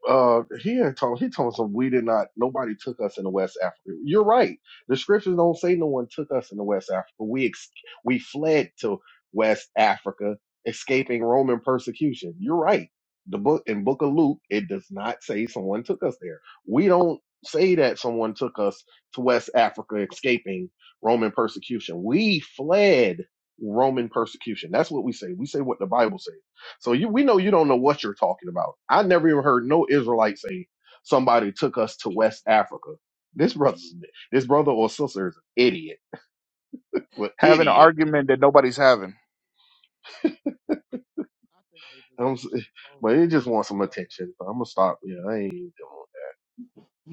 E: uh he ain't told he told us we did not nobody took us in the west africa you're right the scriptures don't say no one took us in the west africa we ex- we fled to west africa escaping roman persecution you're right the book in book of luke it does not say someone took us there we don't say that someone took us to west africa escaping roman persecution we fled roman persecution that's what we say we say what the bible says so you, we know you don't know what you're talking about. I never even heard no Israelite say somebody took us to West Africa. This brother's this brother or sister is an idiot. Well,
B: Having an
E: idiot.
B: argument that nobody's having.
H: I think they are just
E: I'm, s-
H: personally
E: but
H: trolling
E: it just wants some
H: because
E: attention. So I'm gonna stop. Yeah, I ain't doing that.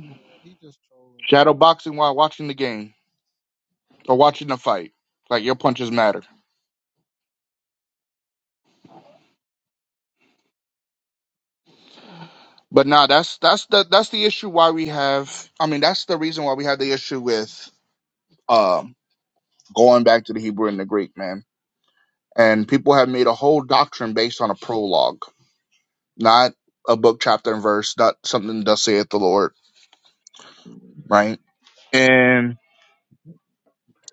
H: yeah, he just trolling.
B: Shadow boxing while watching the game or watching the fight. Like your punches matter. But nah, that's that's the that's the issue why we have I mean that's the reason why we have the issue with um going back to the Hebrew and the Greek, man. And people have made a whole doctrine based on a prologue, not a book, chapter, and verse, not something thus saith the Lord, right? And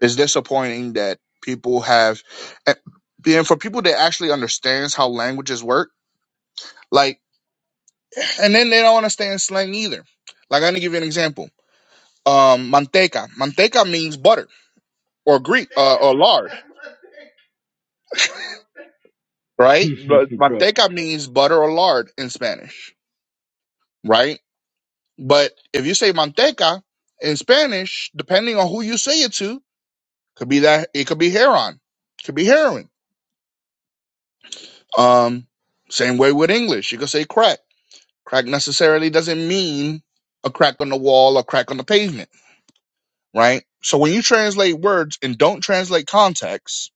B: it's disappointing that people have, and and for people that actually understands how languages work, like, and then they don't understand slang either. Like, I'm gonna give you an example. Um, manteca. Manteca means butter or Greek uh, or lard, right? But manteca means butter or lard in Spanish, right? But if you say manteca in Spanish, depending on who you say it to, could be that it could be heron, could be heroin. Um, same way with English, you could say crack. Crack necessarily doesn't mean a crack on the wall or crack on the pavement, right? So when you translate words and don't translate context,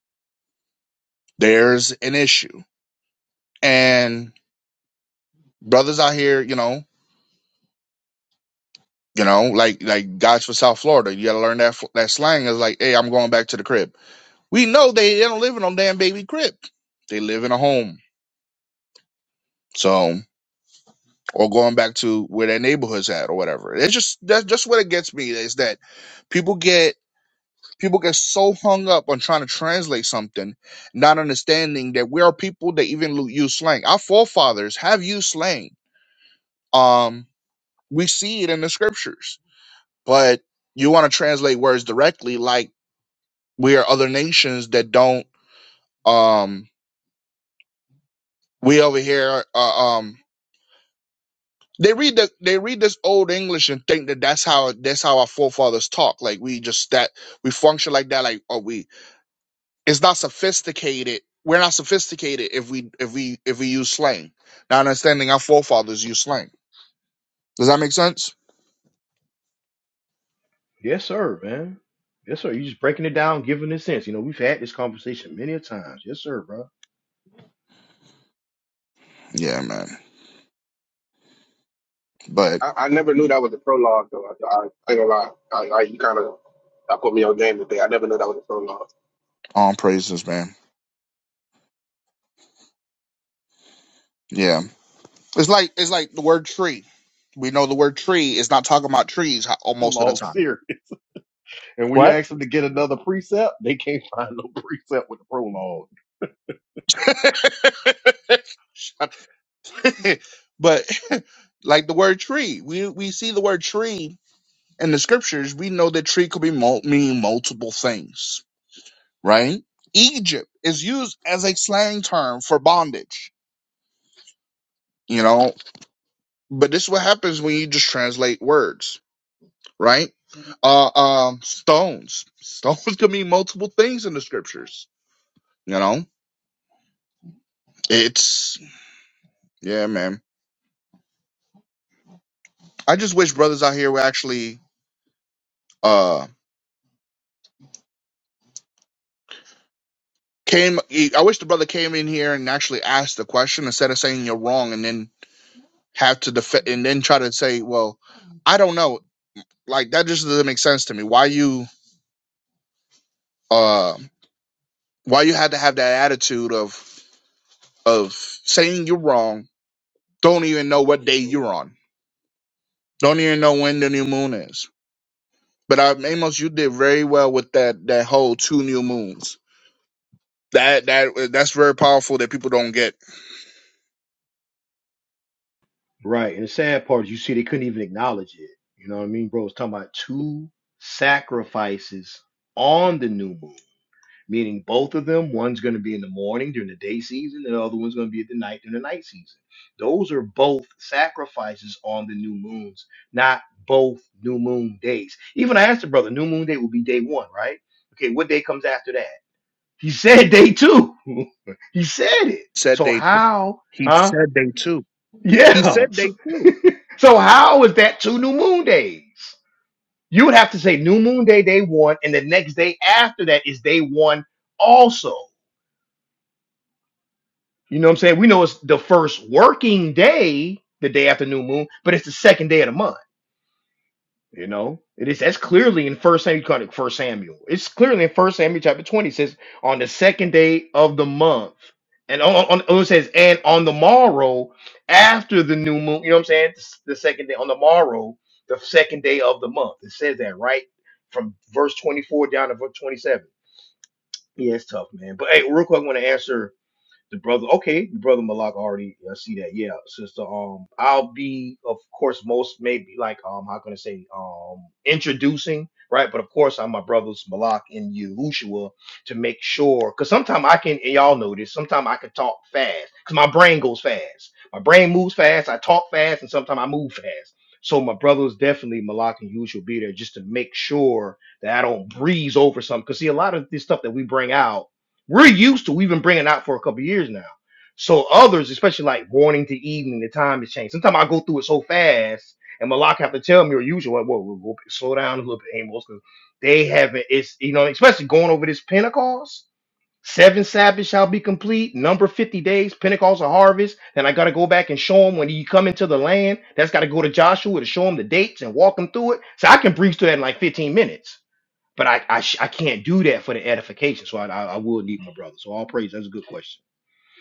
B: there's an issue. And brothers out here, you know, you know, like like guys from South Florida, you gotta learn that that slang is like, hey, I'm going back to the crib We know they, they don't live in no damn baby crib. They live in a home. So, or going back to where their neighborhood's at or whatever. It's just, that's just what it gets me is that people get, people get so hung up on trying to translate something, not understanding that we are people that even lo- use slang. Our forefathers have used slang. Um, we see it in the scriptures, but you want to translate words directly like we are other nations that don't, um, we over here, uh, um, They read the they read this old English and think that that's how that's how our forefathers talk. Like we just that we function like that. Like are we it's not sophisticated. We're not sophisticated if we if we if we use slang. Not understanding our forefathers use slang. Does that make sense?
A: Yes, sir, man. Yes, sir. you just breaking it down, giving it sense. You know, we've had this conversation many a times. Yes, sir, bro.
B: Yeah, man. But
C: I, I never knew that was a prologue though. I, I, I ain't gonna lie. I, I, you kind of I put me on game today. I never knew that was a prologue.
B: all praises, man. Yeah, it's like it's like the word tree. We know the word tree is not talking about trees ho- oh, most of the
E: prologue
B: time.
E: serious. And when you
B: What?
E: ask them to get another precept, they can't find no precept with the prologue.
B: but like the word tree, we we see the word tree in the scriptures, we know that tree could be mul- mean multiple things, right? Egypt is used as a slang term for bondage, you know. But this is what happens when you just translate words, right? Uh, um, stones, stones can mean multiple things in the scriptures, you know. It's yeah, man. I just wish brothers out here were actually uh came. I wish the brother came in here and actually asked the question instead of saying you're wrong and then have to defend and then try to say, well, I don't know. Like that just doesn't make sense to me. Why you uh, why you had to have that attitude of of saying you're wrong, don't even know what day you're on. Don't even know when the new moon is. But uh, Amos, you did very well with that that whole two new moons. That that that's very powerful that people don't get.
A: Right. And the sad part is you see they couldn't even acknowledge it. You know what I mean, bro? It's talking about two sacrifices on the new moon, meaning both of them, one's going to be in the morning during the day season, and the other one's going to be at the night during the night season. Those are both sacrifices on the new moons, not both new moon days. Even I asked the brother, new moon day will be day one, right? Okay, what day comes after that? He said day two. He said it.
B: Said
A: So
B: they
A: how,
B: he
A: huh?
B: said they too. He said
A: Yeah. So,
B: they too.
A: so how is that two new moon days? You would have to say new moon day, day one, and the next day after that is day one also. You know what I'm saying? We know it's the first working day, the day after new moon, but it's the second day of the month. You know, it is that's clearly in First Samuel. You call it First Samuel. It's clearly in First Samuel chapter twenty. It says on the second day of the month, and on, on on- it says and on the morrow after the new moon. You know what I'm saying? The second day on the morrow, the second day of the month. It says that right from verse twenty four down to verse twenty seven. Yeah, it's tough, man. But hey, real quick, I want to answer. The brother, okay, the brother Malak already. yeah, I see that. Yeah, sister. Um, I'll be, of course, most maybe like um, how can I say um, introducing, right? But of course, I'm my brothers Malak and Yahushua to make sure, because sometimes I can, and y'all know this. Sometimes I can talk fast, because my brain goes fast. My brain moves fast. I talk fast, and sometimes I move fast. So my brothers definitely Malak and Yahushua be there just to make sure that I don't breeze over something. Because see, a lot of this stuff that we bring out. We're used to we've been bringing out for a couple years now. So others, especially like morning to evening, the time has changed. Sometimes I go through it so fast, and Malak have to tell me or usual, like, whoa, whoa, whoa, slow down a little bit, Amos, because they haven't. It's you know, especially going over this Pentecost. Seven Sabbaths shall be complete. Number fifty days, Pentecost or harvest. Then I got to go back and show them when you come into the land. That's got to go to Joshua to show them the dates and walk them through it. So I can breeze through that in like fifteen minutes but I I, sh- I can't do that for the edification. So I, I I will need my brother. So all praise. That's a good question.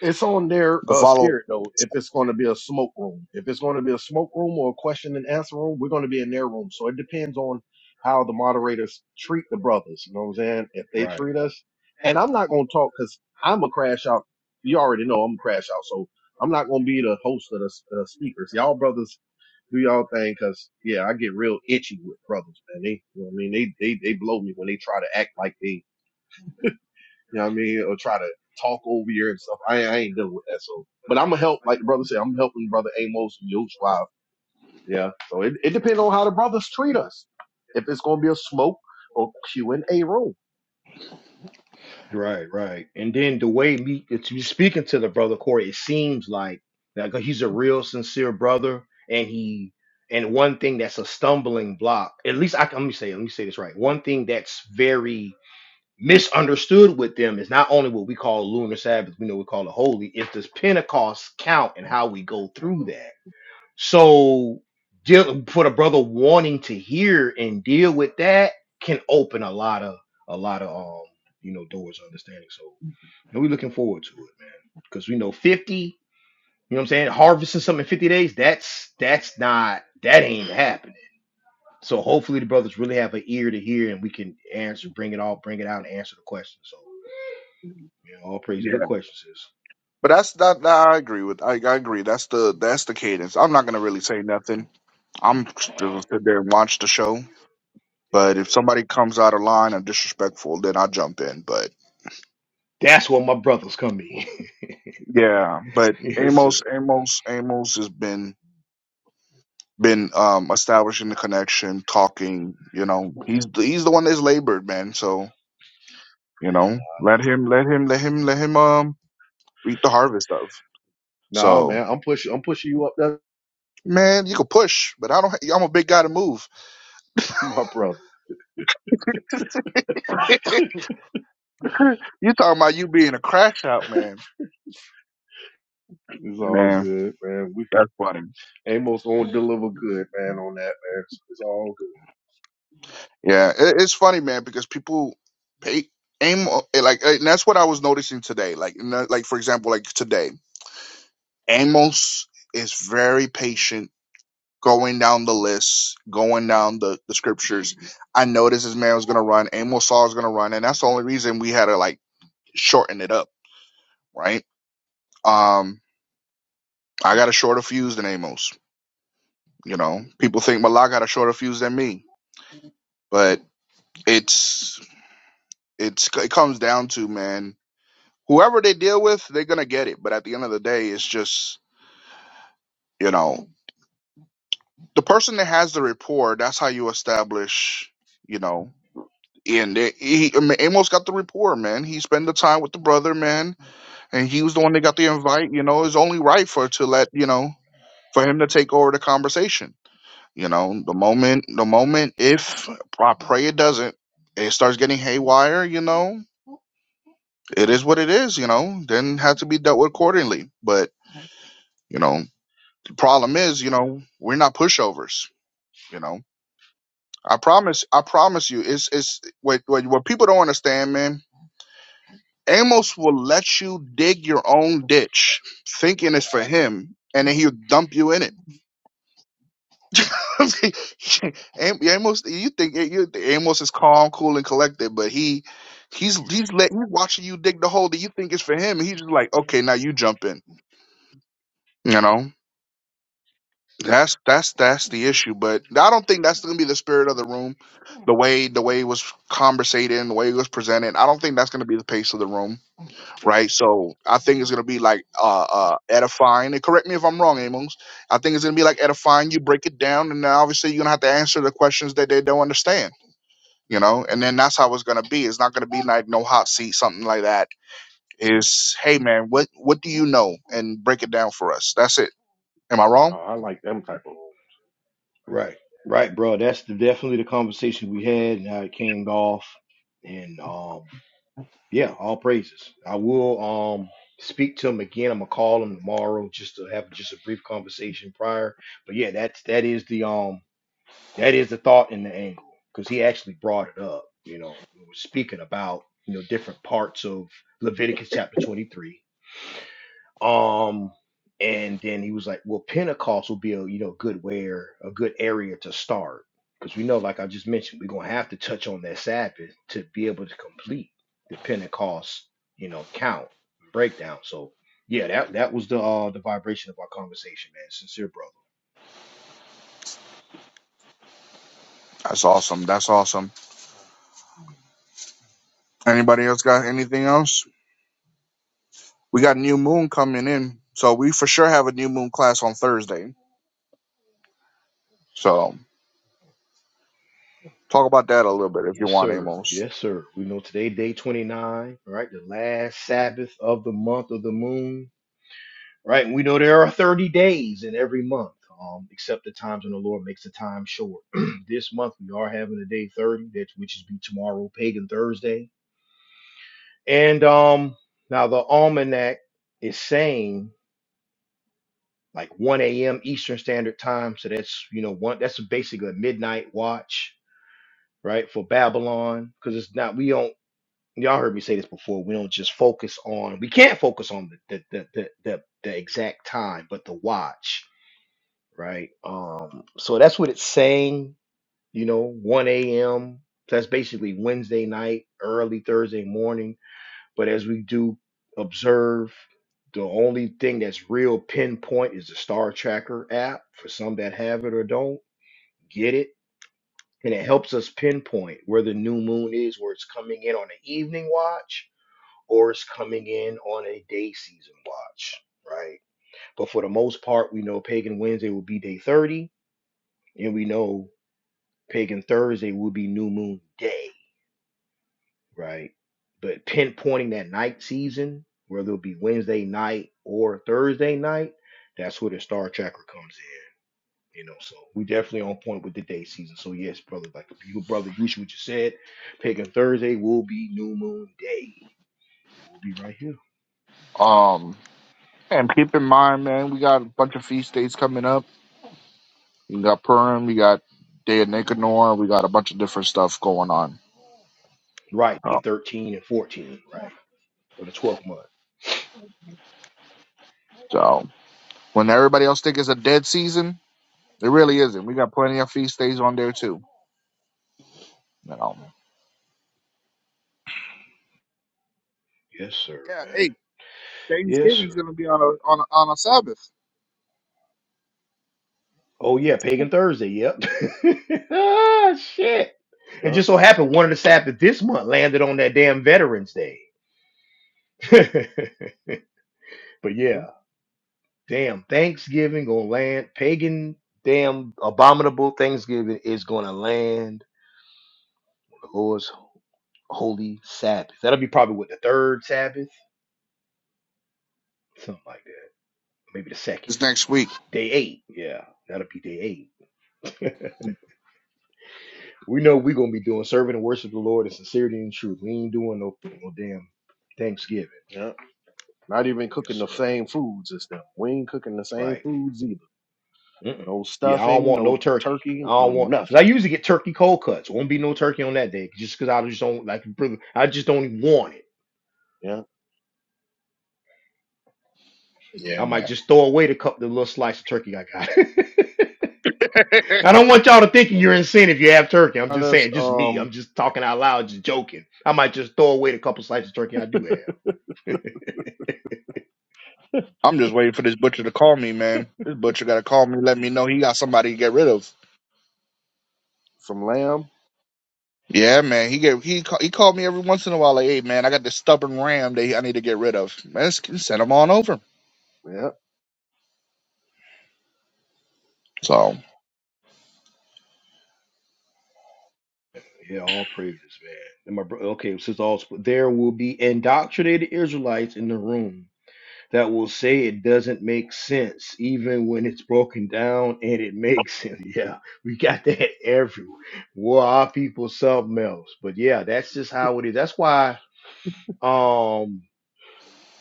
E: it's on their
B: The
E: uh,
B: follow.
E: spirit though. If it's going to be a smoke room, if it's going to be a smoke room or a question and answer room, we're going to be in their room. So it depends on how the moderators treat the brothers. You know what I'm saying? If they
A: Right,
E: treat us, and I'm not going to talk because I'm a crash out. You already know I'm a crash out, so I'm not going to be the host of the, the speakers. Y'all brothers do y'all thing, cause yeah, I get real itchy with brothers, man. They, you know what I mean? They they they blow me when they try to act like they you know what I mean? Or try to talk over you and stuff. I, I ain't dealing with that. So, but I'm gonna help, like the brother said, I'm helping brother Amos and Yoshua. Yeah. So it, it depends on how the brothers treat us. If it's gonna be a smoke or Q and A room.
A: right, right. And then the way me that you speaking to the brother Corey, it seems like like uh, he's a real sincere brother, and he and one thing that's a stumbling block. At least I can- let me say let me say this right. One thing that's very misunderstood with them is not only what we call lunar Sabbath, we know we call it holy, it's this Pentecost count and how we go through that So deal, for the brother wanting to hear and deal with that can open a lot of a lot of um you know doors of understanding. So you know, we're looking forward to it, man. Because we know 50, you know what I'm saying, harvesting something in 50 days, that's that's not that ain't happening. So hopefully the brothers really have an ear to hear and we can answer, bring it all, bring it out and answer the question. So you know, all
B: up.
A: praise good questions, sis.
B: But that's that, that I agree with. I, I agree. That's the that's the cadence. I'm not gonna really say nothing. I'm just gonna sit there and watch the show. But if somebody comes out of line or disrespectful, then I jump in. But
A: That's what my brothers come in.
B: yeah, but
A: yes, sir.
B: Amos, Amos, Amos has been been um establishing the connection, talking. You know, he's the- he's the one that's labored, man. So you know, let him, let him, let him, let him um reap the harvest of.
E: Nah,
B: So
E: man, I'm pushing, I'm pushing you up there,
B: man, you can push, but I don't. I'm a big guy to move.
E: my brother.
B: you talking about you being a crash out, man?
E: It's all
B: Man,
E: good, man. We
B: that's funny.
E: Amos gonna deliver good, man, on that, man. It's, it's all good.
B: Yeah, it, it's funny, man, because people they aim like, and that's what I was noticing today. Like, you know, like for example, like today, Amos is very patient going down the list, going down the, the scriptures. I noticed this man was gonna run, Amos Saul was gonna run, and that's the only reason we had to like shorten it up, right? Um, I got a shorter fuse than Amos. You know, people think Malak had a shorter fuse than me, but it's it's it comes down to man, whoever they deal with, they're gonna get it. But at the end of the day, it's just you know the person that has the rapport. That's how you establish. You know, and they, he I mean, Amos got the rapport, man. He spent the time with the brother, man, and he was the one that got the invite. You know, it's only right for to let you know for him to take over the conversation You know, the moment, the moment, if I pray it doesn't, it starts getting haywire, you know, it is what it is, you know, then has to be dealt with accordingly. But, you know, the problem is, you know, we're not pushovers, you know. I promise, I promise you, it's, it's what, what, what people don't understand, man. Amos will let you dig your own ditch thinking it's for him, and then he'll dump you in it Am- Amos, you think you, Amos is calm, cool, and collected, but he he's he's let he's watching you dig the hole that you think is for him, and he's just like, okay, now you jump in. You know, that's that's that's the issue. But I don't think that's gonna be the spirit of the room. The way the way it was conversated and the way it was presented, I don't think that's gonna be the pace of the room right? So I think it's gonna be like uh, uh, edifying. And correct me if I'm wrong, Amos. I think it's gonna be like edifying. You break it down, and then obviously you're gonna have to answer the questions that they don't understand, you know. And then that's how it's gonna be. It's not gonna be like no hot seat, something like that. Is hey man, what what do you know? And break it down for us. That's it. Am I wrong?
E: Oh, I like them type of room.
A: Right, right, bro. That's the, definitely the conversation we had and how it came off. And um, yeah, all praises. I will um speak to him again. I'm gonna call him tomorrow just to have just a brief conversation prior. But yeah, that's that is the um that is the thought and the angle because he actually brought it up. You know, we were speaking about you know different parts of Leviticus chapter 23. Um, and then he was like, "Well, Pentecost will be a you know good where a good area to start because we know, like I just mentioned, we're gonna have to touch on that Sabbath to be able to complete the Pentecost you know count breakdown." So yeah, that that was the uh the vibration of our conversation, man. Sincere brother.
B: That's awesome. That's awesome. Anybody else got anything else? We got new moon coming in, so we for sure have a new moon class on Thursday. So talk about that a little bit if you
A: Yes,
B: want,
A: sir.
B: Amos.
A: Yes, sir. We know today, day 29, right? The last Sabbath of the month of the moon, right? And we know there are 30 days in every month, um, except the times when the Lord makes the time short. this month, we are having a day 30, that which is be tomorrow, Pagan Thursday. And um, now the almanac is saying like 1 a.m. Eastern Standard Time. So that's, you know, one, that's basically a midnight watch, right? For Babylon, because it's not, we don't. y'all heard me say this before. We don't just focus on. We can't focus on the the the the, the, exact time, but the watch, right? Um, so that's what it's saying. You know, 1 a.m. So that's basically Wednesday night, early Thursday morning. But as we do observe, the only thing that's real pinpoint is the Star Tracker app. For some that have it or don't get it, and it helps us pinpoint where the new moon is, where it's coming in on the evening watch or it's coming in on a day season watch, right? But for the most part, we know Pagan Wednesday will be day 30, and we know Pagan Thursday will be new moon day, right? But pinpointing that night season, whether it be Wednesday night or Thursday night, that's where the star tracker comes in. You know, so we definitely on point with the day season. So yes, brother, like you brother, you should what you said. Pagan Thursday will be new moon day. And we'll be right here.
B: Um, and keep in mind, man, we got a bunch of feast days coming up. We got Purim, we got Day of Nicanor, we got a bunch of different stuff going on.
A: Right,
B: Oh.
A: 13 and 14, right? or the twelfth month.
B: So when everybody else think it's a dead season, it really isn't. We got plenty of feast days on there too. You know.
A: Yes, sir,
B: Yeah.
A: man.
B: Hey,
A: Yes,
B: Thanksgiving's
A: sir.
B: gonna be on a on a, on a Sabbath.
A: Oh yeah, Pagan Thursday. Yep. ah, shit. It
E: Yeah.
A: just so happened one of the Sabbath this month landed on that damn Veterans Day. but
E: Mhm.
A: yeah, damn Thanksgiving gonna land. Pagan damn abominable Thanksgiving is gonna land on the Lord's holy Sabbath. That'll be probably what the third Sabbath, something like that. Maybe the second.
B: It's next week.
A: Day eight. Yeah, that'll be day eight. we know we're gonna be doing serving and worship the Lord in sincerity and truth. We ain't doing no no damn Thanksgiving.
E: Yeah. Not even
A: Yes,
E: cooking the
A: sir.
E: same foods as them. We ain't cooking the same
A: Right.
E: foods either.
A: Mm-mm.
E: No
A: Yeah, I don't
E: stuffing,
A: want no
E: no
A: turkey. I
E: turkey, no
A: don't want
E: nothing.
A: because I usually get turkey cold cuts. Won't be no turkey on that day just because I just don't like. brother, I just don't even want it.
E: Yeah.
B: Yeah,
A: I might
B: man.
A: just throw away the cup, the little slice of turkey I got. I don't want y'all to think you're insane if you have turkey. I'm
E: Got
A: just
E: us
A: saying, just me.
E: um
A: I'm just talking out loud, just joking. I might just throw away the couple slices of turkey I do have.
B: I'm just waiting for this butcher to call me, man. This butcher gotta call me, let me know he got somebody to get rid of.
E: some lamb.
B: Yeah, man. He gave he ca- he called me every once in a while. Like, hey, man, I got this stubborn ram that I need to get rid of. Let's send him on over.
E: Yeah.
B: So,
A: Yeah, all praises, man. And my bro- okay, since all there will be indoctrinated Israelites in the room that will say it doesn't make sense, even when it's broken down and it makes sense. Yeah, we got that everywhere. Well, our people something else, but yeah, that's just how it is. That's why. Um,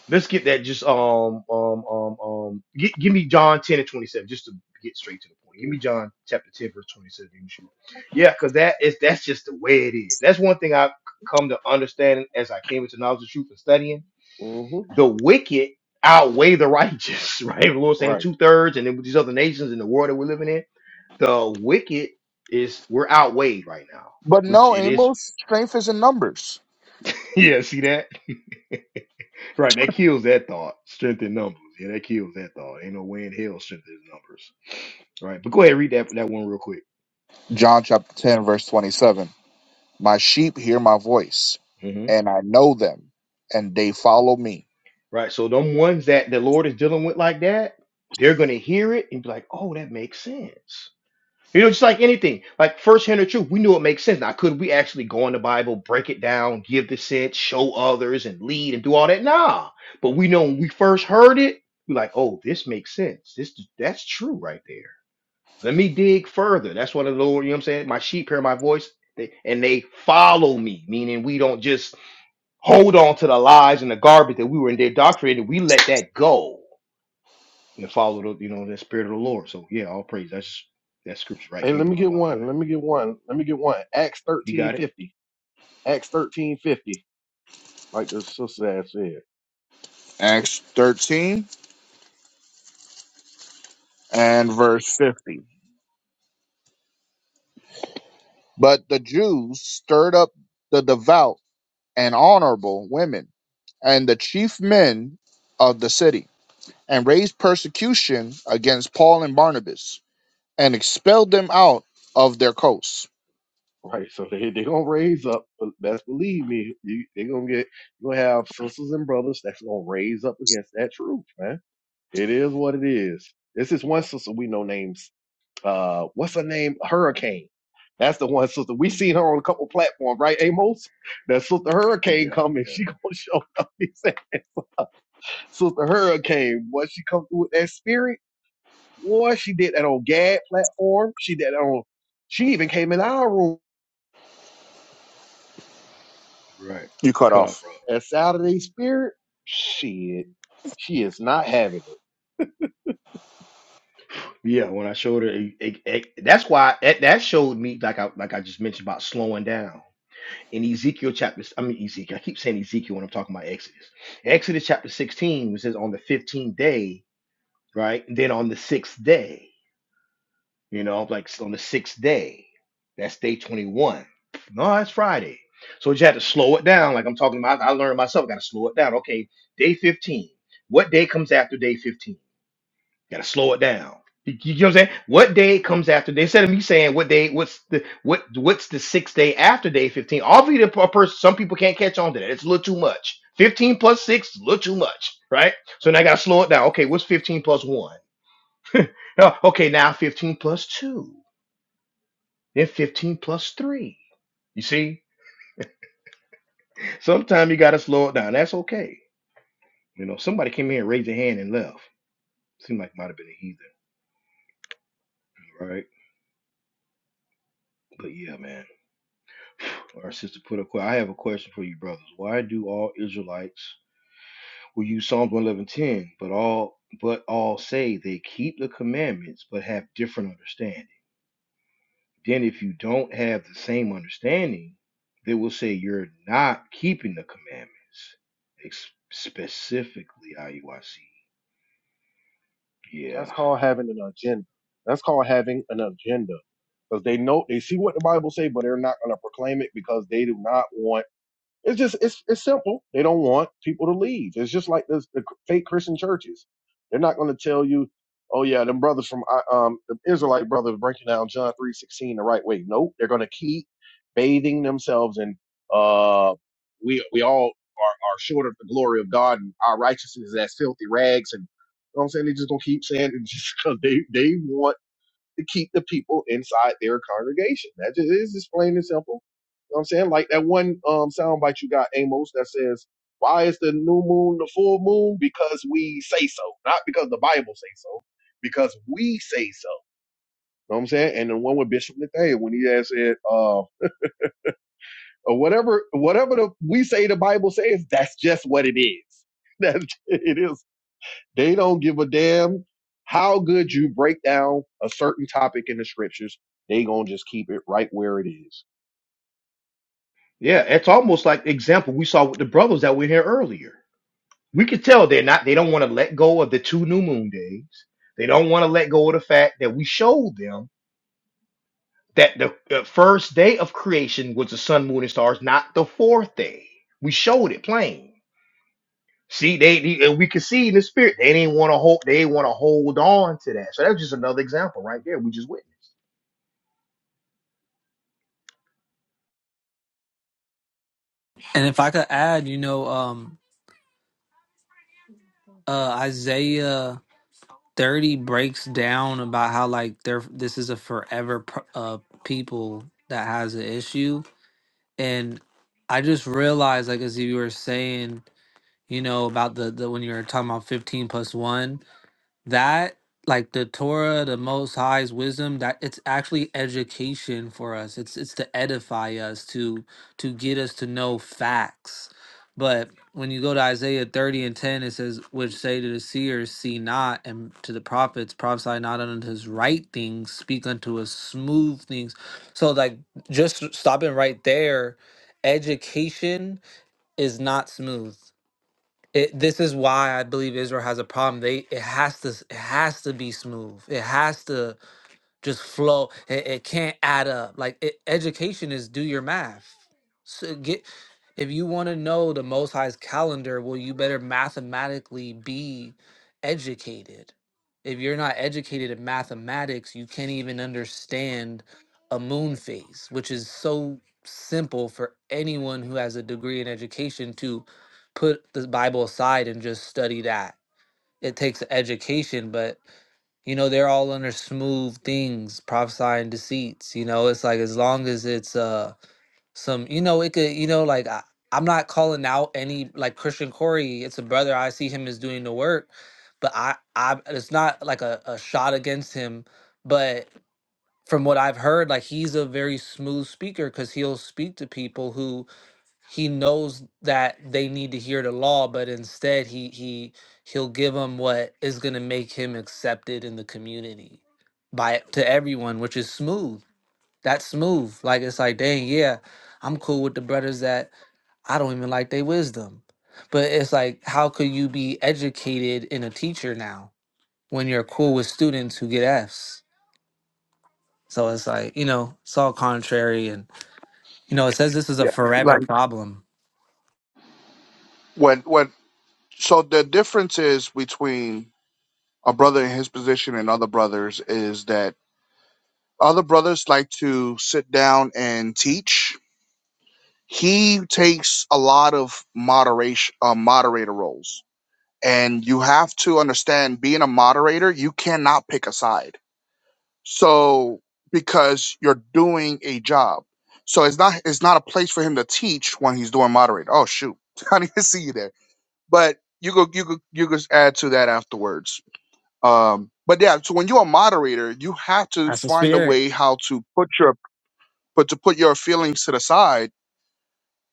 A: Let's get that just um um um um give give me John 10 and 27 just to get straight to the point. Give me John chapter 10 verse 27. sure. Yeah, because that is that's just the way it is. That's one thing I've come to understand as I came into knowledge of truth and studying.
E: hmm
A: The wicked outweigh the righteous, right? The Lord saying
E: Right.
A: two-thirds, and then with these other nations in the world that we're living in, the wicked is we're outweighed right now.
B: but
A: Which
B: no,
A: it is.
B: Amos, strength is in numbers.
A: Yeah, see that? Right, that kills that thought. Strength in numbers. Yeah, that kills that thought. Ain't no way in hell strength is numbers. Right, but go ahead read that that one real quick.
B: John chapter ten, verse twenty-seven. My sheep hear my voice,
A: hmm
B: and I know them, and they follow me.
A: Right, so them ones that the Lord is dealing with like that, they're gonna hear it and be like, "Oh, that makes sense." You know, just like anything, like first-hand truth, we knew it makes sense. Now, could we actually go in the Bible, break it down, give the sense, show others, and lead and do all that? Nah, but we know when we first heard it, we're like, "Oh, this makes sense. This that's true right there." Let me dig further. That's what the Lord, you know what I'm saying? My sheep hear my voice they, and they follow me, meaning we don't just hold on to the lies and the garbage that we were indoctrinated. We let that go and follow the, you know, the spirit of the Lord. So yeah, all praise. That's that scripture right
E: Hey,
A: came
E: let
A: to
E: me
A: my mind.
E: get one. Let me get one. Let me get one. Acts
A: You
E: thirteen
A: got it?
E: fifty. Acts thirteen fifty. Like the sister had said.
B: Acts thirteen and verse fifty. But the Jews stirred up the devout and honorable women and the chief men of the city and raised persecution against Paul and Barnabas and expelled them out of their coasts.
E: Right. So they they gonna raise up. but That's believe me. You, they gonna get. You gonna have sisters and brothers that's gonna raise up against that truth, man. It is what it is. It's this one sister we know names. Uh, what's her name? Hurricane. That's the one sister we seen her on a couple platforms, right, Amos? That sister
A: Yeah,
E: Hurricane coming.
A: yeah,
E: She gonna show up. He said, sister Hurricane. What she come through with that spirit? Boy, she did that on Gad platform. She did that on. She even came in our room
A: right.
B: You
A: You
B: cut
A: cut off,
B: off.
A: bro.
E: at Saturday Spirit. Shit, she is not having it.
A: Yeah, when I showed her, it, it, it- that's why that, that showed me like I like I just mentioned about slowing down. in Ezekiel chapter, I mean Ezekiel, I keep saying Ezekiel when I'm talking about Exodus. Exodus chapter 16 it says on the 15th day, right? And then on the sixth day, you know, like on the sixth day, that's day 21. No, that's Friday. So you had to slow it down. Like I'm talking about, I learned myself, got to slow it down. Okay, day 15. What day comes after day 15? Gotta slow it down. You, you know what I'm saying? What day comes after day? Instead of me saying what day, what's the what what's the sixth day after day 15? Obviously, the per- person some people can't catch on to that. It's a little too much. 15 plus six, is a little too much, right? So now I gotta slow it down. Okay, what's 15 plus one? No, okay, now 15 plus two, then 15 plus three. You see? Sometimes you gotta slow it down. That's okay. You know, somebody came here and raised their hand and left. Seemed like it might have been a heathen, right? But yeah, man. Our sister put a question. I have a question for you, brothers. Why do all Israelites will use Psalms 111:10, but all but all say they keep the commandments, but have different understanding? Then, if you don't have the same understanding, they will say you're not keeping the commandments. Ex- specifically, IUIC.
E: That's
A: Yeah,
E: called having an agenda. That's called having an agenda. Because they know they see what the Bible say, but they're not going to proclaim it because they do not want it's just it's it's simple. They don't want people to leave. It's just like this, the fake Christian churches. They're not going to tell you, oh yeah, them brothers from I- um the Israelite brothers breaking down John three sixteen the right way. Nope, they're going to keep bathing themselves in uh we we all are are short of the glory of God and our righteousness is as filthy rags and you know what I'm saying they just gonna keep saying it just because they they want to keep the people inside their congregation. That just is just plain and simple. You know what I'm saying? Like that one um soundbite you got, Amos, that says, Why is the new moon the full moon? Because we say so. Not because the Bible says so, because we say so. You know what I'm saying? And the one with Bishop Nathaniel when he had said, uh, or whatever whatever the we say the Bible says, that's just what it is. That it is they don't give a damn how good you break down a certain topic in the scriptures. They gonna just keep it right where it is.
A: yeah. It's almost like the example we saw with the brothers that were here earlier. we could tell they're not they don't want to let go of the two new moon days they don't want to let go of the fact that we showed them that the, the first day of creation was the sun moon and stars not the fourth day we showed it plain see they, they- and we could see in the spirit they didn't want to hold they didn't want to hold on to that so that's just another example right there we just witnessed
J: And if I could add, you know, um, uh, Isaiah thirty breaks down about how like there this is a forever pr- uh people that has an issue, and I just realized like as you were saying you know, about the, the when you were talking about 15 plus one, that like the Torah, the most high's wisdom, that it's actually education for us. It's it's to edify us, to to get us to know facts. But when you go to Isaiah 30 and 10, it says, which say to the seers, see not, and to the prophets, prophesy not unto his right things, speak unto us smooth things. So like just stopping right there, education is not smooth it, this is why I believe Israel has a problem. They it has to it has to be smooth. It has to just flow. It, it can't add up. Like it, education is do your math. So get if you want to know the Most High's calendar, well, you better mathematically be educated. If you're not educated in mathematics, you can't even understand a moon phase, which is so simple for anyone who has a degree in education to put the Bible aside and just study that. It takes education, but you know, they're all under smooth things, prophesying deceits. You know, it's like as long as it's uh some, you know, it could, you know, like I, I'm not calling out any like Christian Corey. It's a brother. I see him as doing the work, but I, I, it's not like a, a shot against him. But from what I've heard, like he's a very smooth speaker because he'll speak to people who he knows that they need to hear the law, but instead he he he'll give them what is going to make him accepted in the community by to everyone, which is smooth. That's smooth. Like it's like, dang, yeah, I'm cool with the brothers that I don't even like their wisdom. But it's like, how could you be educated in a teacher now when you're cool with students who get Fs? So it's like, you know, it's all contrary. And, you know, it says this is a
B: Yeah,
J: forever
B: like
J: problem.
B: When when so the difference is between a brother in his position and other brothers is that other brothers like to sit down and teach. He takes a lot of moderation uh, moderator roles. And you have to understand being a moderator, you cannot pick a side So because you're doing a job. So it's not it's not a place for him to teach when he's doing moderate. Oh shoot. I didn't even see you there. But you go you could you could add to that afterwards. Um but yeah, so when you're a moderator, you have to
J: That's the
B: find a
J: spirit.
B: way how to put your put to put your feelings to the side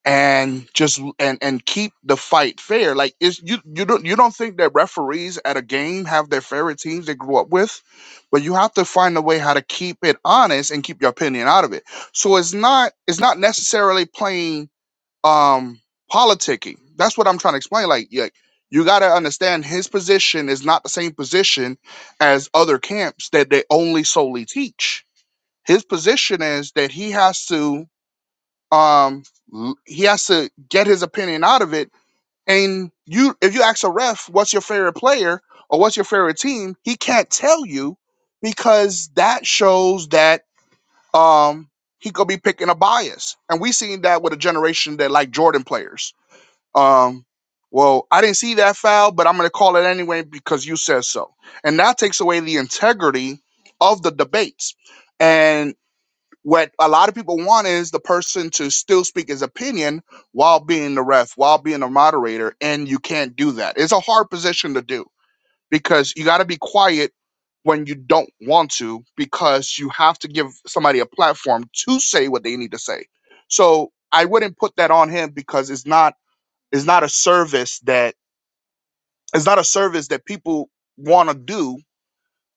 B: and just and and keep the fight fair. Like is you you don't you don't think that referees at a game have their favorite teams they grew up with, but you have to find a way how to keep it honest and keep your opinion out of it. So it's not it's not necessarily playing um politicking. That's what I'm trying to explain. Like yeah, you got to understand his position is not the same position as other camps that they only solely teach. His position is that he has to um l- he has to get his opinion out of it and you if you ask a ref what's your favorite player or what's your favorite team he can't tell you because that shows that um he could be picking a bias and we seen that with a generation that like jordan players um well i didn't see that foul but i'm going to call it anyway because you said so and that takes away the integrity of the debates And what a lot of people want is the person to still speak his opinion while being the ref, while being the moderator, and you can't do that. It's a hard position to do because you got to be quiet when you don't want to because you have to give somebody a platform to say what they need to say. So I wouldn't put that on him because it's not it's not a service that it's not a service that people want to do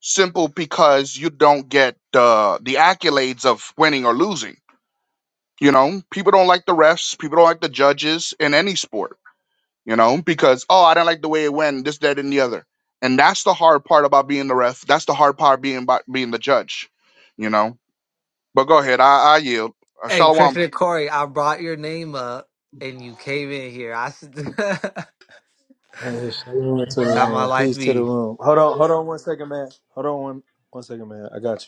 B: simple because you don't get the the accolades of winning or losing you know, people don't like the refs, people don't like the judges in any sport, you know, because, oh, I did not like the way it went, this, that, and the other. And that's the hard part about being the ref. That's the hard part being about being the judge, you know. But go ahead, I, I yield. Uh,
J: Hey, Christian
B: Shalom.
J: and Corey, I brought your name up and you came in here. I s-
K: Hey,
J: That's
K: shalom to the
J: how my
K: room.
J: life
K: Peace to the
J: be.
K: room. Hold on, hold on one second, man. Hold on one, one second, man. I got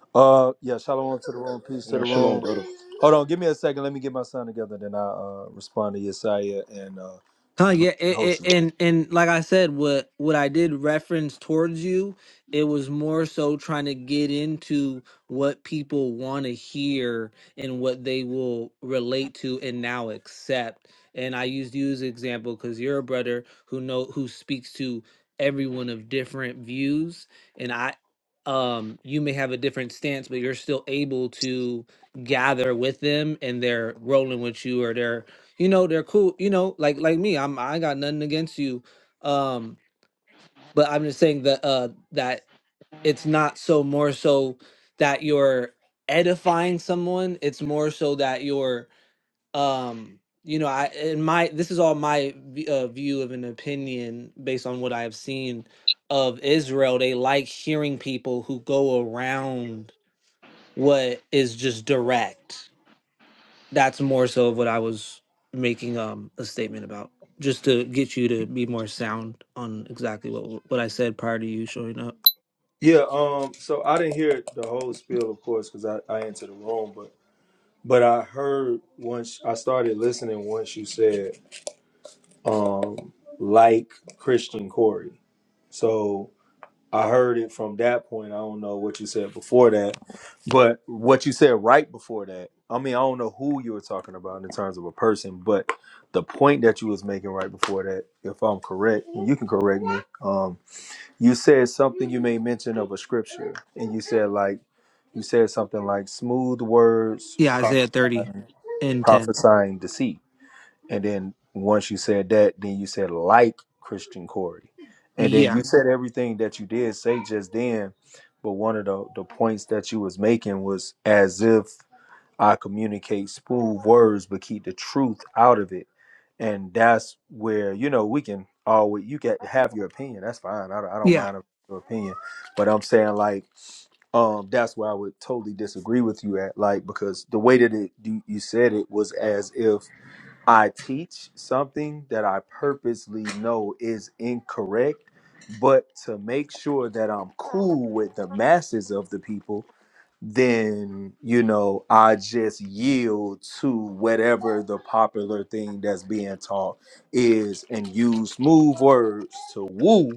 K: you. Uh, yeah, shalom to the room. Peace to
A: yeah,
K: the
A: shalom
K: room.
A: brother
K: Hold on, give me a second. Let me get my son together, then I uh respond to Yesaya and uh
J: Huh?
K: the
J: yeah, it, it,
K: host. you.
J: and and like I said, what what I did reference towards you, it was more so trying to get into what people want to hear and what they will relate to and now accept. And I used you as an example because you're a brother who know who speaks to everyone of different views, and I, um, you may have a different stance, but you're still able to gather with them, and they're rolling with you or they're you know they're cool you know like like me i'm i ain't got nothing against you um but i'm just saying that uh that it's not so more so that you're edifying someone it's more so that you're um you know i in my this is all my v- uh, view of an opinion based on what i have seen of israel they like hearing people who go around what is just direct that's more so of what I was making um a statement about, just to get you to be more sound on exactly what what I said prior to you showing up.
K: Yeah. Um. So I didn't hear the whole spiel, of course, because I I entered the room, but but I heard once I started listening once you said um like Christian Corey. So I heard it from that point. I don't know what you said before that, but what you said right before that. I mean, I don't know who you were talking about in terms of a person, but the point that you was making right before that, if I'm correct, and you can correct me, um, you said something you made mention of a scripture, and you said like, you said something like smooth words
J: Yeah, Isaiah thirty
K: prophesying,
J: and ten.
K: prophesying deceit. And then once you said that, then you said like Christian Corey. And then
J: Yeah,
K: you said everything that you did say just then, but one of the, the points that you was making was as if I communicate smooth words but keep the truth out of it. And that's where, you know, we can always you can have your opinion. That's fine. I don't, I don't
J: yeah.
K: mind your opinion. But I'm saying like um that's where I would totally disagree with you at like because the way that it you, you said it was as if I teach something that I purposely know is incorrect, but to make sure that I'm cool with the masses of the people, then, you know, I just yield to whatever the popular thing that's being taught is and use smooth words to woo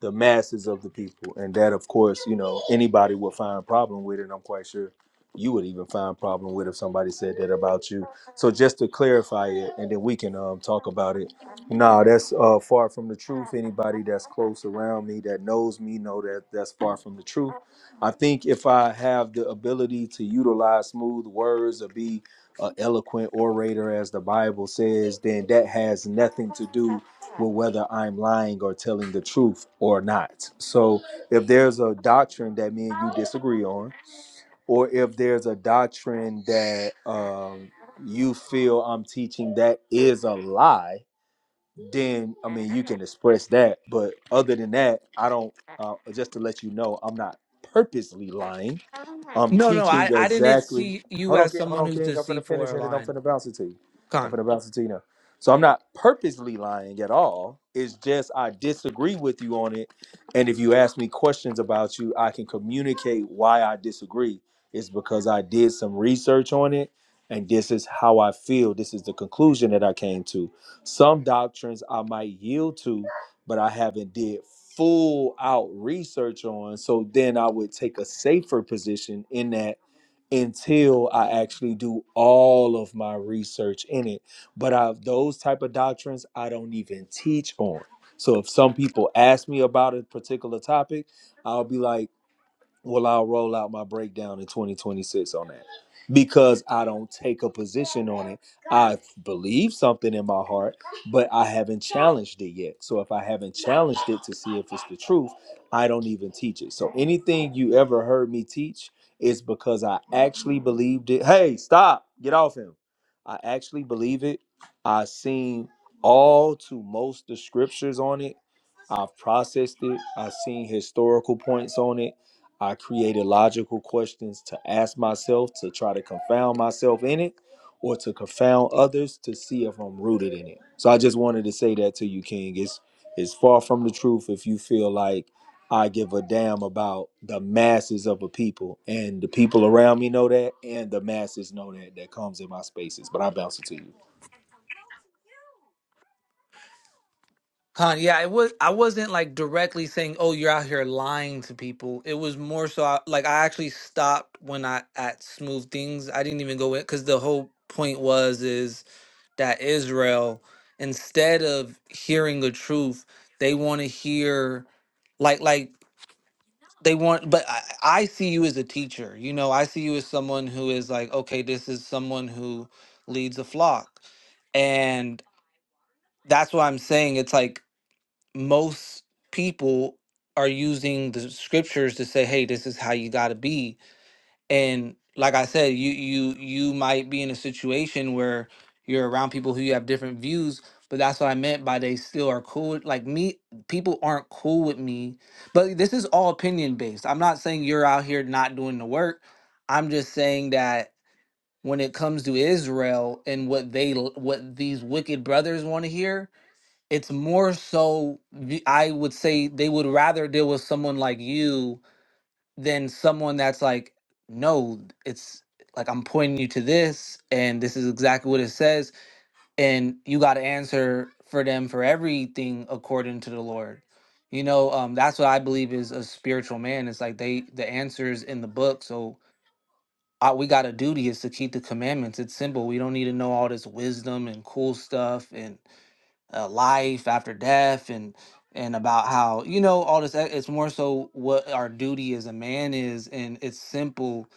K: the masses of the people and that of course you know anybody would find problem with it and i'm quite sure you would even find problem with if somebody said that about you so just to clarify it and then we can um, talk about it nah that's uh, far from the truth anybody that's close around me that knows me know that that's far from the truth i think if i have the ability to utilize smooth words or be an eloquent orator as the bible says then that has nothing to do with whether I'm lying or telling the truth or not. So if there's a doctrine that me and you disagree on, or if there's a doctrine that um, you feel I'm teaching that is a lie, then I mean you can express that. But other than that, I don't. Uh, just to let you know, I'm not purposely lying. I'm
J: No, no,
K: teaching
J: I
K: you
J: I didn't
K: exactly.
J: see you
K: Hold on,
J: as
K: King. Hold
J: someone
K: on,
J: who's
K: King. I'm finna
J: deceitful
K: finish
J: or
K: it, and I'm
J: lying,
K: finna bounce it to you. I'm
J: Con.
K: finna bounce it to you now. So I'm not purposely lying at all. It's just I disagree with you on it, and if you ask me questions about you, I can communicate why I disagree. It's because I did some research on it, and this is how I feel. This is the conclusion that I came to. Some doctrines I might yield to but I haven't did full out research on. So then I would take a safer position in that until I actually do all of my research in it. But I, those type of doctrines I don't even teach on. So if some people ask me about a particular topic, I'll be like well, I'll roll out my breakdown in 2026 on that because I don't take a position on it. I believe something in my heart, but I haven't challenged it yet. So if I haven't challenged it to see if it's the truth, I don't even teach it. So anything you ever heard me teach is because I actually believed it. Hey, stop. Get off him. I actually believe it. i seen all to most the scriptures on it. I've processed it. I've seen historical points on it I created logical questions to ask myself to try to confound myself in it or to confound others to see if I'm rooted in it. So I just wanted to say that to you, King. It's it's far from the truth if you feel like I give a damn about the masses of a people and the people around me know that and the masses know that that comes in my spaces. But I bounce it to you.
J: Con, yeah, it was. I wasn't like directly saying, "Oh, you're out here lying to people." It was more so I, like I actually stopped when I at smooth things. I didn't even go in because the whole point was is that Israel, instead of hearing the truth, they want to hear, like, like they want. But I, I see you as a teacher. You know, I see you as someone who is like, okay, this is someone who leads a flock, and that's what I'm saying. It's like most people are using the scriptures to say, hey, this is how you got to be and like i said you you you might be in a situation where you're around people who you have different views but that's what i meant by they still are cool with- like me people aren't cool with me but this is all opinion based i'm not saying you're out here not doing the work i'm just saying that when it comes to israel and what they l- what these wicked brothers want to hear it's more so the- i would say they would rather deal with someone like you than someone that's like, no, it's like I'm pointing you to this, and this is exactly what it says, and you got to answer for them for everything according to the Lord. You know, um, that's what I believe is a spiritual man. It's like they the answers in the book, so. I, we got a duty is to keep the commandments. It's simple. We don't need to know all this wisdom and cool stuff and uh, life after death and and about how you know all this e- it's more so what our duty as a man is and it's simple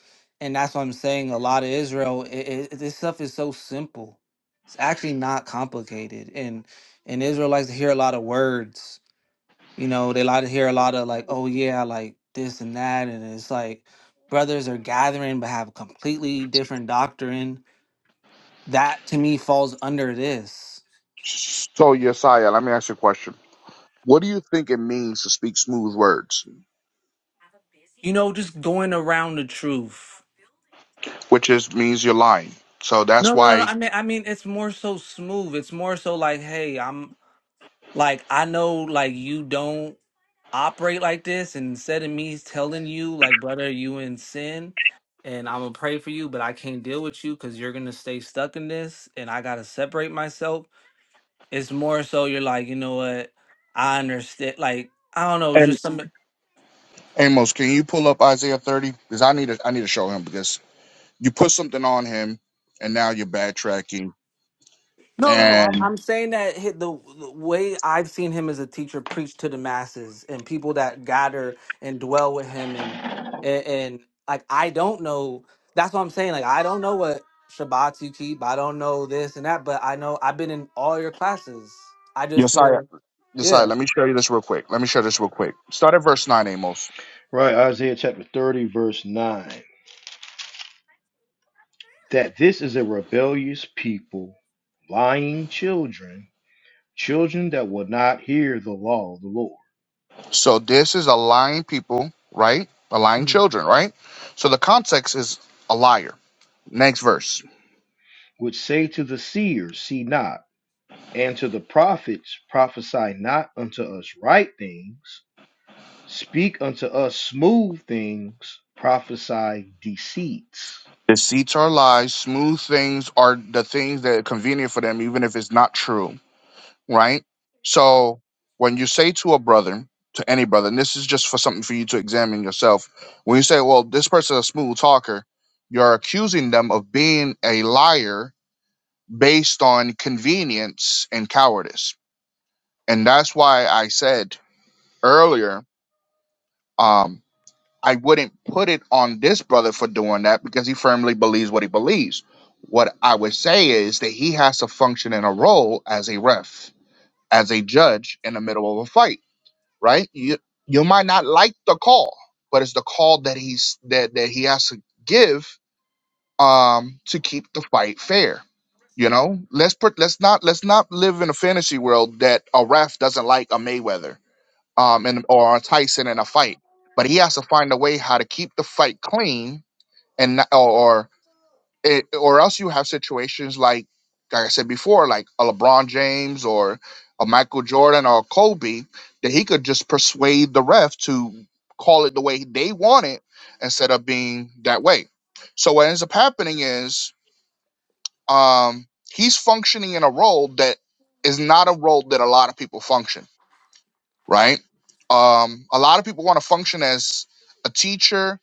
J: and that's what i'm saying a lot of israel it, it, this stuff is so simple it's actually not complicated and and israel likes to hear a lot of words you know they like to hear a lot of like oh yeah like this and that and it's like brothers are gathering but have a completely different doctrine that to me falls under this
B: So, Yesaya, let me ask you a question. What do you think it means to speak smooth words,
J: You know, just going around the truth.
B: which is means you're lying? So that's
J: No, no, no.
B: why.
J: I mean, I mean, it's more so smooth. It's more so like, hey, I'm like, I know, like, you don't operate like this, and instead of me telling you, like, brother, you in sin, and I'm gonna pray for you, but I can't deal with you because you're gonna stay stuck in this, and I gotta separate myself. It's more so you're like, you know what? I understand. Like, I don't know. It's
B: And
J: just some.
B: Amos, can you pull up Isaiah 30? Because I need to, I need to show him because you put something on him, and now you're backtracking
J: No, no, I'm
B: And
J: I'm saying that hi- the, the way I've seen him as a teacher preach to the masses and people that gather and dwell with him and and, and like I don't know. That's what I'm saying. Like I don't know what Shabbat you keep. I don't know this and that, but I know I've been in all your classes. I just
B: Josiah,
J: hear,
B: Josiah,
J: yeah.
B: let me show you this real quick. Let me show this real quick. Start at verse 9, Amos.
A: right isaiah chapter 30 verse 9 that this is a rebellious people lying children children that will not hear the law of the Lord,
B: So this is a lying people, right? A lying
J: Mhm.
B: children, right? So the context is a liar. Next verse.
A: which say to the seers, See not, and to the prophets, Prophesy not unto us right things, speak unto us smooth things, prophesy deceits.
B: Deceits are lies, smooth things are the things that are convenient for them, even if it's not true, right? So when you say to a brother, to any brother, and this is just for something for you to examine yourself, when you say, well, this person's a smooth talker, you're accusing them of being a liar based on convenience and cowardice. And that's why I said earlier, um, I wouldn't put it on this brother for doing that because he firmly believes what he believes. What I would say is that he has to function in a role as a ref, as a judge in the middle of a fight, right? You you might not like the call, but it's the call that he's that that he has to give um to keep the fight fair you know let's put let's not let's not live in a fantasy world that a ref doesn't like a mayweather um and or a tyson in a fight but he has to find a way how to keep the fight clean and not, or or it, or else you have situations like like i said before like a lebron james or a michael jordan or a kobe that he could just persuade the ref to call it the way they want it instead of being that way so what ends up happening is um, he's functioning in a role that is not a role that a lot of people function, right? Um, a lot of people want to function as a teacher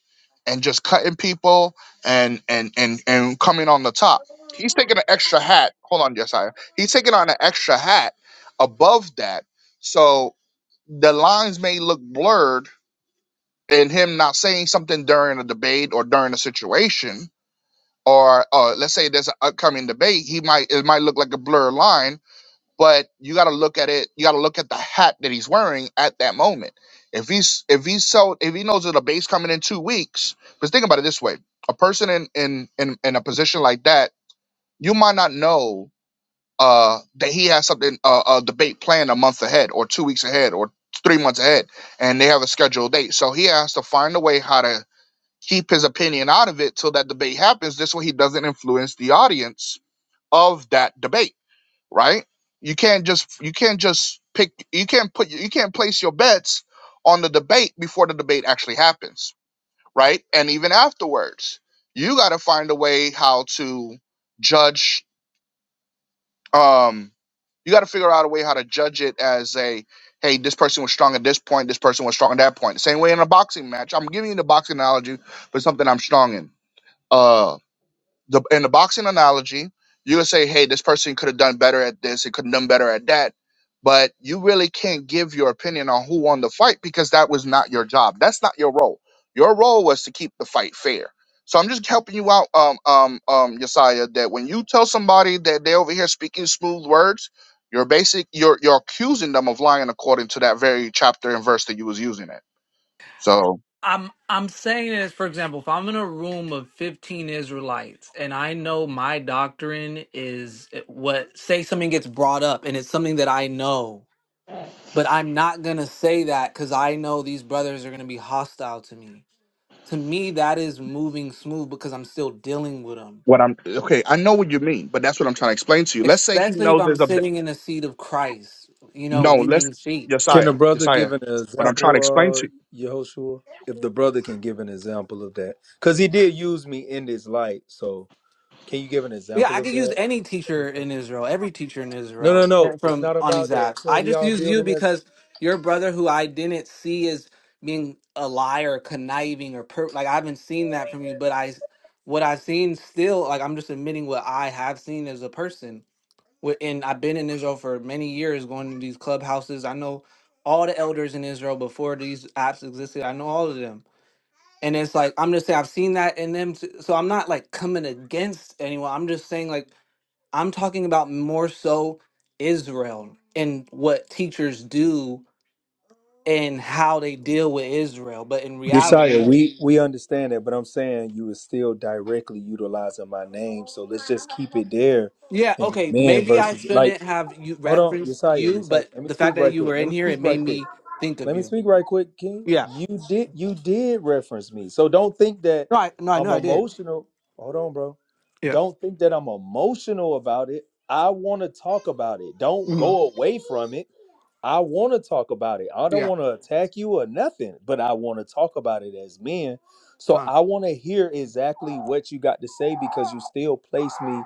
B: and just cutting people and and and and coming on the top. He's taking an extra hat. Hold on, Josiah. He's taking on an extra hat above that. So the lines may look blurred in him not saying something during a debate or during a situation, or uh, let's say there's an upcoming debate, he might it might look like a blurred line, but you got to look at it. You got to look at the hat that he's wearing at that moment. If he's if he's so if he knows that a debate's coming in two weeks, because think about it this way: a person in in in, in a position like that, you might not know uh, that he has something uh, a debate planned a month ahead, or two weeks ahead, or three months ahead, and they have a scheduled date. So he has to find a way how to keep his opinion out of it till that debate happens. This way he doesn't influence the audience of that debate, right? You can't just you can't just pick you can't put you can't place your bets on the debate before the debate actually happens, right? And even afterwards. You gotta find a way how to judge um you gotta figure out a way how to judge it as a hey, this person was strong at this point, this person was strong at that point. The same way in a boxing match. I'm giving you the boxing analogy, but something I'm strong in Uh the in the boxing analogy, you could say, hey, this person could have done better at this, it could have done better at that. But you really can't give your opinion on who won the fight because that was not your job. That's not your role. Your role was to keep the fight fair. So I'm just helping you out, um, um, um, Yesiah, that when you tell somebody that they're over here speaking smooth words, you're basic you're you're accusing them of lying according to that very chapter and verse that you was using it. So
J: I'm I'm saying is, for example, if I'm in a room of 15 Israelites and I know my doctrine is what say something gets brought up and it's something that I know. But I'm not going to say that because I know these brothers are going to be hostile to me. To me, that is moving smooth because I'm still dealing with them,
B: what I'm okay, I know what you mean, but that's what I'm trying to explain to you. Let's say he
J: especially if
B: knows
J: I'm
B: there's a
J: sitting in the seat of Christ, you know,
B: No, let's
J: leading sheep.
K: Can a
B: Yesiah,
K: brother give
B: Yesiah.
K: an
B: But I'm trying to
K: example,
B: explain to
K: uh,
B: you.
K: Yehoshua? If the brother can give an example of that, because he did use me in this light, so. Can you give an
J: Yeah,
K: example
J: I
K: of
J: could use
K: that?
J: any
K: Yes,
J: teacher
K: sir.
J: in Israel, every teacher in
K: No, no,
J: Israel
K: no. It's
J: from
K: not
J: on these
K: about that. I'm
J: apps. I
K: saying we
J: just
K: all
J: use you
K: building as
J: because your brother, who I didn't see as being a liar, conniving, or per- like I haven't seen that from you, but I, what I've seen still, like I'm just admitting what I have seen as a person Wi- And I've been in Israel for many years, going to these clubhouses. I know all the elders in Israel before these apps existed. I know all of them. And it's like I'm just saying I've seen that in them. Too. So I'm not like coming against anyone. I'm just saying like I'm talking about more so Israel and what teachers do and how they deal with Israel. But in
K: Yeshaya,
J: reality,
K: we we understand that, but I'm saying you is still directly utilizing my name. So let's just keep it there
J: yeah,
K: and be
J: okay,
K: men
J: maybe I
K: versus like
J: shouldn't have you
K: hold on,
J: referenced
K: Yeshaya,
J: you,
K: Yeshaya.
J: but
K: Let me
J: the
K: speak
J: fact that
K: right
J: you
K: quick.
J: were
K: Let
J: in
K: me
J: here,
K: speak
J: it
K: right
J: made
K: quick.
J: me think of
K: Let me
J: you.
K: speak right quick, King.
J: Yeah.
K: You did you did reference me. So don't think that
J: No, I no, I know
K: I'm
J: I did.
K: emotional. Hold on, bro. Don't think that I'm emotional about it. I want to talk about it. Don't
J: hmm
K: go away from it. I want to talk about it. I don't
J: Yeah,
K: want to attack you or nothing, but I want to talk about it as men. So
J: con.
K: I want to hear exactly what you got to say because you still place me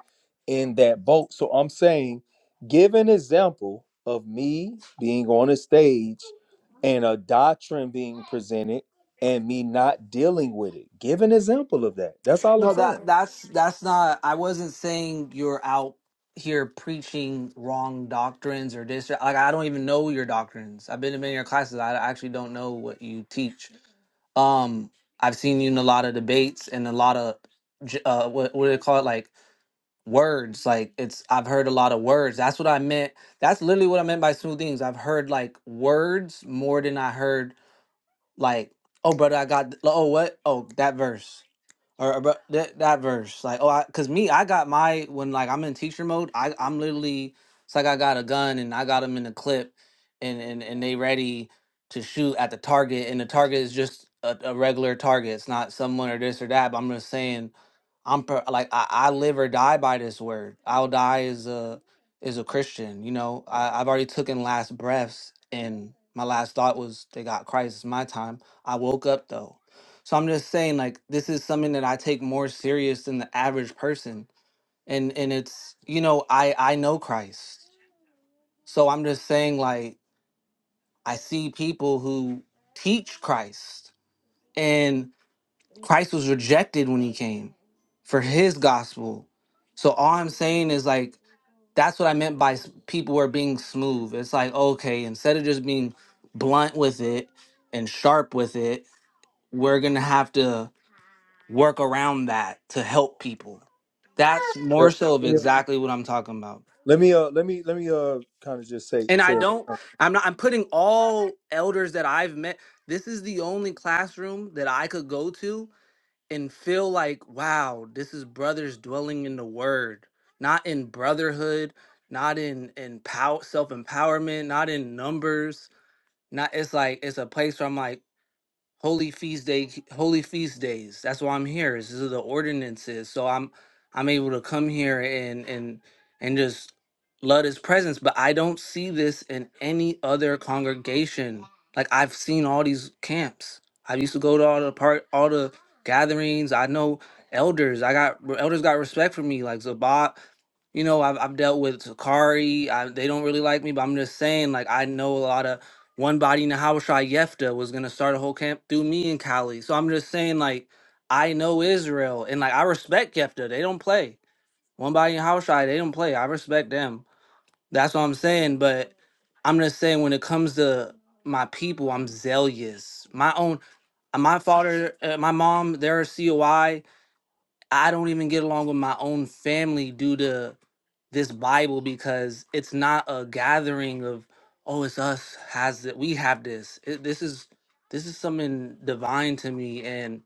K: in that boat. So I'm saying, give an example of me being on a stage and a doctrine being presented and me not dealing with it. Give an example of that. That's all I'm
J: No, that
K: saying.
J: that's that's not. I wasn't saying you're out here preaching wrong doctrines or this. Like I don't even know your doctrines. I've been to many of your classes. I actually don't know what you teach. Um, I've seen you in a lot of debates and a lot of j- uh, what what do they call it? Like words. Like it's. I've heard a lot of words. That's what I meant. That's literally what I meant by smooth things. I've heard like words more than I heard like. Oh, brother, I got. Oh, what? Oh, that verse. or about that that verse like oh I because me I got my when like I'm in teacher mode I I'm literally it's like I got a gun and I got them in the clip and and and they ready to shoot at the target and the target is just a, a regular target it's not someone or this or that but I'm just saying I'm per- like I, I live or die by this word. I'll die as a as a Christian. You know, I, I've already taken last breaths, and my last thought was, "They got Christ." It's my time. I woke up though, so I'm just saying, like this is something that I take more serious than the average person, and and it's you know I I know Christ, so I'm just saying like I see people who teach Christ, and. Christ was rejected when he came for his gospel. So all I'm saying is like that's what I meant by s- people were being smooth. It's like okay, instead of just being blunt with it and sharp with it, we're going to have to work around that to help people. That's more so of
K: Yeah,
J: exactly what I'm talking about.
K: Let me uh, let me uh, let me, let me uh kind of just say
J: And I
K: say
J: don't I'm not I'm putting all elders that I've met this is the only classroom that I could go to and feel like, wow, this is brothers dwelling in the word, not in brotherhood, not in in pow self empowerment, not in numbers. Not it's like it's a place where I'm like holy feast day holy feast days that's why i'm here this is the ordinances so i'm i'm able to come here and and and just love his presence but i don't see this in any other congregation like i've seen all these camps i used to go to all the part all the gatherings i know elders i got elders got respect for me like zabot you know i've, I've dealt with sakari I, they don't really like me but i'm just saying like i know a lot of one body Nahawashi Yefta was gonna start a whole camp through me and Kali. So I'm just saying, like, I know Israel and like I respect Yefta. They don't play. One body Nahawashi, they don't play. I respect them. That's what I'm saying. But I'm just saying when it comes to my people, I'm zealous. My own, uh, my father, uh, my mom, they're a COI. I I don't even get along with my own family due to this Bible because it's not a gathering of oh it's us has it we have this it, this is this is something divine to me and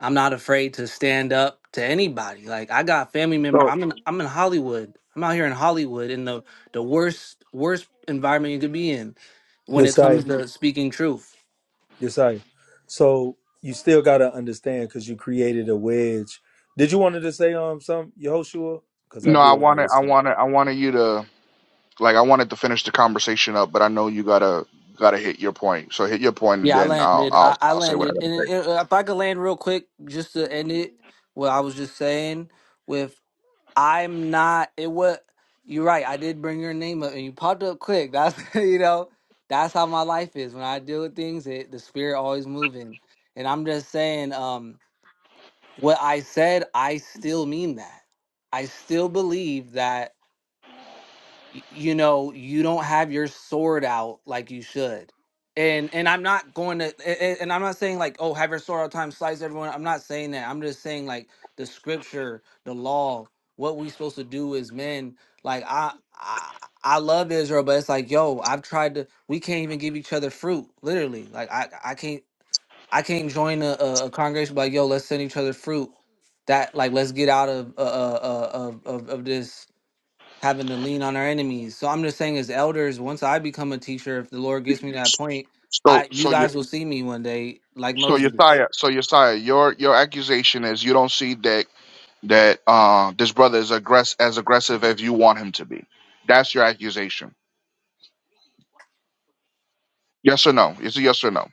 J: I'm not afraid to stand up to anybody like I got family member
B: So
J: I'm in I'm in Hollywood I'm out here in Hollywood in the the worst worst environment you could be in when it
K: yes,
J: comes to speaking truth
K: Josiah. So you still gotta understand because you created a wedge. Did you wanted to say um some Yehoshua? Because I
B: no,
K: did
B: I
K: want to
B: wanted, I
K: respond.
B: wanted, I wanted you to like, I wanted to finish the conversation up, but I know you gotta gotta hit your point. So hit your point, and
J: yeah I
B: then I'll
J: landed
B: I'll
J: I, I
B: I'll say what I
J: landed
B: gotta
J: and it,
B: say.
J: it- if I could land real quick just to end it what I was just saying with. I'm not. It was. You're right. I did bring your name up, and you popped up quick. That's you know. That's how my life is. When I deal with things, it, the spirit always moving. And I'm just saying, um, what I said, I still mean that. I still believe that y- you know you don't have your sword out like you should and and i'm not going to a- a- and i'm not saying like oh have your sword all the time slice everyone i'm not saying that i'm just saying like the scripture the law what we supposed to do as men like i i, I love israel but it's like yo i've tried to we can't even give each other fruit literally like i i can't i can't join a, a, a congregation but like yo let's send each other fruit that like let's get out of uh, uh, uh, of, of of this having to lean on our enemies. So I'm just saying, as elders, once I become a teacher, if the Lord gets me to that point,
B: So
J: I you
B: so your
J: guys will see me one day like
B: so
J: Moses.
B: Yesiah, so Yesiah, your your accusation is you don't see that that uh this brother is aggress as aggressive as you want him to be. That's your accusation. Yes or no? Is it yes or no?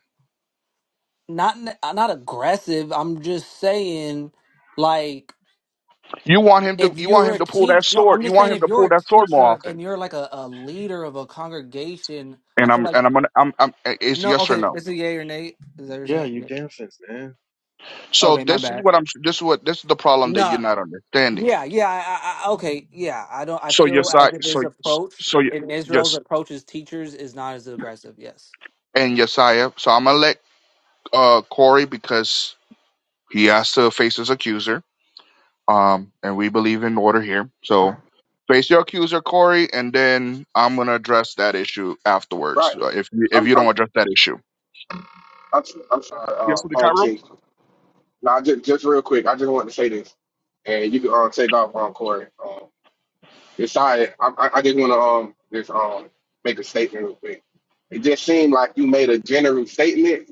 J: Not n- uh, not aggressive. I'm just saying, like,
B: You want him
J: if
B: to you want
J: you're
B: him
J: a
B: to pull that
J: teacher, no,
B: sword.
J: I'm
B: You
J: just
B: want
J: saying
B: him
J: if
B: to
J: you're
B: pull
J: a
B: that sword more
J: teacher
B: often.
J: and you're like a, a leader of a congregation, I
B: and
J: feel
B: I'm
J: like
B: and I'm gonna I'm, I'm it's
J: No,
B: yes or
J: okay,
B: no.
J: is it yay or nay? Is that what you're
E: Yeah,
J: saying?
E: you
J: Yeah.
E: dancing, man.
B: So
J: Okay, my
B: this is
J: bad.
B: what I'm this is what this is the problem that
J: no.
B: you're not understanding.
J: Yeah, yeah, I, I, I- okay, yeah. I don't. I
B: So
J: feel
B: Yesiah,
J: as if
B: so
J: his approach
B: so
J: in Israel's
B: yes,
J: approach as teachers is not as aggressive. Yes.
B: and Yesiah. So I'm gonna let uh Corey because he has to face his accuser. Um, and we believe in order here. So face your accuser, Corey, and then I'm gonna address that issue
C: Right.
B: afterwards. uh, If you, if
C: I'm
B: you don't
C: I'm
B: address that issue,
C: I'm, I'm sorry. Uh,
B: yes, with the
C: home
B: Cairo,
C: team. Now, just just real quick, I just wanted to say this, and you can uh, take off on Corey. Um, aside, I, I I just want to um just um make a statement real quick. It just seemed like you made a general statement,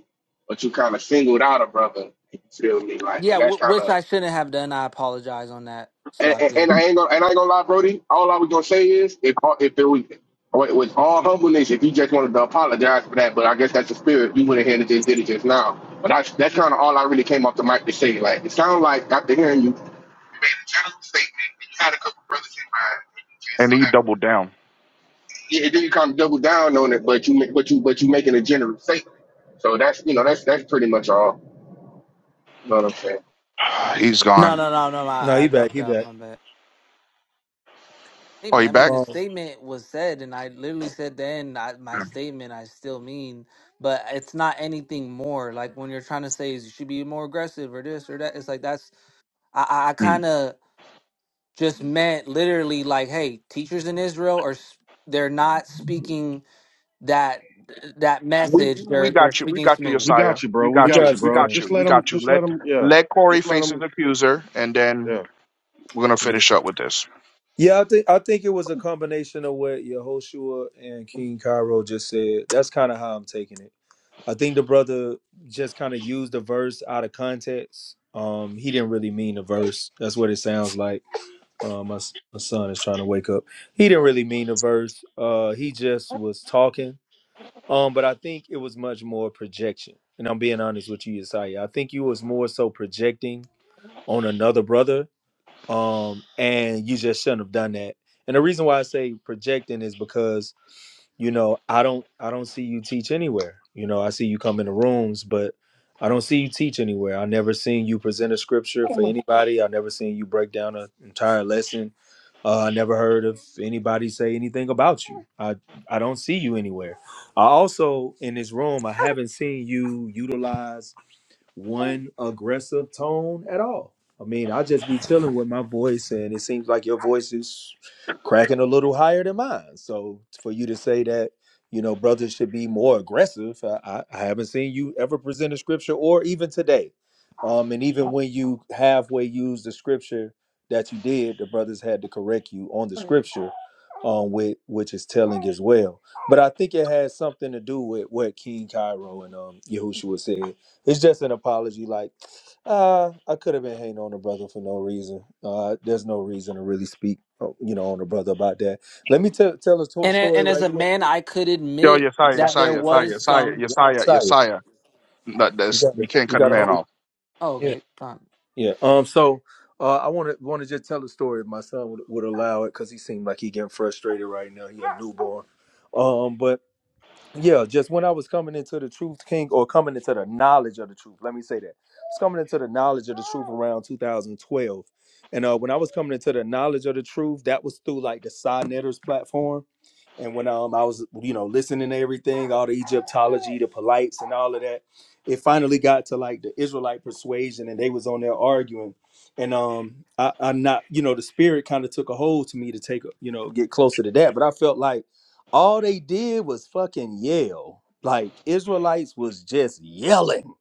C: but you kind of singled out a brother. You feel me? Like,
J: Yeah,
C: and that's
J: w-
C: kind
J: which
C: of
J: I shouldn't have done. I apologize on that,
C: And, and,
J: Slovakia.
C: and I ain't gonna and I ain't gonna lie, Brody. All I was gonna say is if if it was with with all humbleness, if you just wanted to apologize for that, but I guess that's the spirit. You went ahead and just did it just now. But I, that's kind of all I really came off the mic to say. Like it sounded like after hearing you, you made a general statement. and You had a couple brothers in mind. and
B: and he doubled down.
C: you just don't have- Yeah, then you kind of double down on it, but you make but you but you making a general statement. So that's you know that's that's pretty much all. You know what I'm saying?
B: He's
J: No,
B: gone.
J: no, no, no.
K: No,
J: I, I
K: he back,
J: dropped
K: he
J: out.
K: back.
J: My bad.
B: Oh,
J: Statement.
B: you
J: I mean,
B: back?
J: the
K: Um,
J: statement was said, and I literally said then I, my statement. I still mean, but it's not anything more. Like when you're trying to say is you should be more aggressive or this or that. It's like that's I, I kind of. just meant literally like hey teachers in israel are s- they're not speaking that that
B: We
J: message
B: we
J: they're they're
B: got you. We
J: speaking
B: got you,
J: smooth
E: We
B: Josiah.
E: got you,
B: We
E: bro. We
K: we
B: got
E: got
B: you.
E: you,
K: got you,
B: We
E: bro.
K: King.
B: got
E: Just
B: you. We
E: let him.
B: got you.
E: Just let
B: Let
E: him. Yeah.
B: let Corey
E: Just let
B: face his
E: him.
B: accuser, and then
E: Yeah.
B: we're gonna
K: Yeah.
B: finish up with this.
K: yeah, I think I think it was a combination of what Yehoshua and King Cairo just said. That's kind of how I'm taking it. I think the brother just kind of used the verse out of context. Um, he didn't really mean the verse. That's what it sounds like. Uh, my s- my son is trying to wake up. He didn't really mean the verse. Uh, he just was talking. Um, but I think it was much more projection. And I'm being honest with you, Isaiah. I think you was more so projecting on another brother. Um, and you just shouldn't have done that. And the reason why I say projecting is because you know i don't i don't see you teach anywhere you know i see you come in the rooms but i don't see you teach anywhere i never seen you present a scripture for
B: Yo,
K: anybody i never seen you break down an entire lesson uh, i never heard of anybody say anything about you i i don't see you anywhere i also in this room i haven't seen you utilize one aggressive tone at all. I mean, I just be chilling with my voice, and it seems like your voice is cracking a little higher than mine. So for you to say that, you know, brothers should be more aggressive, I, I, I haven't seen you ever present a scripture or even today. Um, and even when you halfway used the scripture that you did, the brothers had to correct you on the scripture, um, with which is telling as well. But I think it has something to do with what King Cairo and um Yahushua said. It's just an apology. Like, uh, I could have been hating on the brother for no reason. Uh, there's no reason to really speak, uh, you know, on the brother about that. Let me tell tell a to-
J: and a-
K: story
J: and as
K: right
J: a
K: quick.
J: man i could admit
B: Josiah,
K: Josiah,
J: that there
B: Josiah,
K: one
B: Josiah,
K: second.
J: was
K: King.
B: Josiah,
J: some
K: Y-
B: Josiah,
K: Josiah,
B: Josiah. No,
K: you
B: that's,
K: got
B: you
K: to
B: can't
K: you
B: cut the
K: got to
B: man
K: hold.
B: off.
J: oh,
K: Yeah,
J: okay fine.
K: yeah. Um, so. Uh, I want to want to just tell a story. If my son would, would allow it, because he seemed like he getting frustrated right now. He a newborn. Um, but Yeah, just when I was coming into the truth, King, or coming into the knowledge of the truth. Let me say that. I was coming into the knowledge of the truth around 2012. And uh, when I was coming into the knowledge of the truth, that was through like the Side platform. And when um I was, you know, listening to everything, all the Egyptology, the polites and all of that, it finally got to like the Israelite persuasion and they was on there arguing. And um I, I not, you know, the spirit kind of took a hold to me to take, a- you know, get closer to that. But I felt like all they did was fucking yell. Like Israelites was just yelling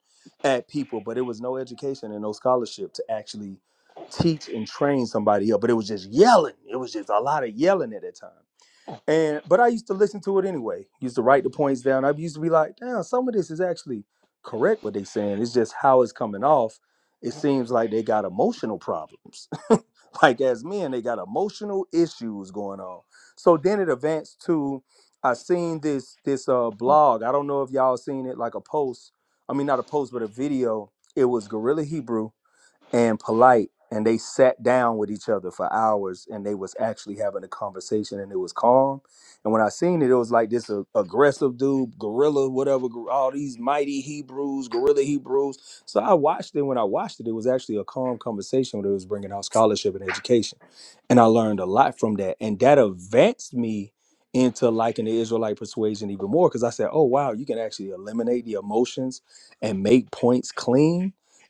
K: at people, but it was no education and no scholarship to actually teach and train somebody up. But it was just yelling. It was just a lot of yelling at that time. And but I used to listen to it anyway. Used to write the points down. I used to be like, damn, some of this is actually correct what they saying. It's just how it's coming off. It seems like they got emotional problems like as men they got emotional issues going on so then it advanced to i seen this this uh blog i don't know if y'all seen it like a post i mean not a post but a video it was gorilla hebrew and polite and they sat down with each other for hours and they was actually having a conversation and it was calm and when i seen it it was like this uh, aggressive dude gorilla whatever gor- all these mighty hebrews gorilla hebrews so i watched it when i watched it it was actually a calm conversation where it was bringing out scholarship and education and i learned a lot from that and that advanced me into liking the israelite persuasion even more because i said oh wow you can actually eliminate the emotions and make points clean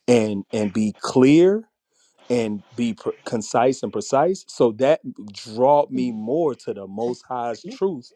K: and and be clear and be pr- concise and precise so that draw me more to the most high's truth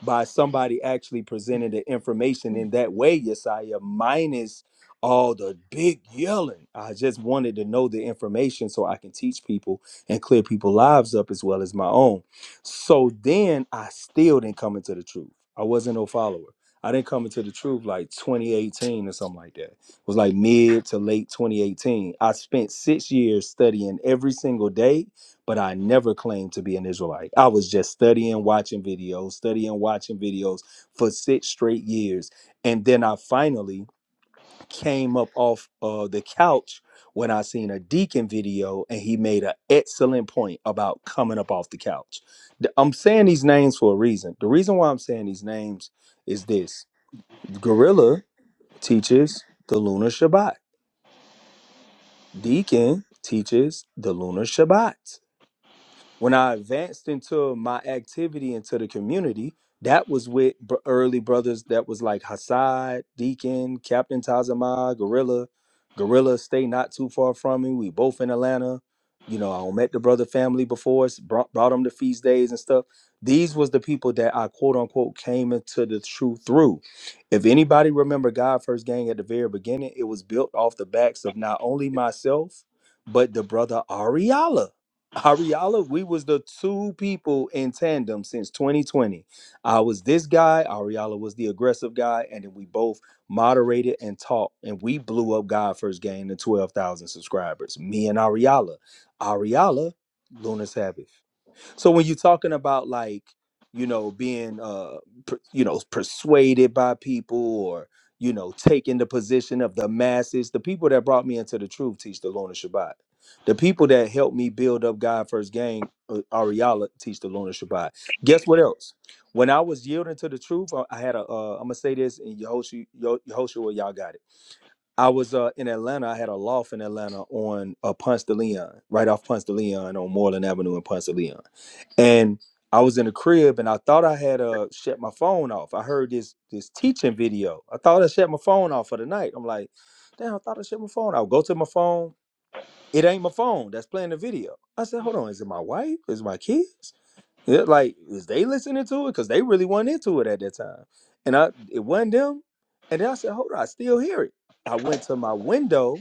K: by somebody actually presenting the information in that way, Yesiah, minus all the big yelling. I just wanted to know the information so I can teach people and clear people's lives up as well as my own. So then I still didn't come into the truth. I wasn't no follower. I didn't come into the truth like 2018 or something like that. It was like mid to late 2018. I spent six years studying every single day but I never claimed to be an Israelite. I was just studying, watching videos, studying, watching videos for six straight years. And then I finally came up off uh, the couch when I seen a deacon video, and he made an excellent point about coming up off the couch. The- I'm saying these names for a reason. The reason why I'm saying these names is this Gorilla teaches the lunar Shabbat, Deacon teaches the lunar Shabbat. When I advanced into my activity into the community, that was with br- early brothers that was like Hassad, Deacon, Captain Tazama, Gorilla. Gorilla stay not too far from me. We both in Atlanta. You know, I met the brother family before, s- brought, brought them to feast days and stuff. These was the people that I quote unquote came into the truth through. If anybody remember God First Gang at the very beginning, it was built off the backs of not only myself, but the brother Ariala. Ariala, we was the two people in tandem since 2020. I was this guy, Ariala was the aggressive guy, and then we both moderated and talked, and we blew up God First Game to 12,000 subscribers. Me and Ariala. Ariala, Lunar Savage. So when you're talking about like, you know, being uh per, you know, persuaded by people or you know, taking the position of the masses, the people that brought me into the truth teach the Lunar Shabbat. The people that helped me build up God First Gang, uh, Ariala, teach the Lunar Shabbat. Guess what else? When I was yielding to the truth, I, I had a, uh, I'm going to say this, and Yehoshua, Yo- Yehoshua, y'all got it. I was uh, in Atlanta. I had a loft in Atlanta on uh, Ponce de Leon, right off Ponce de Leon on Moreland Avenue in Ponce de Leon and I was in the crib and I thought I had uh shut my phone off. I heard this this teaching video. I thought I shut my phone off for the night. I'm like, damn, I thought I shut my phone. i go to my phone. It ain't my phone that's playing the video. I said, hold on, is it my wife? Is it my kids? Yeah, like, is they listening to it? Cause they really weren't into it at that time. And I it wasn't them. And then I said, hold on, I still hear it. I went to my window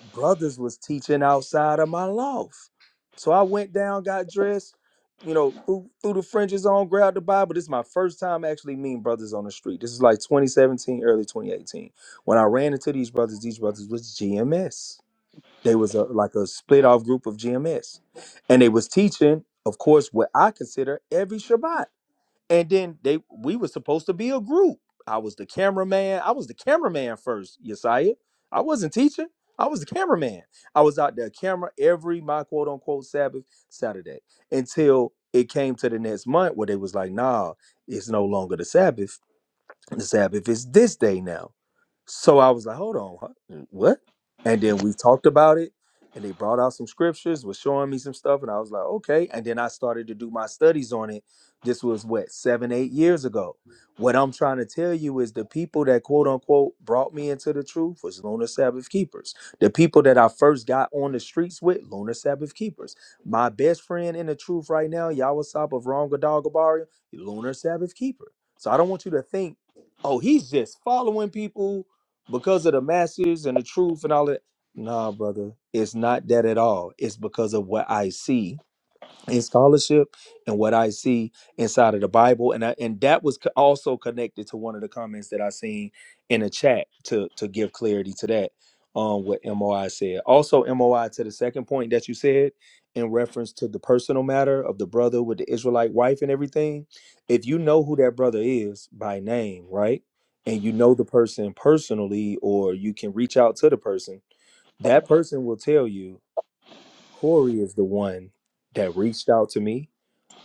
K: brothers was teaching outside of my loft. So I went down, got dressed, you know, threw, threw the fringes on, grabbed the Bible. This is my first time actually meeting brothers on the street. This is like 2017, early 2018. When I ran into these brothers, these brothers was GMS. They was a, like a split off group of GMS. And they was teaching, of course, what I consider every Shabbat. And then they we were supposed to be a group. I was the cameraman. I was the cameraman first, Yesiah. I wasn't teaching. I was the cameraman. I was out there camera every my quote unquote Sabbath Saturday until it came to the next month where they was like, nah, it's no longer the Sabbath the Sabbath is this day now. So I was like, hold on, huh? what? And then we talked about it, and they brought out some scriptures, was showing me some stuff, and I was like, okay. And then I started to do my studies on it. This was what seven, eight years ago. What I'm trying to tell you is the people that quote unquote brought me into the truth was Lunar Sabbath keepers. The people that I first got on the streets with, Lunar Sabbath keepers. My best friend in the truth right now, Yahweh Sop of Ron Gadal Gabari, Lunar Sabbath keeper. So I don't want you to think oh, he's just following people because of the masses and the truth and all that. Nah, brother, it's not that at all. It's because of what I see in scholarship and what I see inside of the Bible, and I, and that was co- also connected to one of the comments that I seen in the chat to to give clarity to that. Um, what MOI said. Also, MOI to the second point that you said in reference to the personal matter of the brother with the Israelite wife and everything. If you know who that brother is by name, right, and you know the person personally, or you can reach out to the person, that person will tell you Corey is the one that reached out to me,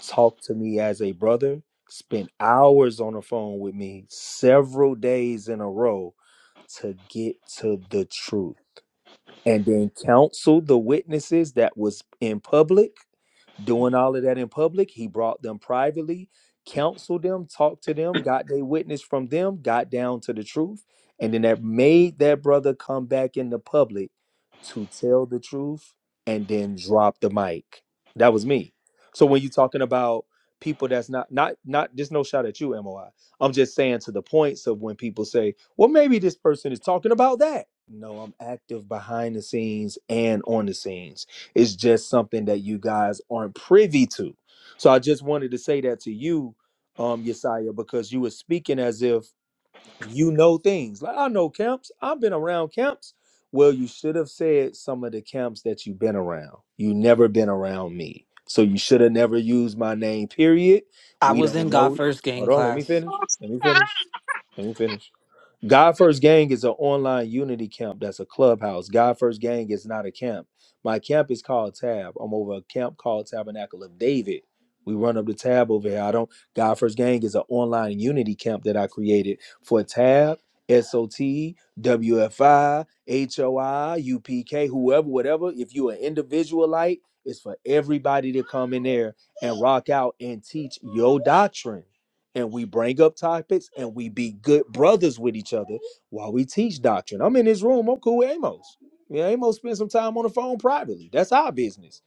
K: talked to me as a brother, spent hours on the phone with me several days in a row to get to the truth. And then counseled the witnesses that was in public doing all of that in public. He brought them privately, counseled them, talked to them, got their witness from them, got down to the truth, and then that made that brother come back in the public to tell the truth and then drop the mic. That was me. So when you're talking about people that's not not not there's no shot at you, MOI. I'm just saying to the points of when people say, well, maybe this person is talking about that. No, I'm active behind the scenes and on the scenes it's just something that you guys aren't privy to. So I just wanted to say that to you, um, Yesiah, because you were speaking as if you know things. Like I know camps. I've been around camps. Well, you should have said some of the camps that you've been around. You never been around me. So you should have never used my name, period.
J: i
K: We
J: was
K: don't
J: in god
K: know.
J: first gang
K: Hold on, let me
J: class
K: finish. Let me finish. Let me finish. God First Gang is an online unity camp that's a clubhouse. God First Gang is not a camp. My camp is called Tab. I'm over a camp called Tabernacle of David. We run up the tab over here. I don't. God First Gang is an online unity camp that I created for Tab, SOT, WFI, HOI, UPK, whoever, whatever. If you're an individualite, it's for everybody to come in there and rock out and teach your doctrine and we bring up topics and we be good brothers with each other while we teach doctrine. I'm in this room. I'm cool with Amos. Yeah, Amos spent some time on the phone privately. That's our business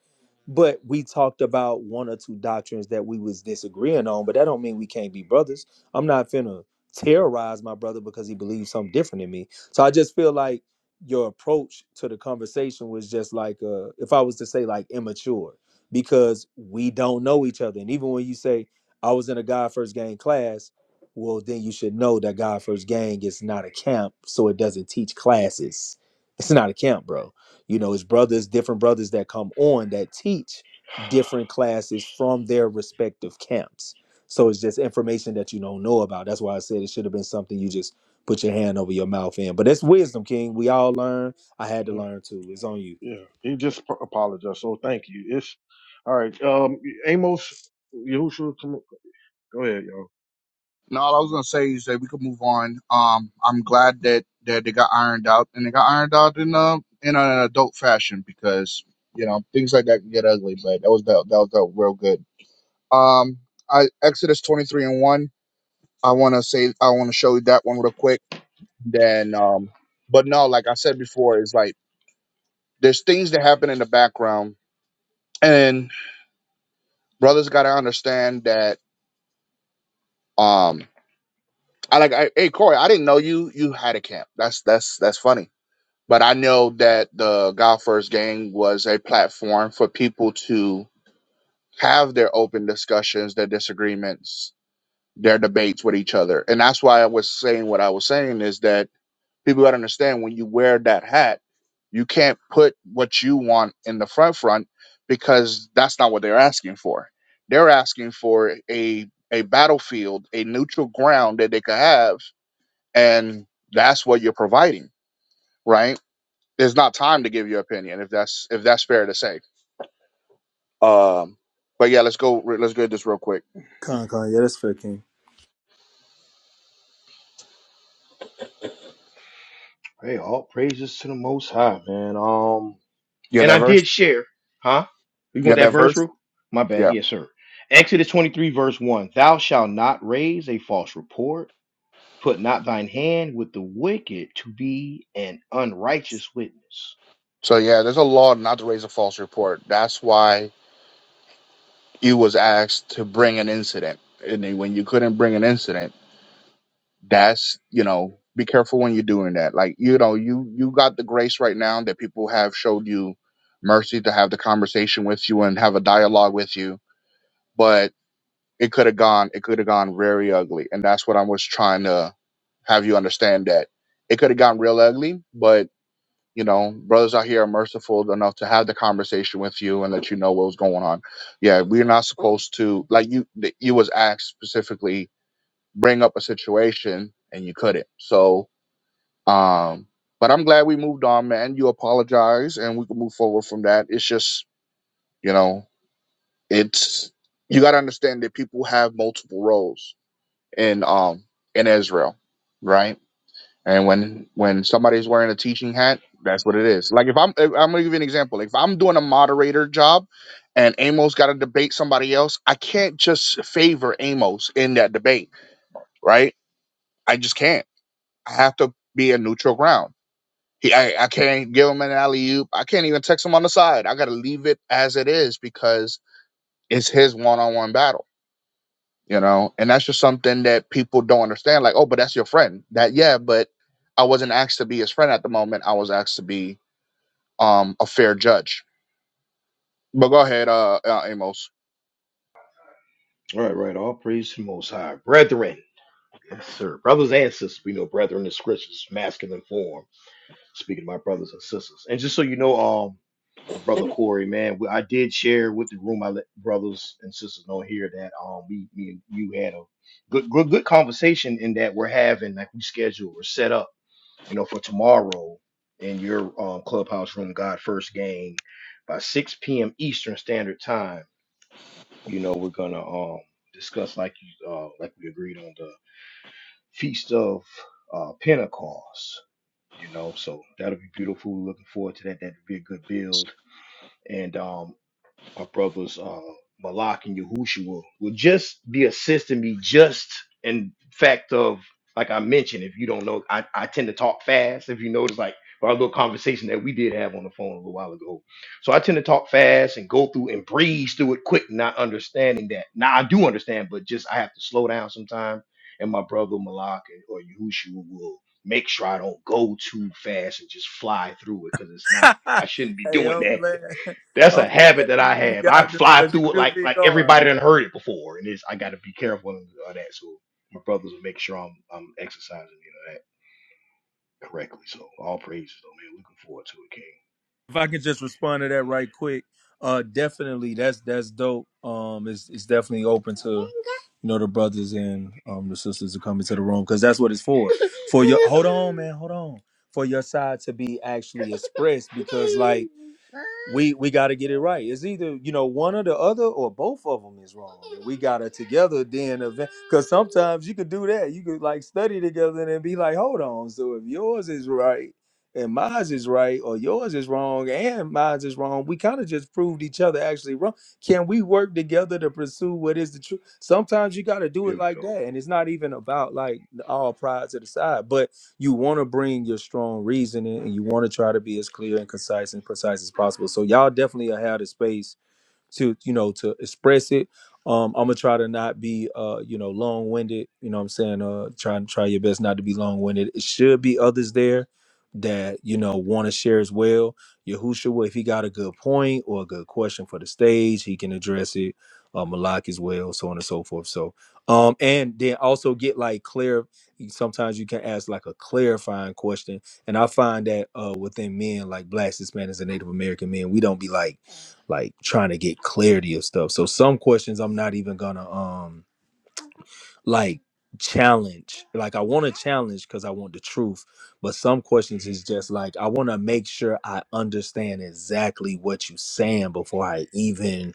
K: but we talked about one or two doctrines that we was disagreeing on but that don't mean we can't be brothers i'm not finna terrorize my brother because he believes something different than me so i just feel like your approach to the conversation was just like uh if i was to say like immature because we don't know each other and even when you say i was in a god first gang class well then you should know that god first gang is not a camp so it doesn't teach classes it's not a camp bro you know it's brothers different brothers that come on that teach different classes from their respective camps so it's just information that you don't know about that's why i said it should have been something you just put your hand over your mouth in but that's wisdom king we all learn i had to
E: Yeah.
K: learn too it's on you
E: Yeah. He just p- apologized. So thank you. It's all right. Um, Amos, Yahushua, come on. Go ahead, y'all.
B: No, all I was gonna say is that we could move on. Um, I'm glad that that they got ironed out, and they got ironed out in a in an adult fashion because you know things like that can get ugly. But that was that that was that real good. Um, I Exodus 23 and one. I want to say I want to show you that one real quick. Then, um, but no, like I said before, it's like there's things that happen in the background, and brothers got to understand that. Um, I like, I, hey Corey, I didn't know you you had a camp. That's that's that's funny. But I know that the God First Gang was a platform for people to have their open discussions, their disagreements, their debates with each other, and that's why I was saying what I was saying is that people gotta understand when you wear that hat, you can't put what you want in the front front because that's not what they're asking for. They're asking for a a battlefield, a neutral ground that they could have, and that's what you're providing, right? It's not time to give your opinion if that's if that's fair to say. Um, but yeah, let's go let's go this real quick.
K: Con Con, yeah, that's fair, King.
A: Hey, all praises to the Most High, man. Um,
B: You got
A: and
B: that
A: I
B: verse?
A: did share, huh? You
B: You
A: want
B: got
A: that
B: that
A: verse,
B: verse?
A: Rue? My bad,
B: Yeah.
A: yes, sir. Exodus 23, verse 1 Thou shalt not raise a false report Put not thine hand with the wicked to be an unrighteous witness.
B: So yeah, there's a law not to raise a false report. That's why you was asked to bring an incident and then when you couldn't bring an incident that's you know be careful when you're doing that like you know you you got the grace right now that people have showed you mercy to have the conversation with you and have a dialogue with you but it could have gone it could have gone very ugly and that's what i was trying to have you understand that it could have gone real ugly but you know brothers out here are merciful enough to have the conversation with you and let you know what was going on yeah we're not supposed to like you th- you was asked specifically bring up a situation and you couldn't so um but i'm glad we moved on man you apologize and we can move forward from that it's just you know it's you got to understand that people have multiple roles in um in israel right and when when somebody's wearing a teaching hat, that's what it is. Like if I'm if- I'm gonna give you an example. Like if I'm doing a moderator job and Amos gotta debate somebody else, I can't just favor Amos in that debate, right? I just can't. I have to be a neutral ground. He, I, I can't give him an alley oop. I can't even text him on the side. I gotta leave it as it is because it's his one on one battle. you know and that's just something that people don't understand like oh but that's your friend that yeah but i wasn't asked to be his friend at the moment i was asked to be um a fair judge but go ahead uh, uh amos
A: All right, right. All praise to the Most High. Brethren. Yes, sir. Brothers and sisters. We know brethren in scriptures, masculine form. Speaking to my brothers and sisters. And just so you know, um, my brother Corey, man, we- I did share with the room, my le- brothers and sisters know here that um, we, me and you had a good, good, good conversation in that we're having, like we scheduled, we're set up you know, for tomorrow in your um, clubhouse room, God First Game, by 6 p.m. Eastern Standard Time. You know, we're gonna um discuss like you uh like we agreed on the feast of uh Pentecost. You know, so that'll be beautiful. Looking forward to that. That'll be a good build. And um our brothers uh Malak and Yahushua will just be assisting me just in fact of like I mentioned, if you don't know, I, I tend to talk fast. If you notice, like our little conversation that we did have on the phone a little while ago. So I tend to talk fast and go through and breeze through it quick, not understanding that. Now I do understand, but just I have to slow down sometime. And my brother Malak and- or Yahushua will make sure I don't go too fast and just fly through it because it's not,
K: hey,
A: I shouldn't be doing
K: I'm
A: that
K: glad.
A: that's a
K: I'm glad
A: habit that
K: you,
A: I
K: you
A: have. I
K: got this
A: fly
K: because you
A: through it
K: do
A: like
K: be
A: like
K: going,
A: everybody
K: man.
A: done heard it before, and it's I got to be careful of that. So my brothers will make sure I'm I'm exercising you know, that correctly. So all praises, though, man. Looking forward to it, King.
K: if I could just respond to that right quick, uh, definitely that's that's dope. Um, it's it's definitely open to you know the brothers and um the sisters to come into the room because that's what it's for. For your hold on, man, hold on. For your side to be actually expressed because like we we got to get it right. It's either you know one or the other or both of them is wrong. And we got to together then event because sometimes you could do that. You could like study together and then be like, hold on. So if yours is right and mine is right or yours is wrong and mine is wrong, we kind of just proved each other actually wrong. Can we work together to pursue what is the truth? Sometimes you got to do
A: Here
K: it
A: we
K: like
A: go.
K: that, and it's not even about like all pride to the side, but you want to bring your strong reasoning and you want to try to be as clear and concise and precise as possible. So y'all definitely have the space to you know to express it. Um, I'm gonna try to not be uh you know long winded. You know what I'm saying uh try and try your best not to be long winded. It should be others there that you know want to share as well. Yahushua, if he got a good point or a good question for the stage, he can address it. Uh, Malak as well, so on and so forth. So um and then also get like clear. Sometimes you can ask like a clarifying question and I find that uh within men like blacks, Hispanics, and Native American men, we don't be like like trying to get clarity of stuff. So some questions I'm not even gonna um like challenge like i want to challenge because i want the truth but some questions is just like i want to make sure i understand exactly what you saying before i even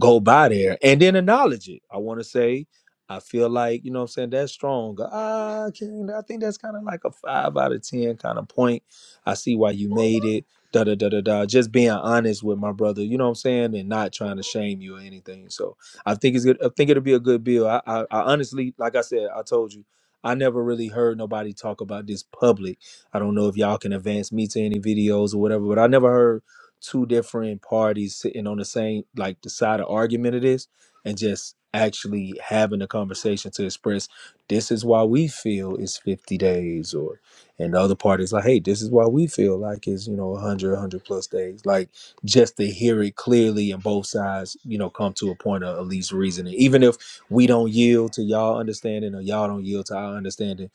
K: go by there and then acknowledge it i want to say i feel like you know what i'm saying that's strong ah king i think that's kind of like a five out of ten kind of point i see why you made it da da da da da just being honest with my brother you know what i'm saying and not trying to shame you or anything so I think it's good. I think it'll be a good bill. I, I, I honestly, like I said, I told you, I never really heard nobody talk about this public. I don't know if y'all can advance me to any videos or whatever, but I never heard two different parties sitting on the same like the side of argument of this and just actually having a conversation to express this is why we feel it's 50 days or and the other party's like hey this is why we feel like it's you know 100 100 plus days like just to hear it clearly and both sides, you know, come to a point of at least reasoning. Even if we don't yield to y'all understanding or y'all don't yield to our understanding,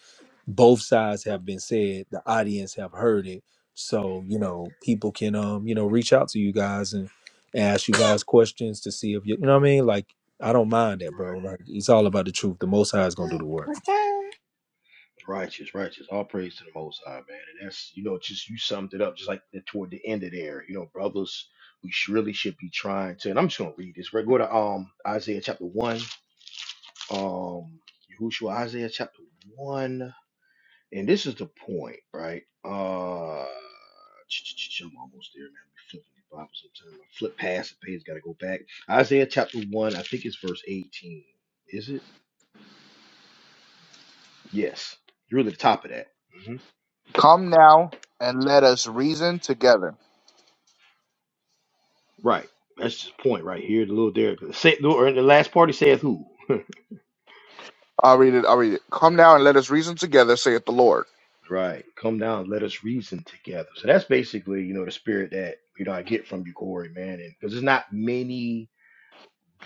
K: both sides have been said, the audience have heard it. So, you know, people can um, you know, reach out to you guys and ask you guys questions to see if you you know what I mean? Like I don't mind that, bro. Like it's all about the truth. The most high is gonna do the work.
A: Righteous, righteous. All praise to the Most High, man. And that's you know just you summed it up just like the, toward the end of there. You know, brothers, we sh- really should be trying to. And I'm just gonna read this. We're go to um Isaiah chapter one. Um, Yahushua Isaiah chapter one. And this is the point, right? Uh, I'm almost there, man. I'll be flipping the Bible sometime. I flip past the page, gotta go back. Isaiah chapter 1, I think it's verse 18. Is it? Yes. You're really the top of that. hmm
B: come now and let us reason together
A: Right. That's just the point right here. The little there. the Say, the- or in the last party saith who?
B: i'll read it i'll read it come now and let us reason together saith the lord
A: Right. Come down, let us reason together. So that's basically, you know, the spirit that, you know, I get from you, Corey, man. And because there's not many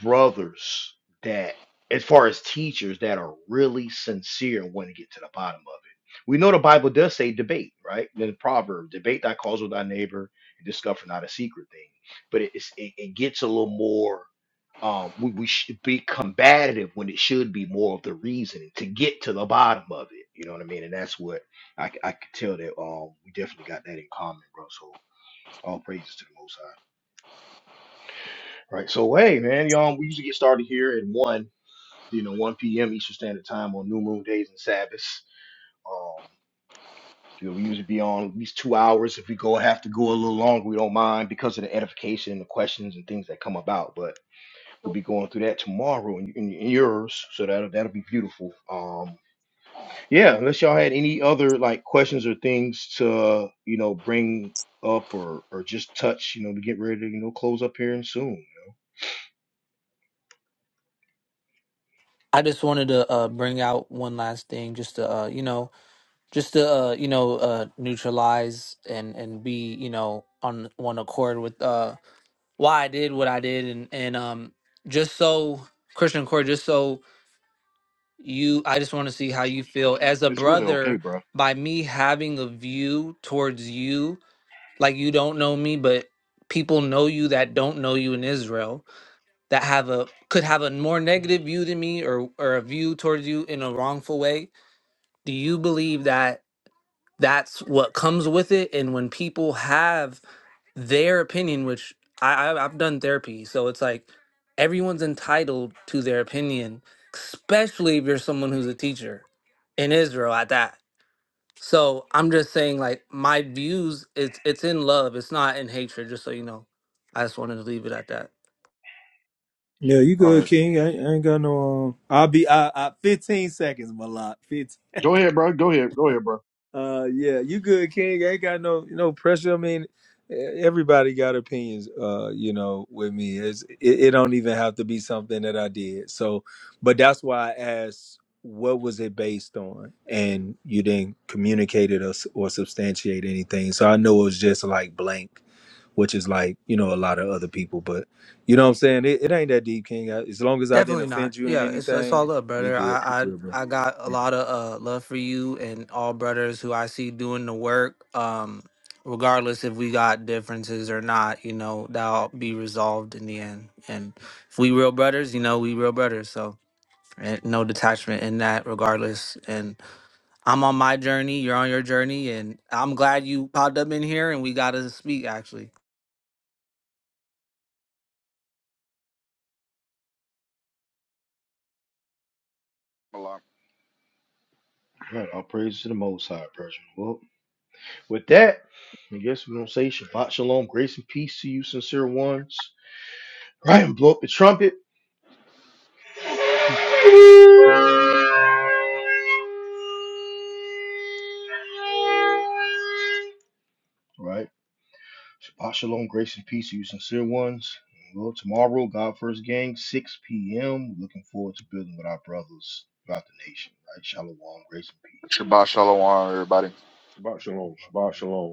A: brothers that, as far as teachers, that are really sincere and want to get to the bottom of it. We know the Bible does say debate, right? In The proverb, debate thy cause with thy neighbor and discover not a secret thing. But it, it's, it, it gets a little more, um, we, we should be combative when it should be more of the reasoning to get to the bottom of it. You know what I mean? And that's what I, c- I could tell that um, we definitely got that in common, bro. So all praises to the Most High. Right. So, hey, man, y'all, we usually get started here at one you know, 1 p.m. Eastern Standard Time on new moon days and Sabbaths. Um, you know, we usually be on at least two hours. If we go have to go a little longer, we don't mind because of the edification and the questions and things that come about. But we'll be going through that tomorrow in, in, in yours, so that'll that'll be beautiful. Um, yeah, unless y'all had any other like questions or things to you know bring up or or just touch, you know, to get ready to you know close up here and soon.
J: i just wanted to uh bring out one last thing just to uh you know just to uh you know uh neutralize and and be you know on one accord with uh why i did what i did and and um just so christian core just so you i just want to see how you feel as a
E: It's really okay,
J: brother
E: bro.
J: by me having a view towards you like you don't know me but people know you that don't know you in israel that have a could have a more negative view than me or or a view towards you in a wrongful way do you believe that that's what comes with it and when people have their opinion which i I- i've done therapy so it's like everyone's entitled to their opinion especially if you're someone who's a teacher in Israel at that. So I'm just saying, like my views, it's it's in love. It's not in hatred. Just so you know, I just wanted to leave it at that.
K: Yeah, you
E: All
K: good,
E: right.
K: King. I, I ain't got no um I'll be I, I fifteen seconds, Malak. Fifteen
E: Go ahead, bro. Go ahead. Go ahead, bro.
K: Uh, yeah, you good, King. I ain't got no no pressure. I mean, e- everybody got opinions. Uh, you know, with me, it's, it it don't even have to be something that I did. So, but that's why I asked, what was it based on? And you didn't communicate it or, s- or substantiate anything. So I know it was just like blank, which is like you know a lot of other people. But you know what I'm saying? It, it ain't that deep, King. I- As long as I didn't
J: Definitely not.
K: offend you in
J: Yeah, it's it's all
K: anything,
J: love,
K: we
J: brother.
K: good.
J: I
K: We good, bro.
J: I, I got a lot of uh, love for you and all brothers who I see doing the work. Um, regardless if we got differences or not, you know that'll be resolved in the end. And if we real brothers, you know we real brothers. So and no detachment in that, regardless. And. I'm on my journey. You're on your journey, and I'm glad you popped up in here and we got to speak. Actually,
A: All right, all praise to the Most High, Persian. Well. With that, I guess we're gonna say Shabbat Shalom, grace and peace to you, sincere ones. Right, and blow up the trumpet. Right. Shabbat Shalom, grace and peace to you, sincere ones. Well, tomorrow, God First Gang, 6 p.m. Looking forward to building with our brothers throughout the nation. Right. Shalom, grace and peace.
B: shabbat shalom everybody
E: Shabbat shalom. Shabbat shalom.